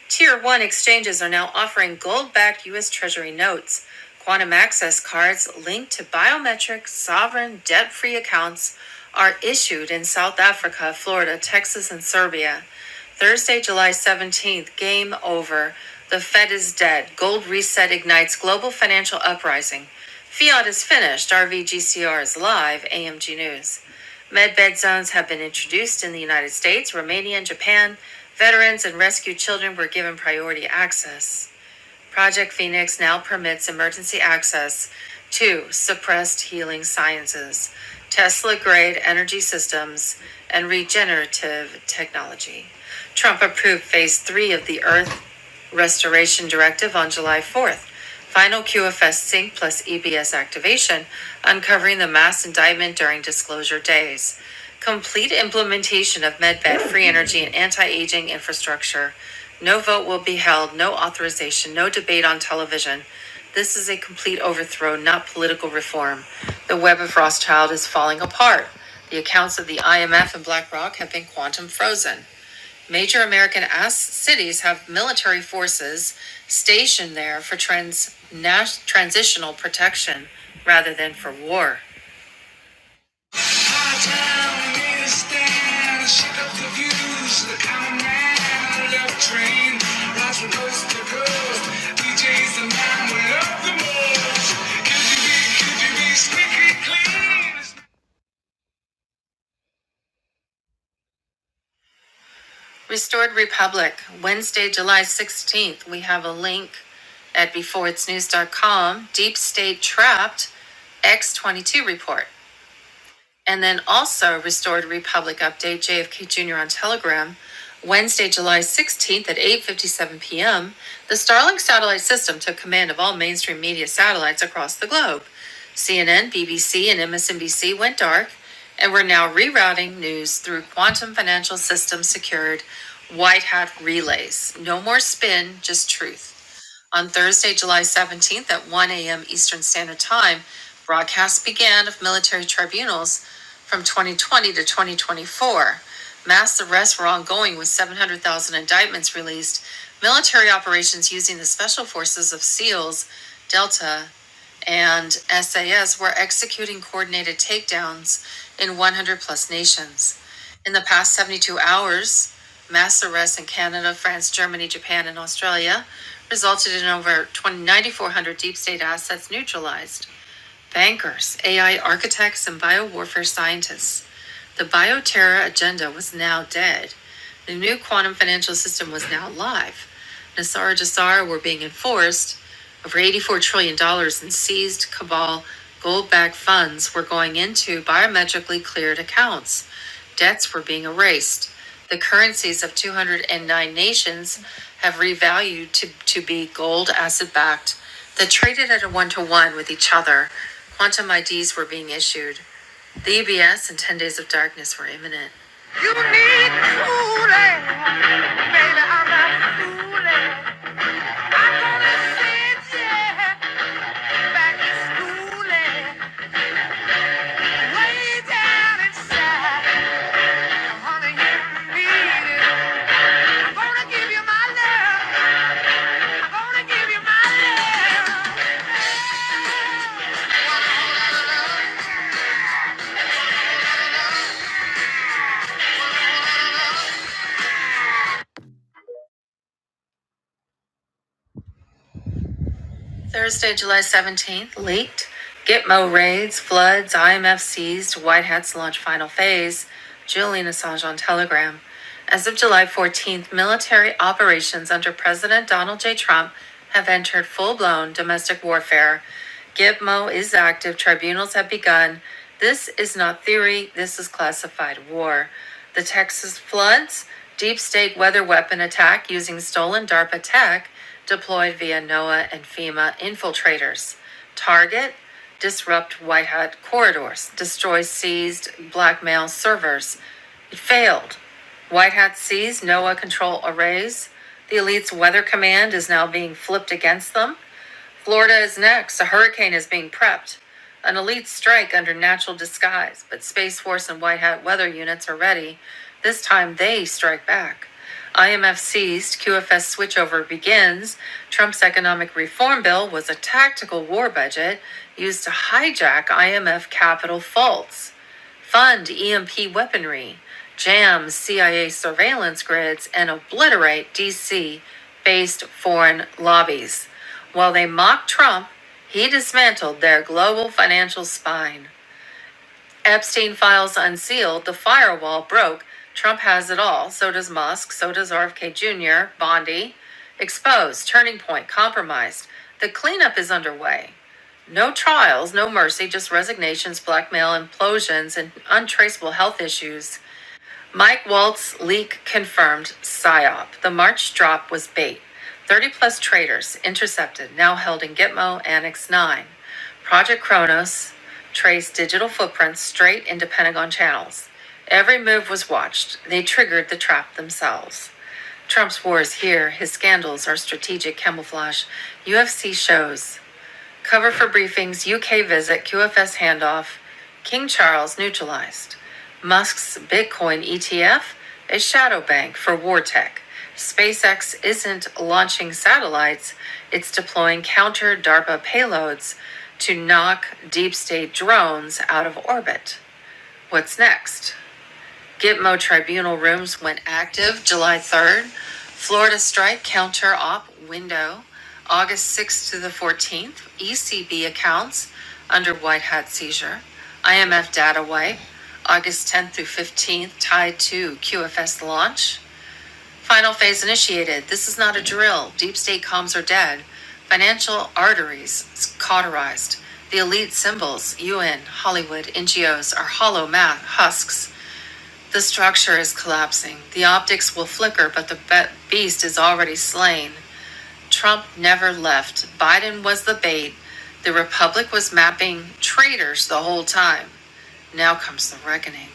Tier 1 exchanges are now offering gold backed U.S. Treasury notes, quantum access cards linked to biometric, sovereign, debt free accounts. Are issued in South Africa, Florida, Texas, and Serbia. Thursday, July 17th, game over. The Fed is dead. Gold reset ignites global financial uprising. Fiat is finished. RVGCR is live. AMG News. Medbed zones have been introduced in the United States, Romania, and Japan. Veterans and rescued children were given priority access. Project Phoenix now permits emergency access to suppressed healing sciences, Tesla grade energy systems, and regenerative technology. Trump approved phase three of the Earth Restoration Directive on July 4th. Final QFS Sync plus EBS activation, uncovering the mass indictment during disclosure days. Complete implementation of MedBed free energy and anti aging infrastructure. No vote will be held, no authorization, no debate on television. This is a complete overthrow, not political reform. The web of Rothschild is falling apart. The accounts of the IMF and BlackRock have been quantum frozen. Major American ass cities have military forces stationed there for trans- nas- transitional protection rather than for war. My town is down, shake up the views. I'm a man, I love train, rides from coast to coast. DJ's the man we love the most. Could you be, could you be squeaky clean? Restored Republic, Wednesday, July 16th. We have a link at beforeitsnews.com. Deep State Trapped X22 report. And then also Restored Republic Update JFK Jr. on Telegram, Wednesday, July 16th at 8:57 p.m. The Starlink satellite system took command of all mainstream media satellites across the globe. CNN, BBC, and MSNBC went dark, and we're now rerouting news through quantum financial system secured white hat relays. No more spin, just truth on Thursday, July 17th at 1 a.m. Eastern Standard Time, broadcasts began of military tribunals from 2020 to 2024. Mass arrests were ongoing with 700,000 indictments released, military operations using the special forces of SEALs, Delta, and SAS were executing coordinated takedowns in 100 plus nations. In the past 72 hours, mass arrests in Canada, France, Germany, Japan, and Australia resulted in over 20 9,400 deep state assets neutralized. Bankers, AI architects, and biowarfare scientists the bioterror agenda was now dead. The new quantum financial system was now live. Nassar Jassar were being enforced. Over $84 trillion dollars in seized cabal gold backed funds were going into biometrically cleared accounts. Debts were being erased. The currencies of 209 nations have revalued to, to be gold asset backed that traded at a one to one with each other. Quantum IDs were being issued. The EBS and 10 Days of Darkness were imminent. You need fooling, baby, I'm not fooling. I'm gonna sit you back to schooling, way down inside. Honey, you need it. I'm gonna give you my love. I'm gonna give you my love. Thursday, July 17th, leaked. Gitmo raids, floods, IMF seized, White Hats launch final phase, Julian Assange on Telegram. As of July 14th, military operations under President Donald J. Trump have entered full blown domestic warfare. Gitmo is active, tribunals have begun. This is not theory, this is classified war. The Texas floods, deep state weather weapon attack using stolen DARPA tech, deployed via NOAA and FEMA infiltrators. Target disrupt White Hat corridors, destroy seized blackmail servers. It failed. White Hat seized NOAA control arrays. The elite's weather command is now being flipped against them. Florida is next. A hurricane is being prepped. An elite strike under natural disguise, but Space Force and White Hat weather units are ready. This time they strike back. IMF seized, QFS switchover begins. Trump's economic reform bill was a tactical war budget used to hijack IMF capital faults fund EMP weaponry, jam CIA surveillance grids, and obliterate DC based foreign lobbies. While they mocked Trump, he dismantled their global financial spine. Epstein files unsealed, the firewall broke. Trump has it all. So does Musk. So does RFK Jr., Bondi. Exposed, turning point, compromised. The cleanup is underway. No trials, no mercy, just resignations, blackmail, implosions, and untraceable health issues Mike Waltz leak confirmed PSYOP. The March drop was bait. 30 plus traders intercepted, now held in Gitmo Annex 9. Project Kronos traced digital footprints straight into Pentagon channels. Every move was watched. They triggered the trap themselves. Trump's war is here. His scandals are strategic camouflage. UFC shows. Cover for briefings UK visit QFS handoff. King Charles neutralized. Musk's Bitcoin ETF, a shadow bank for war tech. SpaceX isn't launching satellites, it's deploying counter DARPA payloads to knock deep state drones out of orbit. What's next? Gitmo Tribunal rooms went active July 3rd. Florida strike counter op window August 6th to the 14th. ECB accounts under white hat seizure. IMF data wipe August 10th through 15th tied to QFS launch. Final phase initiated. This is not a drill. Deep state comms are dead. Financial arteries cauterized. The elite symbols, UN, Hollywood, NGOs, are hollow ma- husks the structure is collapsing. The optics will flicker, but the be- beast is already slain. Trump never left. Biden was the bait. The Republic was mapping traitors the whole time. Now comes the reckoning.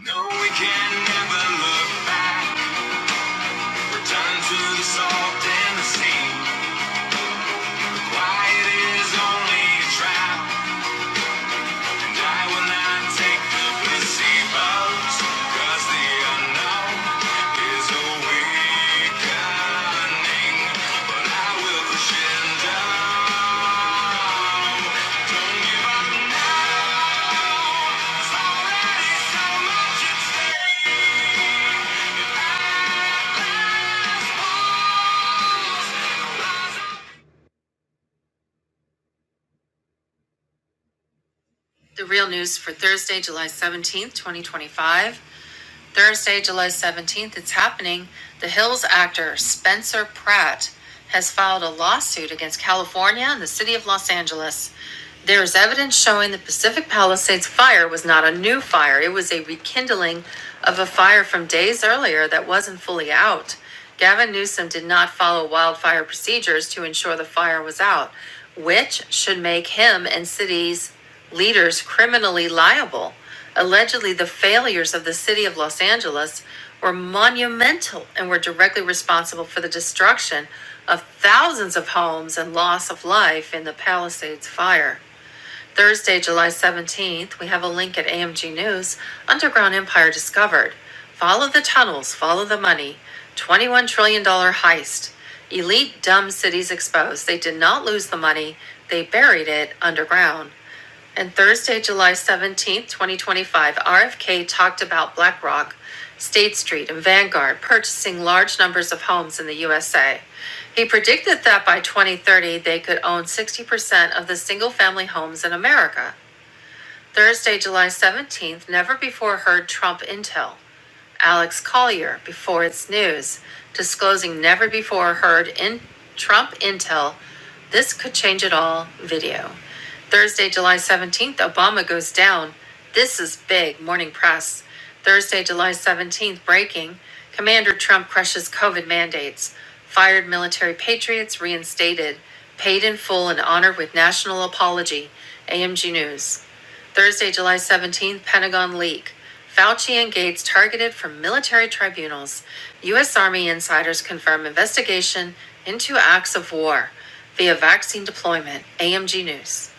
No, we can never look back. Return to the salt and the sea. Why it is only a trap. I will not take the placebos, 'cause the unknown is awakening. But I will crescendo. Don't give up now. There's already so much at stake. The real news for Thursday, July 17th, 2025. Thursday, July 17th, it's happening. The Hills actor Spencer Pratt has filed a lawsuit against California and the city of Los Angeles. There is evidence showing the Pacific Palisades fire was not a new fire, it was a rekindling of a fire from days earlier that wasn't fully out. Gavin Newsom did not follow wildfire procedures to ensure the fire was out, which should make him and city's leaders criminally liable. Allegedly, the failures of the city of Los Angeles were monumental and were directly responsible for the destruction of thousands of homes and loss of life in the Palisades fire. Thursday, July 17th, we have a link at AMG News Underground Empire Discovered. Follow the tunnels, follow the money. $21 trillion dollars heist. Elite dumb cities exposed. They did not lose the money, they buried it underground. And Thursday, July 17th, 2025, RFK talked about BlackRock, State Street, and Vanguard purchasing large numbers of homes in the USA. He predicted that by 2030, they could own 60% of the single family homes in America. Thursday, July 17th, never before heard Trump intel. Alex Collier, before it's news, disclosing never before heard in Trump intel. This could change it all video. Thursday, July 17th, Obama goes down. This is big. Morning press. Thursday, July 17th, breaking. Commander Trump crushes COVID mandates. Fired military patriots reinstated. Paid in full and honored with national apology. AMG News. Thursday, July 17th, Pentagon leak. Fauci and Gates targeted for military tribunals. U.S. Army insiders confirm investigation into acts of war via vaccine deployment. AMG News.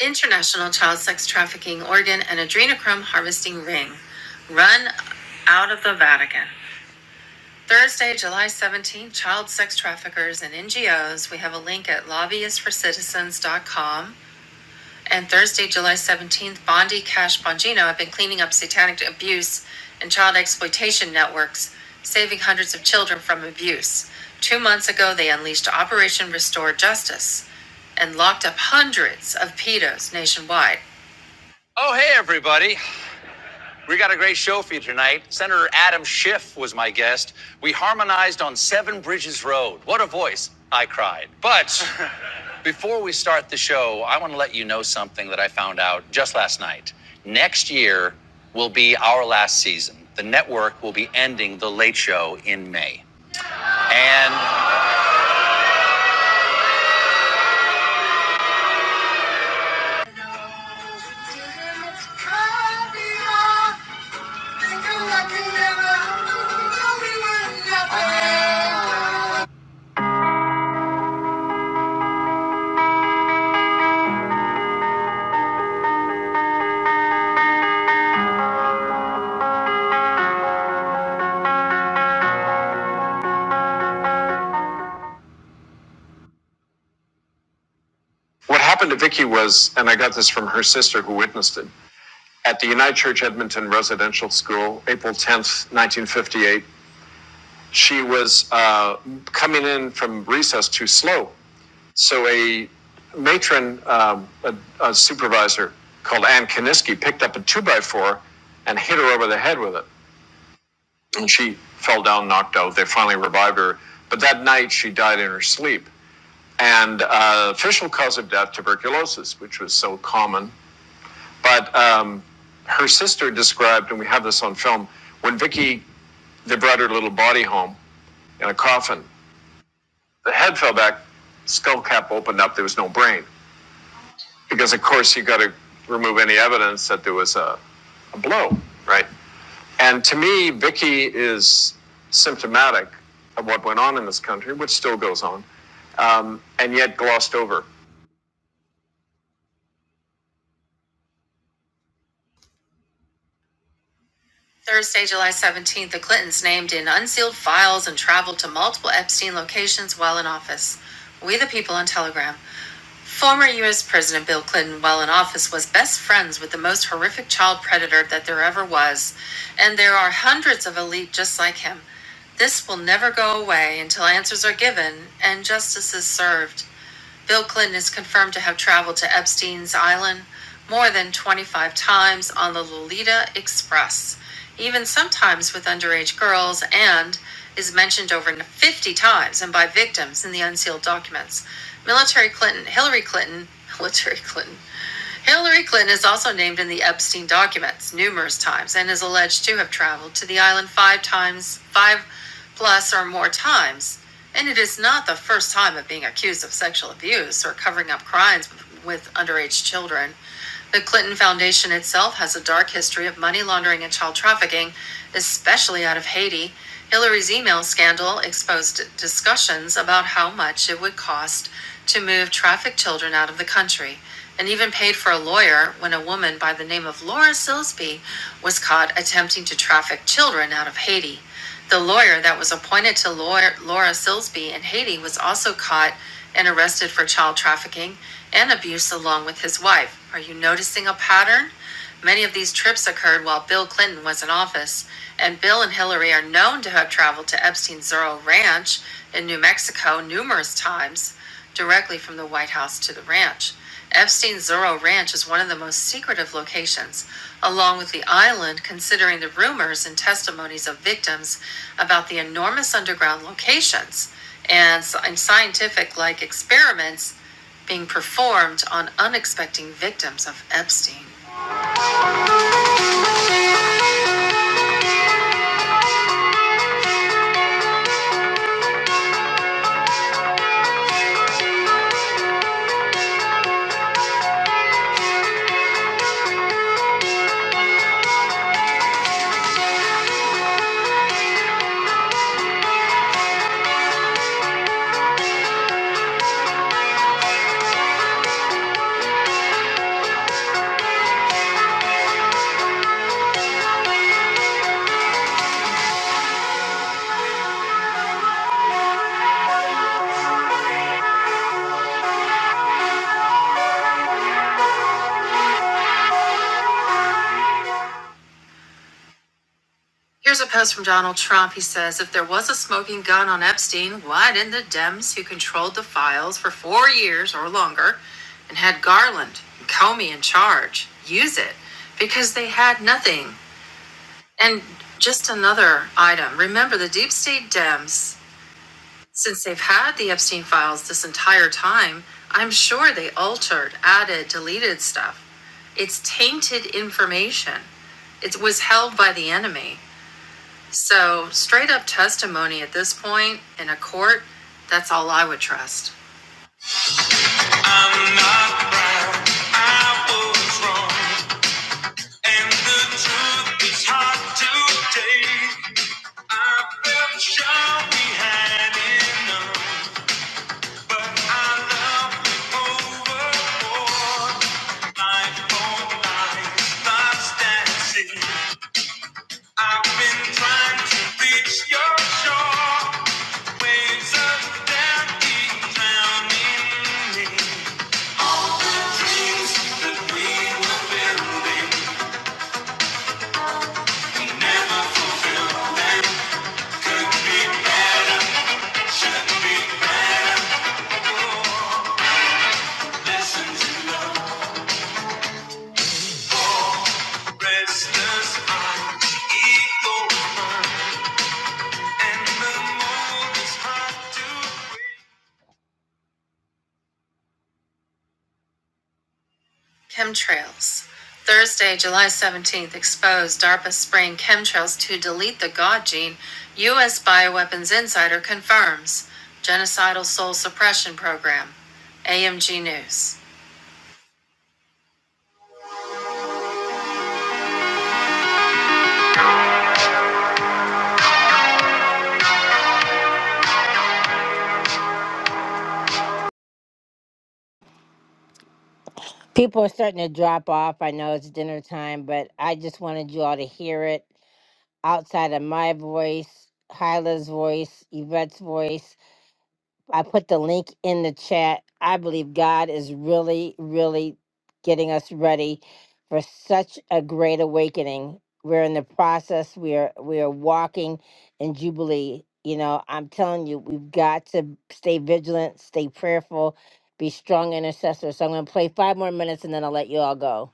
International child sex trafficking organ and adrenochrome harvesting ring run out of the Vatican. Thursday, July 17th, child sex traffickers and NGOs. We have a link at lobbyistforcitizens.com and Thursday, July 17th, Bondi Cash Bongino have been cleaning up satanic abuse and child exploitation networks, saving hundreds of children from abuse. Two months ago, they unleashed Operation Restore Justice and locked up hundreds of pedos nationwide. Oh, hey, everybody. We got a great show for you tonight. Senator Adam Schiff was my guest. We harmonized on Seven Bridges Road. What a voice. I cried. But before we start the show, I want to let you know something that I found out just last night. Next year will be our last season. The network will be ending The Late Show in May. And. What happened to Vicky was, and I got this from her sister who witnessed it, at the United Church Edmonton Residential School, April 10th, 1958. she was uh, coming in from recess too slow. So a matron, um, a, a supervisor called Ann Kaniski, picked up a two by four and hit her over the head with it. And she fell down, knocked out. They finally revived her. But that night, she died in her sleep. And uh, official cause of death, tuberculosis, which was so common. But um, her sister described, and we have this on film, when Vicky, they brought her little body home in a coffin. the head fell back, skull cap opened up, there was no brain. Because, of course, you got to remove any evidence that there was a, a blow, right? And to me, Vicky is symptomatic of what went on in this country, which still goes on, um, and yet glossed over. Thursday, July 17th, the Clintons named in unsealed files and traveled to multiple Epstein locations while in office. We the people on Telegram. Former U.S. President Bill Clinton, while in office, was best friends with the most horrific child predator that there ever was, and there are hundreds of elite just like him. This will never go away until answers are given and justice is served. Bill Clinton is confirmed to have traveled to Epstein's Island more than 25 times on the Lolita Express, even sometimes with underage girls, and is mentioned over 50 times and by victims in the unsealed documents. Military Clinton, Hillary Clinton, military Clinton, Hillary Clinton is also named in the Epstein documents numerous times and is alleged to have traveled to the island five times, five plus or more times. And it is not the first time of being accused of sexual abuse or covering up crimes with underage children. The Clinton Foundation itself has a dark history of money laundering and child trafficking, especially out of Haiti. Hillary's email scandal exposed discussions about how much it would cost to move trafficked children out of the country, and even paid for a lawyer when a woman by the name of Laura Silsby was caught attempting to traffic children out of Haiti. The lawyer that was appointed to Laura Silsby in Haiti was also caught and arrested for child trafficking and abuse along with his wife. Are you noticing a pattern? Many of these trips occurred while Bill Clinton was in office, and Bill and Hillary are known to have traveled to Epstein's Zorro Ranch in New Mexico numerous times, directly from the White House to the ranch. Epstein's Zorro Ranch is one of the most secretive locations, along with the island, considering the rumors and testimonies of victims about the enormous underground locations and, scientific like experiments being performed on unsuspecting victims of Epstein. Here's a post from Donald Trump. He says, If there was a smoking gun on Epstein, why didn't the Dems who controlled the files for four years or longer and had Garland and Comey in charge use it? Because they had nothing. And just another item remember, the deep state Dems, since they've had the Epstein files this entire time, I'm sure they altered, added, deleted stuff. It's tainted information. It was held by the enemy. So, straight up testimony at this point in a court, that's all I would trust. I'm not proud, I was wrong, and the truth is hard to take. I felt sure we had enough, but I loved it overboard. Life for life, lost at sea. I've been trying to reach your shore. Waves of death keep drowning me. All the dreams that we were building, we never fulfilled them. Could be better, should be better. Lessons in love, restless heart, ego, and the mold is hard to break. Chemtrails. Thursday, July 17th, exposed DARPA spraying chemtrails to delete the God gene. U.S. Bioweapons Insider confirms genocidal soul suppression program. AMG News. People are starting to drop off. I know it's dinner time, but I just wanted you all to hear it outside of my voice, Hyla's voice, Yvette's voice. I put the link in the chat. I believe God is really, really getting us ready for such a great awakening. We're in the process. We are we are walking in Jubilee. You know, I'm telling you, we've got to stay vigilant, stay prayerful, be strong intercessors. So I'm gonna play five more minutes and then I'll let you all go.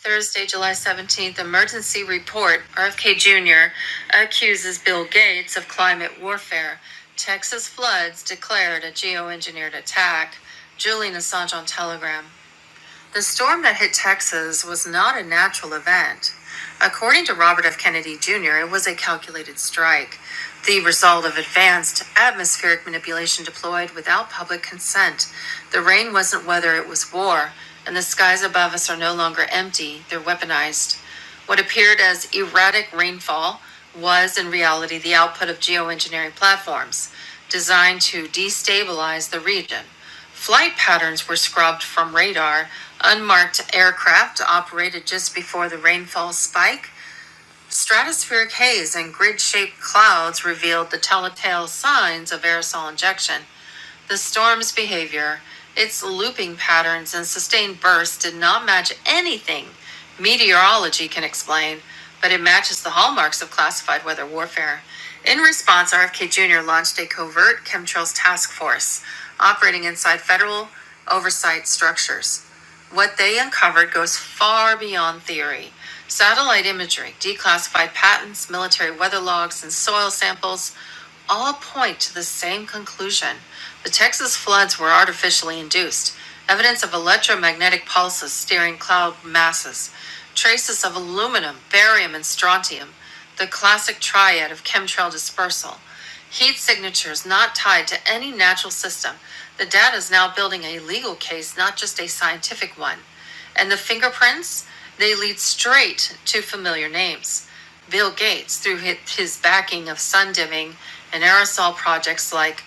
Thursday, July 17th, emergency report. RFK Jr. accuses Bill Gates of climate warfare. Texas floods declared a geoengineered attack. Julian Assange on Telegram. The storm that hit Texas was not a natural event. According to Robert F. Kennedy Jr., it was a calculated strike, the result of advanced atmospheric manipulation deployed without public consent. The rain wasn't weather, it was war, and the skies above us are no longer empty, they're weaponized. What appeared as erratic rainfall was, in reality, the output of geoengineering platforms designed to destabilize the region. Flight patterns were scrubbed from radar. Unmarked aircraft operated just before the rainfall spike. Stratospheric haze and grid shaped clouds revealed the telltale signs of aerosol injection. The storm's behavior, its looping patterns and sustained bursts did not match anything meteorology can explain, but it matches the hallmarks of classified weather warfare. In response, RFK Jr. launched a covert chemtrails task force operating inside federal oversight structures. What they uncovered goes far beyond theory. Satellite imagery, declassified patents, military weather logs, and soil samples all point to the same conclusion. The Texas floods were artificially induced, evidence of electromagnetic pulses steering cloud masses, traces of aluminum, barium, and strontium, the classic triad of chemtrail dispersal. Heat signatures not tied to any natural system. The data is now building a legal case, not just a scientific one. And the fingerprints, they lead straight to familiar names. Bill Gates, through his backing of sun dimming and aerosol projects like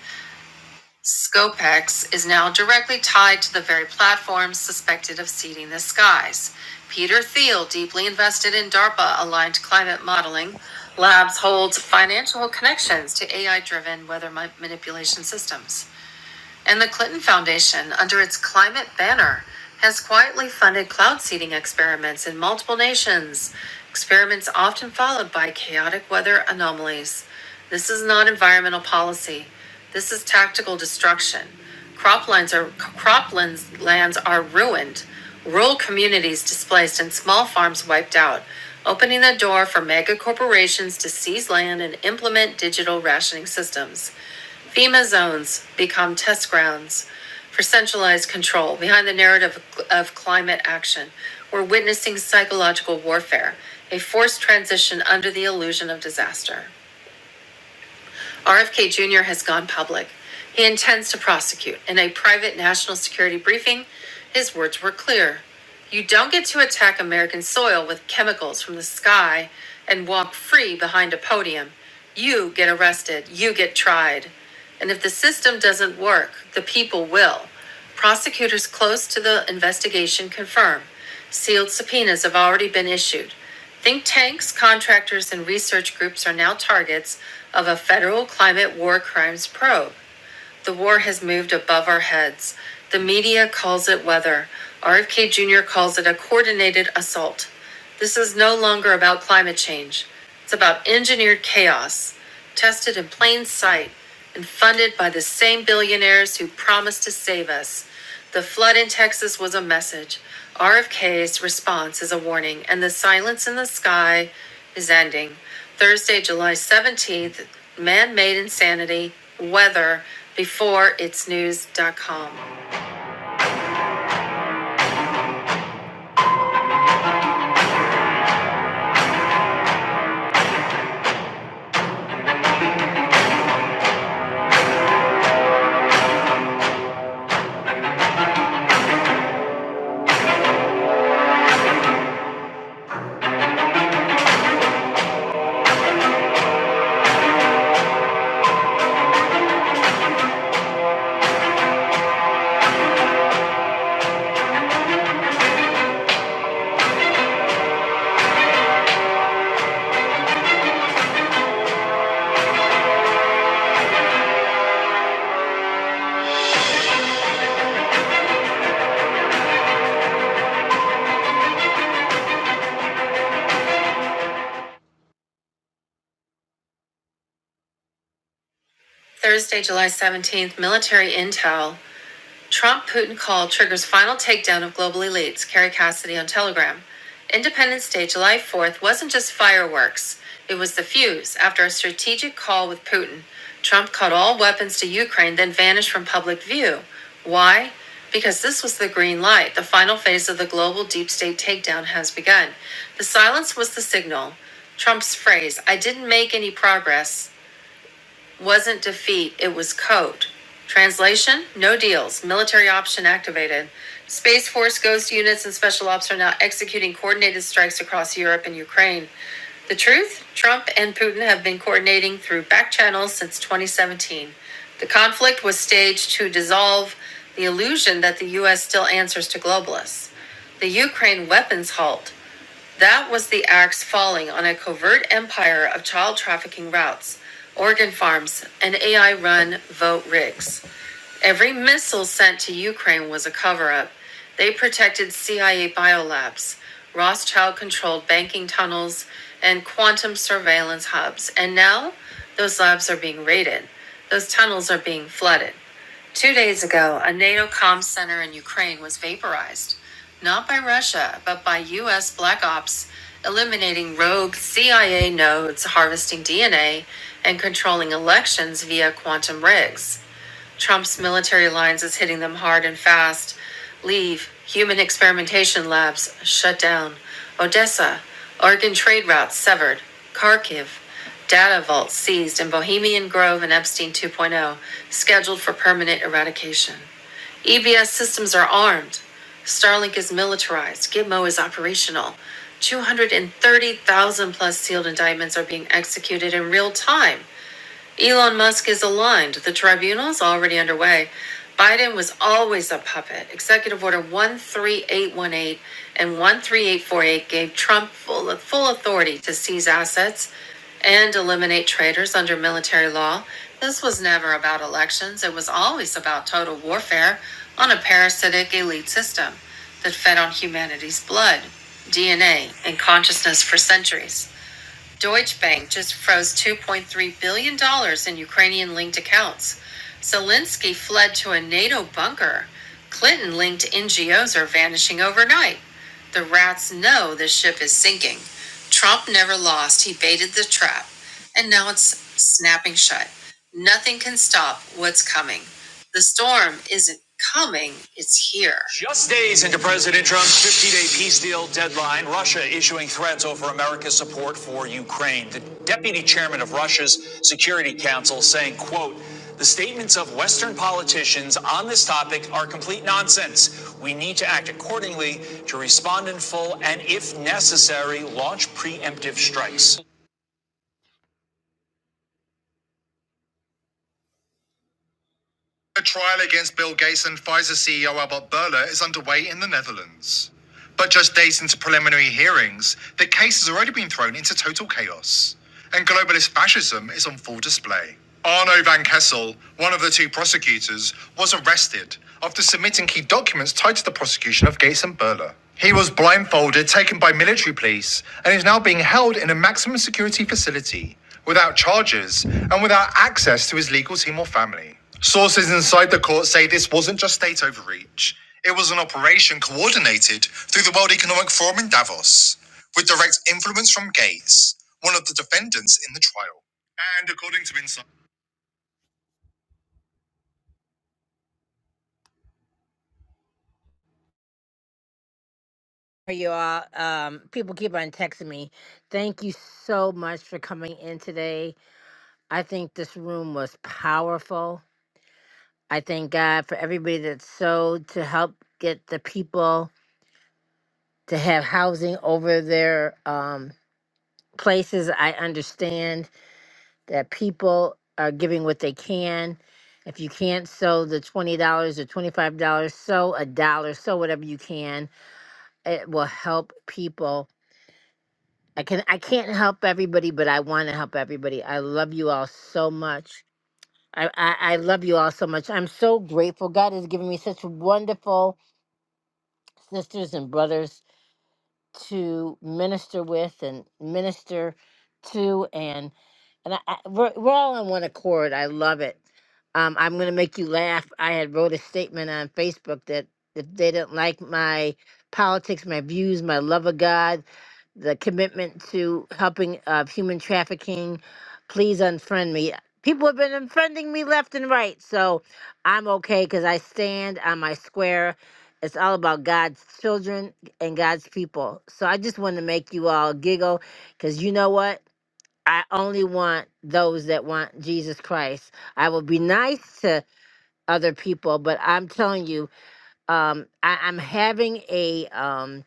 Scopex is now directly tied to the very platforms suspected of seeding the skies. Peter Thiel, deeply invested in DARPA aligned climate modeling, labs holds financial connections to AI driven weather manipulation systems. And the Clinton Foundation, under its climate banner, has quietly funded cloud seeding experiments in multiple nations, experiments often followed by chaotic weather anomalies. This is not environmental policy. This is tactical destruction. Croplands are croplands lands are ruined, rural communities displaced and small farms wiped out, opening the door for mega corporations to seize land and implement digital rationing systems. FEMA zones become test grounds for centralized control behind the narrative of climate action. We're witnessing psychological warfare, a forced transition under the illusion of disaster. RFK Jr. has gone public. He intends to prosecute. In a private national security briefing, his words were clear. You don't get to attack American soil with chemicals from the sky and walk free behind a podium. You get arrested. You get tried. And if the system doesn't work, the people will. Prosecutors close to the investigation confirm sealed subpoenas have already been issued. Think tanks, contractors, and research groups are now targets of a federal climate war crimes probe. The war has moved above our heads. The media calls it weather. RFK Jr. calls it a coordinated assault. This is no longer about climate change. It's about engineered chaos, tested in plain sight and funded by the same billionaires who promised to save us. The flood in Texas was a message. RFK's response is a warning, and the silence in the sky is ending. Thursday, July 17th, man made insanity, weather before it's news.com. Thursday, July 17th, military intel. Trump Putin call triggers final takedown of global elites, Carrie Cassidy on Telegram. Independence Day, July 4th, wasn't just fireworks, it was the fuse. After a strategic call with Putin, Trump cut all weapons to Ukraine, then vanished from public view. Why? Because this was the green light. The final phase of the global deep state takedown has begun. The silence was the signal. Trump's phrase, I didn't make any progress, wasn't defeat, it was code. Translation No deals, military option activated. Space Force ghost units and special ops are now executing coordinated strikes across Europe and Ukraine. The truth? Trump and Putin have been coordinating through back channels since 2017. The conflict was staged to dissolve the illusion that the U.S. still answers to globalists. The Ukraine weapons halt. That was the axe falling on a covert empire of child trafficking routes, organ farms, and AI run vote rigs. Every missile sent to Ukraine was a cover up. They protected CIA biolabs, Rothschild controlled banking tunnels, and quantum surveillance hubs. And now those labs are being raided, those tunnels are being flooded. Two days ago, a NATO comm center in Ukraine was vaporized, not by Russia, but by U.S. black ops, eliminating rogue CIA nodes, harvesting DNA, and controlling elections via quantum rigs. Trump's military lines is hitting them hard and fast. Leave. Human experimentation labs shut down. Odessa. Oregon trade routes severed. Kharkiv. Data vaults seized in Bohemian Grove and Epstein 2.0, scheduled for permanent eradication. EBS systems are armed. Starlink is militarized. Gitmo is operational. 230,000 plus sealed indictments are being executed in real time. Elon Musk is aligned. The tribunal is already underway. Biden was always a puppet. Executive Order 13818 and 13848 gave Trump full, full authority to seize assets and eliminate traitors under military law. This was never about elections, it was always about total warfare on a parasitic elite system that fed on humanity's blood, DNA, and consciousness for centuries. Deutsche Bank just froze $2.3 billion dollars in Ukrainian linked accounts. Zelensky fled to a NATO bunker. Clinton linked NGOs are vanishing overnight. The rats know this ship is sinking. Trump never lost. He baited the trap, and now it's snapping shut. Nothing can stop what's coming. The storm isn't coming, it's here. Just days into President Trump's 50 day peace deal deadline, Russia issuing threats over America's support for Ukraine. The deputy chairman of Russia's Security Council saying, quote, the statements of Western politicians on this topic are complete nonsense. We need to trial Fascism is on full display. Arno van Kessel, one of the two prosecutors, was arrested after submitting key documents tied to the prosecution of Gates and Berlin. He was blindfolded, taken by military police, and is now being held in a maximum security facility without charges and without access to his legal team or family. Sources inside the court say this wasn't just state overreach. It was an operation coordinated through the World Economic Forum in Davos, with direct influence from Gates, one of the defendants in the trial. And according to Insight, Are you all? Um, people keep on texting me. Thank you so much for coming in today. I think this room was powerful. I thank God for everybody that sewed to help get the people to have housing over their um, places. I understand that people are giving what they can. If you can't sew the $20 or $25, sew a dollar, sew whatever you can. It will help people I can I can't help everybody, but I want to help everybody. I love you all so much. I, I I love you all so much. I'm so grateful. God has given me such wonderful sisters and brothers to minister with and minister to and and I, I, we're, we're all on one accord. I love it. Um, I'm going to make you laugh. I had wrote a statement on Facebook that if they didn't like my politics, my views, my love of God, the commitment to helping of human trafficking, please unfriend me. People have been unfriending me left and right, so I'm okay because I stand on my square. It's all about God's children and God's people. So I just want to make you all giggle because you know what? I only want those that want Jesus Christ. I will be nice to other people, but I'm telling you, um, I, I'm having a um,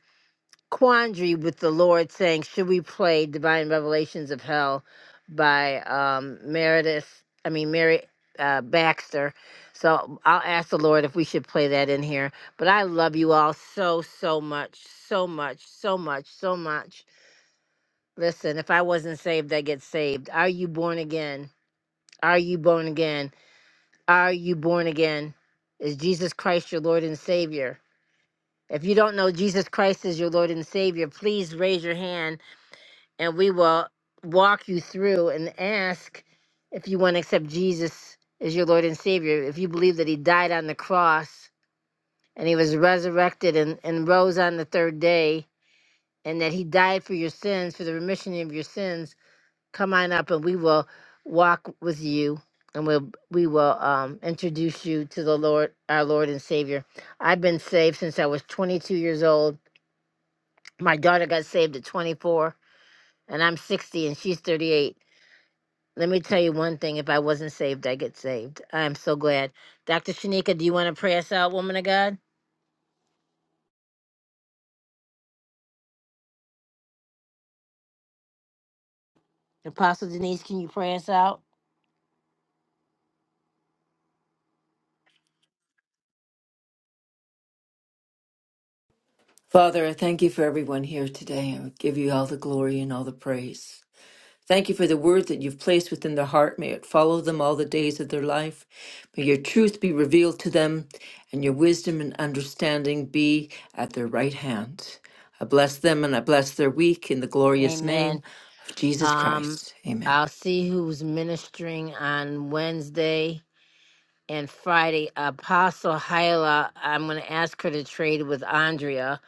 quandary with the Lord saying, should we play Divine Revelations of Hell by um, Meredith, I mean, Mary uh, Baxter. So I'll ask the Lord if we should play that in here. But I love you all so, so much, so much, so much, so much. Listen, if I wasn't saved, I get saved. Are you born again? Are you born again? Are you born again? Is Jesus Christ your Lord and Savior? If you don't know Jesus Christ as your Lord and Savior, please raise your hand and we will walk you through and ask if you want to accept Jesus as your Lord and Savior, if you believe that He died on the cross and He was resurrected and, and rose on the third day, and that He died for your sins, for the remission of your sins, come on up and we will walk with you. And we'll, we will um, introduce you to the Lord, our Lord and Savior. I've been saved since I was 22 years old. My daughter got saved at 24, and I'm 60, and she's 38 Let me tell you one thing. If I wasn't saved, I get saved. I am so glad. Dr. Shanika, do you want to pray us out, woman of God? Apostle Denise, can you pray us out? Father, I thank you for everyone here today. I give you all the glory and all the praise. Thank you for the word that you've placed within their heart. May it follow them all the days of their life. May your truth be revealed to them and your wisdom and understanding be at their right hand. I bless them and I bless their week in the glorious name Amen. of Jesus Um, Christ. Amen. I'll see who's ministering on Wednesday and Friday. Apostle Hyla, I'm going to ask her to trade with Andrea,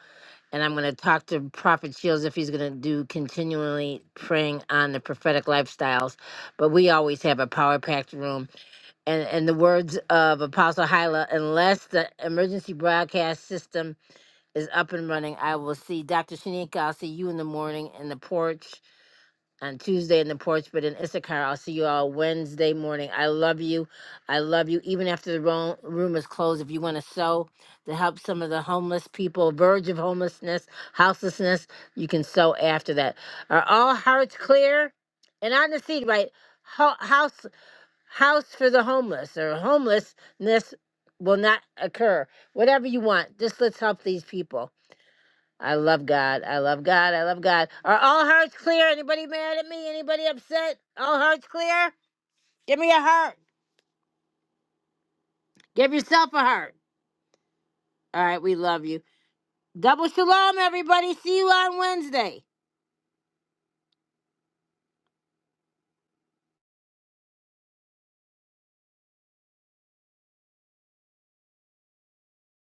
and I'm going to talk to Prophet Shields if he's going to do continually praying on the prophetic lifestyles. But we always have a power packed room and in the words of Apostle Hyla, unless the emergency broadcast system is up and running, I will see Dr. Shanika. I'll see you in the morning in the porch on Tuesday in the porch, but in Issachar, I'll see you all Wednesday morning. I love you. I love you. Even after the ro- room is closed, if you want to sow to help some of the homeless people, verge of homelessness, houselessness, you can sow after that. Are all hearts clear? And on the seat, right? Ho- house for the homeless or homelessness will not occur. Whatever you want, just let's help these people. I love God. I love God. I love God. Are all hearts clear? Anybody mad at me? Anybody upset? All hearts clear? Give me a heart. Give yourself a heart. All right, we love you. Double shalom, everybody. See you on Wednesday.